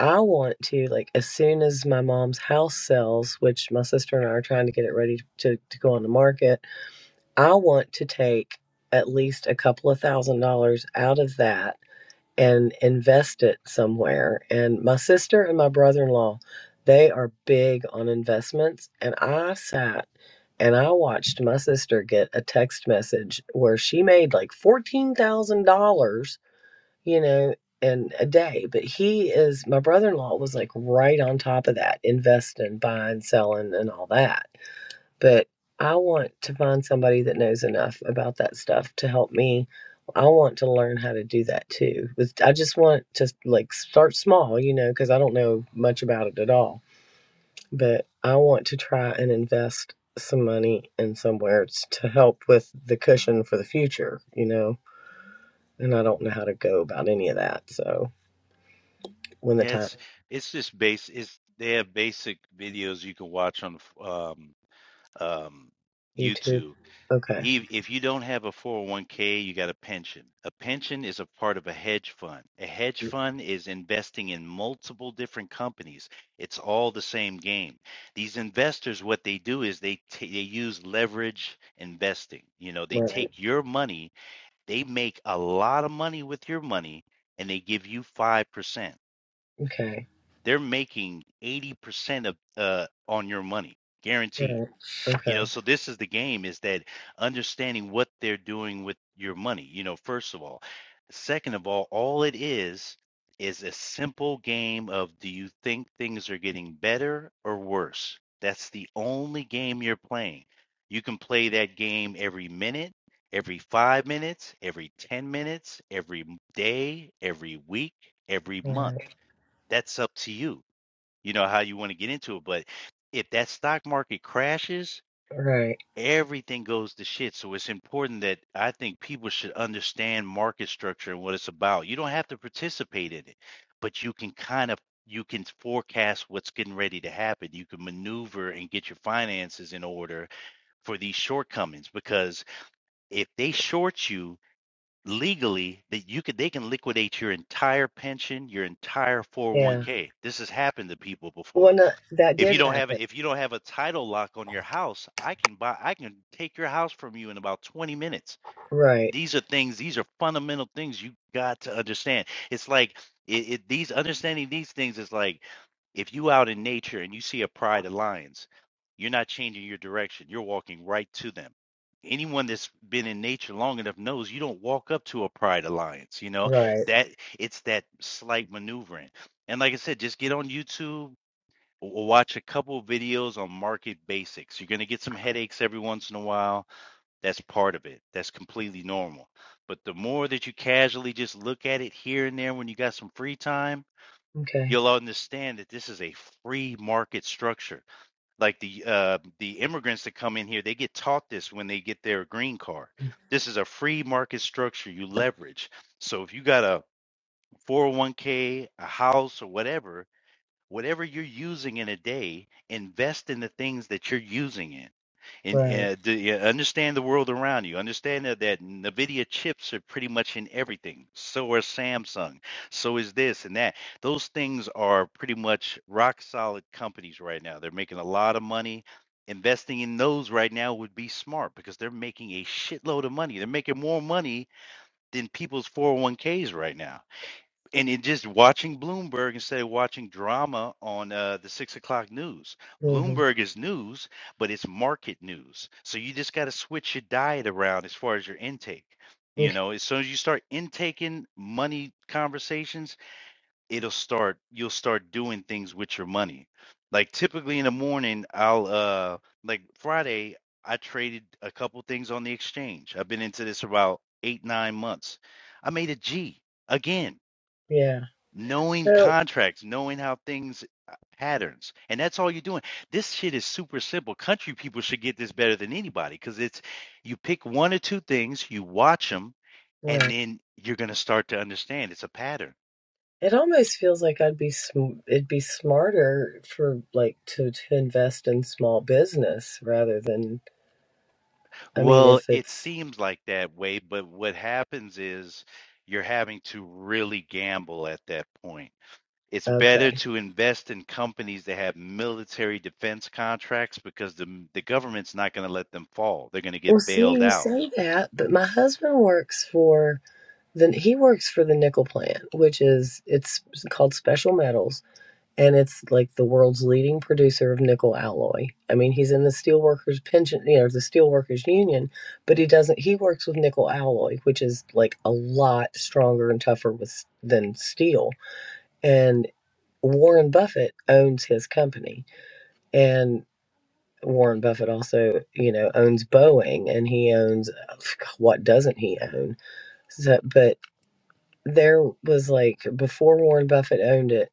C: I want to like as soon as my mom's house sells, which my sister and I are trying to get it ready to to go on the market, I want to take at least a couple of thousand dollars out of that and invest it somewhere. And my sister and my brother in law, they are big on investments. And I sat and I watched my sister get a text message where she made like $14,000, you know, in a day. But he is, my brother in law was like right on top of that, investing, buying, selling, and all that but I want to find somebody that knows enough about that stuff to help me. I want to learn how to do that too. With I just want to like start small, you know, because I don't know much about it at all. But I want to try and invest some money in somewhere t- to help with the cushion for the future, you know. And I don't know how to go about any of that. So when the
A: Yeah,
C: time
A: it's it's just base. It's they have basic videos you can watch on um, um,
C: YouTube,
A: YouTube.
C: okay,
A: If if you don't have a 401k, you got a pension. A pension is a part of a hedge fund. A hedge fund is investing in multiple different companies. It's all the same game. These investors, what they do is they ta- they use leverage investing. You know, they
C: right,
A: take your money, they make a lot of money with your money, and they give you 5%
C: okay,
A: they're making 80% of uh, on your money guaranteed
C: right,
A: you know
C: okay,
A: so this is the game is that understanding what they're doing with your money you know first of all second of all all it is is a simple game of do you think things are getting better or worse that's the only game you're playing you can play that game every minute every 5 minutes every 10 minutes every day, every week every month
C: right,
A: that's up to you you know how you want to get into it but if that stock market crashes
C: right,
A: everything goes to shit so it's important that i think people should understand market structure and what it's about you don't have to participate in it but you can kind of you can forecast what's getting ready to happen you can maneuver and get your finances in order for these shortcomings because if they short you legally that you could they can liquidate your entire pension your entire
C: yeah.
A: 401k this has happened to people before
C: Well, no, that
A: if you
C: did
A: don't have
C: happen.
A: a- if you don't have a title lock on your house, I can buy I can take your house from you in about 20 minutes.
C: Right,
A: These are things, these are fundamental things you got to understand. It's like it, it these understanding these things is like if you out in nature and you see a pride of lions, you're not changing your direction. You're walking right to them. Anyone that's been in nature long enough knows you don't walk up to a pride of lions, you know?
C: right.
A: That it's that slight maneuvering. And like I said, just get on YouTube, w- watch a couple of videos on market basics. You're going to get some headaches every once in a while. That's part of it. That's completely normal. But the more that you casually just look at it here and there when you got some free time,
C: Okay,
A: you'll understand that this is a free market structure. Like the uh, the immigrants that come in here, they get taught this when they get their green card. This is a free market structure you leverage. So if you got a 401k, a house, or whatever, whatever you're using in a day, invest in the things that you're using in. And
C: right.
A: uh, do you understand the world around you. Understand that, that NVIDIA chips are pretty much in everything. So are Samsung. So is this and that. Those things are pretty much rock solid companies right now. They're making a lot of money. Investing in those right now would be smart because they're making a shitload of money. They're making more money than people's 401ks right now and it just watching Bloomberg instead of watching drama on uh, the six o'clock news.
C: hmm
A: Bloomberg is news, but it's market news. So you just got to switch your diet around as far as your intake. You
C: Okay,
A: know, as soon as you start intaking money conversations, it'll start. You'll start doing things with your money. Like typically in the morning, I'll uh like Friday, I traded a couple things on the exchange. I've been into this about eight nine months. I made a G again
C: yeah.
A: knowing
C: So,
A: contracts, knowing how things uh, patterns, and that's all you're doing. This shit is super simple. Country people should get this better than anybody because it's you pick one or two things, you watch them, and
C: right.
A: then you're going to start to understand it's a pattern.
C: It almost feels like I'd be sm- it'd be smarter for like to to invest in small business rather than I mean
A: Well,
C: if
A: it
C: it's
A: seems like that way, but what happens is you're having to really gamble at that point It's better
C: okay.
A: to invest in companies that have military defense contracts because the the government's not going to let them fall. They're going to
C: Well,
A: get
C: see,
A: bailed
C: you
A: out.
C: say that, but my husband works for the he works for the nickel plant, which is it's called Special Metals and it's like the world's leading producer of nickel alloy. I mean, he's in the steelworkers pension, you know, the steelworkers union, but he doesn't. He works with nickel alloy, which is like a lot stronger and tougher with than steel. And Warren Buffett owns his company, and Warren Buffett also, you know, owns Boeing, and he owns uh, what doesn't he own? So, but there was like before Warren Buffett owned it,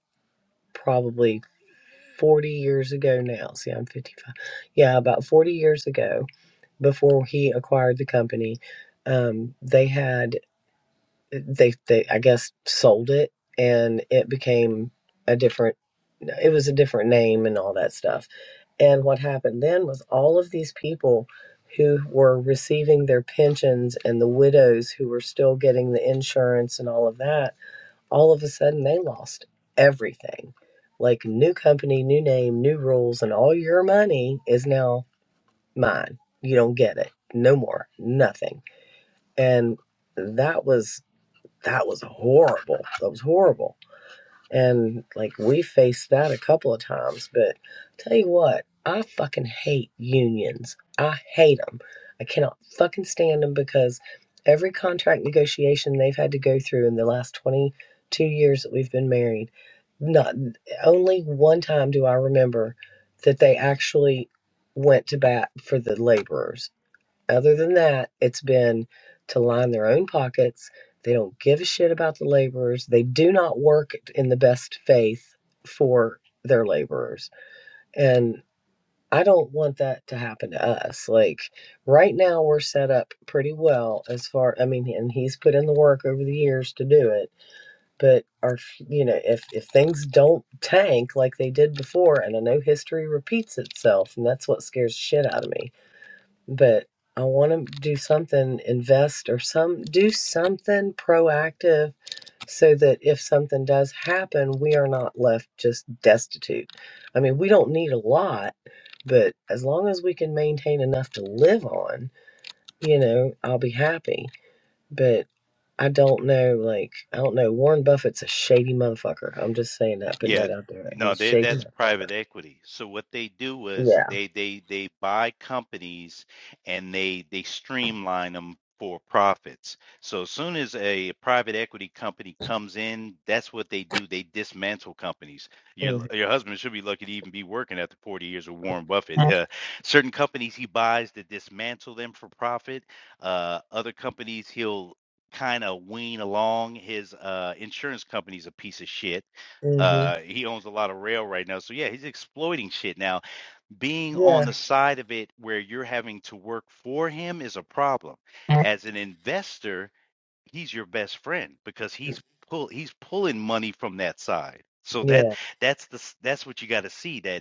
C: probably. 40 years ago now. See, I'm 55. Yeah, about 40 years ago, before he acquired the company, um, they had, they, they, I guess, sold it and it became a different, it was a different name and all that stuff. And what happened then was all of these people who were receiving their pensions and the widows who were still getting the insurance and all of that all of a sudden they lost everything. Like new company, new name, new rules, and all your money is now mine. You don't get it. No more. Nothing. And that was that was horrible. That was horrible. And like we faced that a couple of times, but tell you what, I fucking hate unions. I hate them. I cannot fucking stand them because every contract negotiation they've had to go through in the last 22 years that we've been married, not only one time do I remember that they actually went to bat for the laborers other than that, it's been to line their own pockets. They don't give a shit about the laborers. They do not work in the best faith for their laborers. And I don't want that to happen to us. Like right now, we're set up pretty well as far. I mean, and he's put in the work over the years to do it. But our, you know, if if things don't tank like they did before, and I know history repeats itself, and that's what scares the shit out of me but I want to do something, invest or some do something proactive so that if something does happen, we are not left just destitute. I mean, we don't need a lot, but as long as we can maintain enough to live on, you know, I'll be happy. But I don't know, like, I don't know. Warren Buffett's a shady motherfucker. I'm just saying that, putting
A: Yeah,
C: that out there.
A: no,
C: He's
A: they,
C: shady
A: that's
C: motherfucker.
A: private equity. So what they do is
C: Yeah.
A: they they they buy companies and they they streamline them for profits. So as soon as a private equity company comes in, that's what they do. They dismantle companies. Your
C: Mm-hmm.
A: your husband should be lucky to even be working after 40 years with Warren Buffett. Uh, certain companies he buys to dismantle them for profit. Uh, other companies he'll kind of wean along. His uh, insurance company's a piece of shit
C: hmm
A: uh, he owns a lot of rail right now. So yeah, he's exploiting shit now. Being
C: Yeah.
A: on the side of it where you're having to work for him is a problem. As an investor, he's your best friend because he's pull he's pulling money from that side. So that
C: Yeah.
A: that's the s- that's what you got to see that.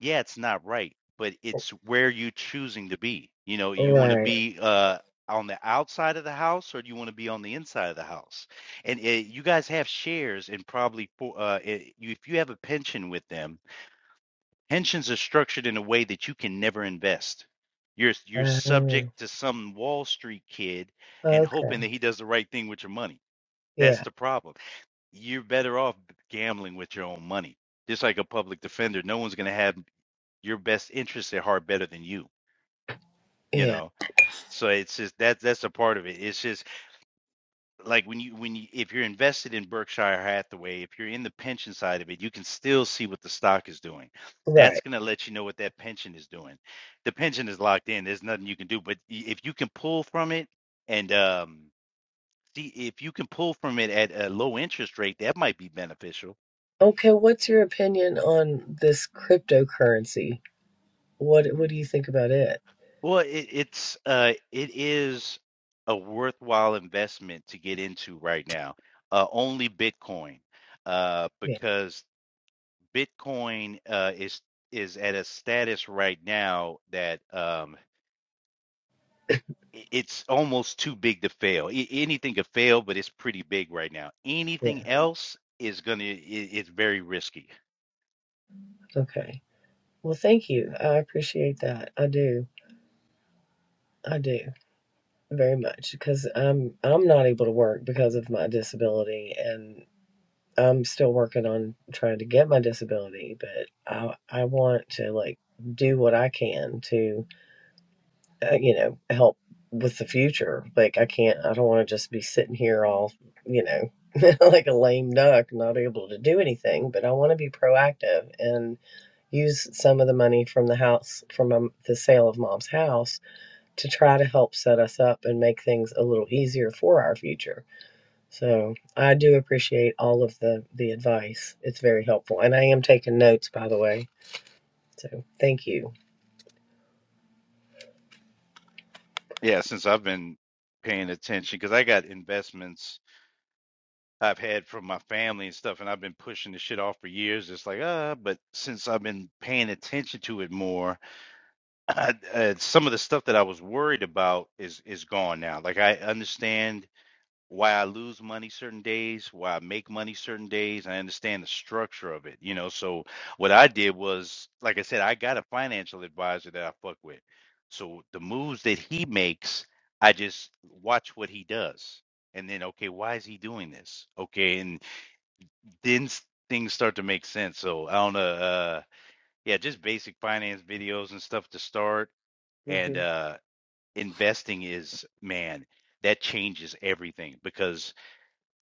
A: Yeah, it's not right, but it's where you choosing to be. You know, you want to
C: Right.
A: be uh on the outside of the house or do you want to be on the inside of the house? And uh you guys have shares and probably for uh i you, if you have a pension with them, pensions are structured in a way that you can never invest. You're you're
C: Uh-huh.
A: subject to some Wall Street kid and hoping
C: Okay.
A: that he does the right thing with your money. That's
C: Yeah.
A: the problem. You're better off gambling with your own money. Just like a public defender, no one's going to have your best interests at heart better than you you
C: Yeah.
A: know so it's just that that's a part of it it's just like when you when you if you're invested in berkshire hathaway if you're in the pension side of it you can still see what the stock is doing that's
C: Right.
A: going to let you know what that pension is doing the pension is locked in there's nothing you can do but if you can pull from it and um see if you can pull from it at a low interest rate that might be beneficial
C: Okay. What's your opinion on this cryptocurrency? What What do you think about it?
A: Well, it, it's uh, it is a worthwhile investment to get into right now. Uh, only Bitcoin, uh,
C: Yeah.
A: because Bitcoin uh, is is at a status right now that um, i- it's almost too big to fail. I, anything could fail, but it's pretty big right now.
C: Yeah.
A: Anything else is gonna i it's very risky.
C: Okay. Well, thank you. I appreciate that. I do. I do very much because I'm I'm not able to work because of my disability, and I'm still working on trying to get my disability. But I I want to like do what I can to uh, you know, help with the future. Like I can't, I don't want to just be sitting here all, you know, like a lame duck, not able to do anything. But I want to be proactive and use some of the money from the house, from um, the sale of mom's house, to try to help set us up and make things a little easier for our future. So I do appreciate all of the the advice. It's very helpful, and I am taking notes, by the way. So thank you.
A: Yeah, since I've been paying attention, because I got investments. I've had from my family and stuff, and I've been pushing the shit off for years. It's like, ah, but since I've been paying attention to it more, I, uh, some of the stuff that I was worried about is is gone now. Like I understand why I lose money certain days, why I make money certain days. I understand the structure of it, you know. So what I did was, like I said, I got a financial advisor that I fuck with. So the moves that he makes, I just watch what he does. And then, okay, why is he doing this? Okay, and then s- things start to make sense. So I don't know. Uh, yeah, just basic finance videos and stuff to start. And
C: hmm
A: uh, investing is, man, that changes everything because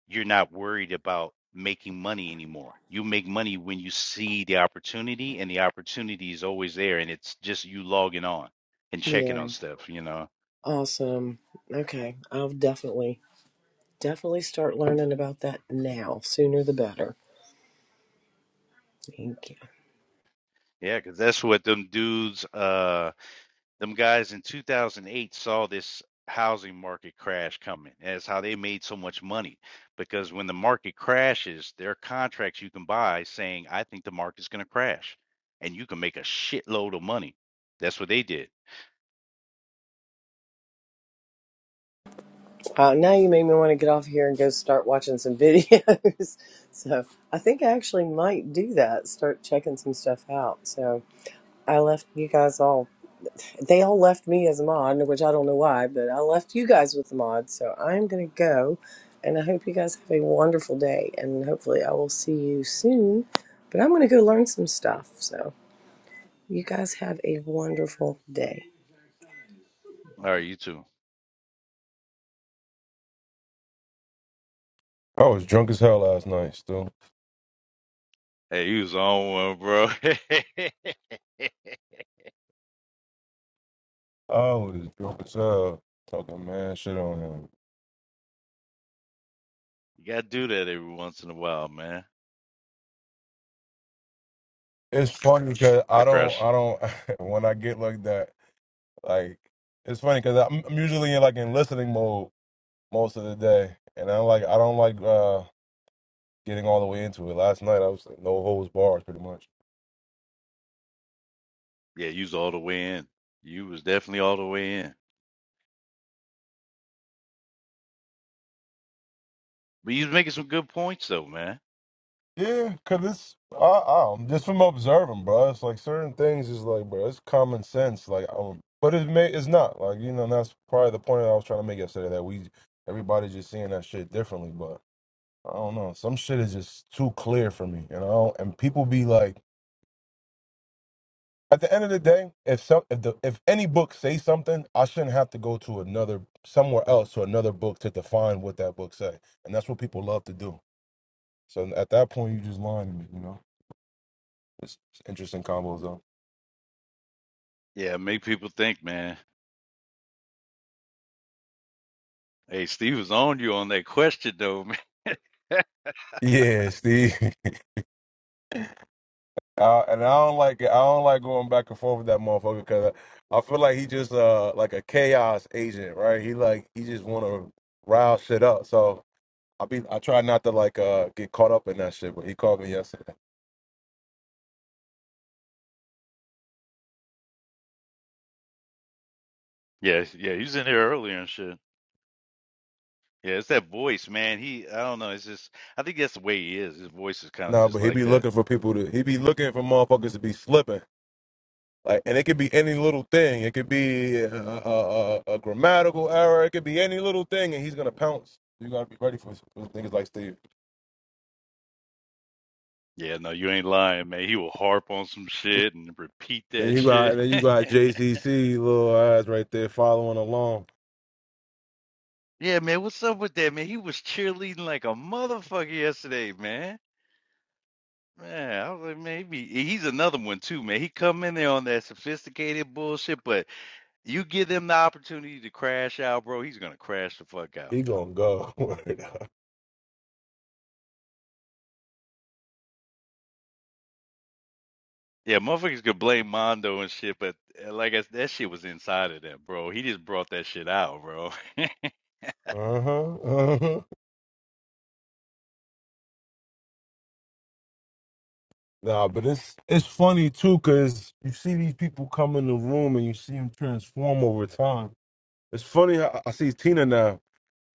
A: you're not worried about making money anymore. You make money when you see the opportunity, and the opportunity is always there. And it's just you logging on and checking
C: Yeah.
A: on stuff, you know?
C: Awesome. Okay. I'll definitely, definitely start learning about that now. Sooner the better. Thank you.
A: Yeah, because that's what them dudes. Uh, them guys in 2008 saw this housing market crash coming. That's how they made so much money because when the market crashes, there are contracts you can buy saying, I think the market's going to crash and you can make a shitload of money. That's what they did.
C: Uh, now you made me want to get off here and go start watching some videos. so I think I actually might do that, start checking some stuff out. So I left you guys all, they all left me as a mod, which I don't know why, but I left you guys with the mod. So I'm going to go and I hope you guys have a wonderful day and hopefully I will see you soon. But I'm going to go learn some stuff. So. You guys have a wonderful day.
A: All right, you too.
I: I was drunk as hell last night, still.
A: Hey, you was on one, bro.
I: I was drunk as hell, talking man shit on him.
A: You got to do that every once in a while, man.
I: It's funny because
A: I
I: I don't,
A: crash.
I: I don't, when I get like that, like, it's funny because I'm, I'm usually in like in listening mode most of the day. And I like, I don't like uh getting all the way into it. Last night I was like, no holds bars pretty much.
A: Yeah, you was all the way in. You was definitely all the way in. But you was making some good points, though, man.
I: Yeah, cause it's I, I don't, just from observing, bro. It's like certain things is like, bro, it's common sense. Like, um, but it may it's not like you know. And that's probably the point that I was trying to make yesterday that we everybody's just seeing that shit differently. But I don't know, some shit is just too clear for me, you know. And people be like, at the end of the day, if some if the if any book say something, I shouldn't have to go to another somewhere else to another book to define what that book say. And that's what people love to do. So at that point, you just lying to me, you know. It's interesting combos though.
A: Yeah, make people think, man. Hey, Steve was on you on that question though, man.
I: Yeah, Steve. Uh, and I don't like I don't like going back and forth with that motherfucker because I, I feel like he just uh like a chaos agent, right? He like he just want to rile shit up. So I be I try not to like uh get caught up in that shit. But he called me yesterday.
A: yeah, yeah, he was in here earlier and shit. Yeah, it's that voice, man. He, I don't know. It's just, I think that's the way he is. His voice is kind of
I: No,
A: just
I: but he
A: like
I: be
A: that.
I: looking for people to he be looking for motherfuckers to be slipping. Like, and it could be any little thing. It could be a, a, a, a grammatical error. It could be any little thing, and he's gonna pounce. You gotta be ready for, for things like Steve.
A: Yeah, no, you ain't lying, man. He will harp on some shit and repeat
I: Then
A: that
I: you got
A: shit.
I: then you got JCC little eyes right there following along.
A: yeah, man, what's up with that, man? He was cheerleading like a motherfucker yesterday, man. Man, I was like, man, he be- he's another one too, man. He come in there on that sophisticated bullshit, but you give him the opportunity to crash out, bro, he's gonna crash the fuck out.
I: He gonna go.
A: Yeah, motherfuckers could blame Mondo and shit, but uh, like I, that shit was inside of them, bro. He just brought that shit out, bro.
I: uh huh. Uh huh. Nah, but it's it's funny too because you see these people come in the room and you see them transform over time. It's funny how I see Tina now.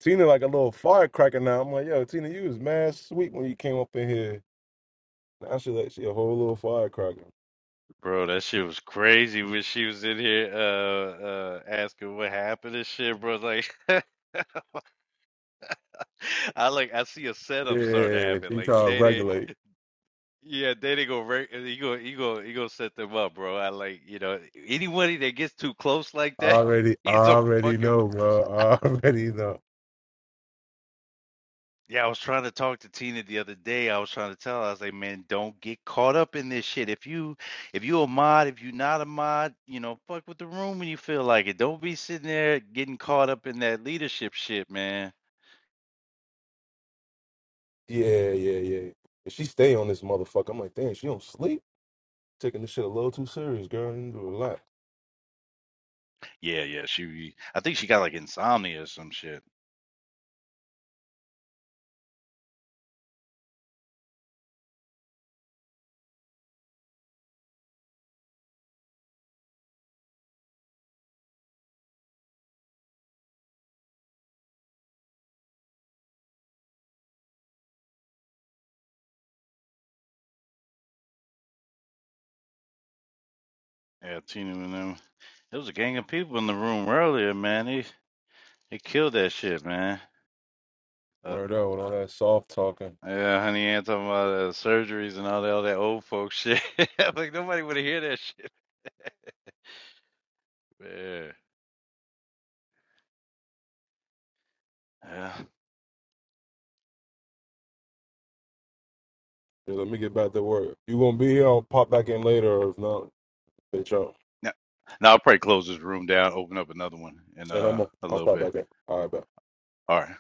I: Tina like a little firecracker now. I'm like, yo, Tina, you was mad sweet when you came up in here. Now she like she a whole little firecracker.
A: Bro, that shit was crazy when she was in here uh uh asking what happened and shit, bro. Like I like I see a setup starting to
I: Yeah,
A: happen.
I: she
A: Like
I: trying to
A: they they
I: regulate.
A: yeah, they they go right you go you go you go set them up, bro. I like you know anybody that gets too close like
I: I
A: that,
I: already, I
A: he's a
I: already
A: fucking
I: know, bro. I already know.
A: Yeah, I was trying to talk to Tina the other day. I was trying to tell her, I was like, man, don't get caught up in this shit. If you if you a mod, if you not a mod, you know, fuck with the room when you feel like it. Don't be sitting there getting caught up in that leadership shit, man.
I: Yeah, yeah, yeah. And she stay on this motherfucker. I'm like, damn, she don't sleep. Taking this shit a little too serious, girl. You do a lot.
A: Yeah, yeah. She I think she got like insomnia or some shit. Yeah, Tina and them. There was a gang of people in the room earlier, man. They they killed that shit, man. Uh,
I: Word out. with all that soft talking.
A: yeah, honey, Ann talking about uh, surgeries and all that, all that old folks shit. I'm like, nobody would hear that shit. Man. Yeah.
I: Yeah, let me get back to work. You gonna be here? I'll pop back in later, or if not, bitch, out.
A: Now, now I'll probably close this room down, open up another one in
I: And I'm
A: uh,
I: gonna.
A: a
I: i I'll
A: little
I: pop
A: bit.
I: back in. All right, bet.
A: All right.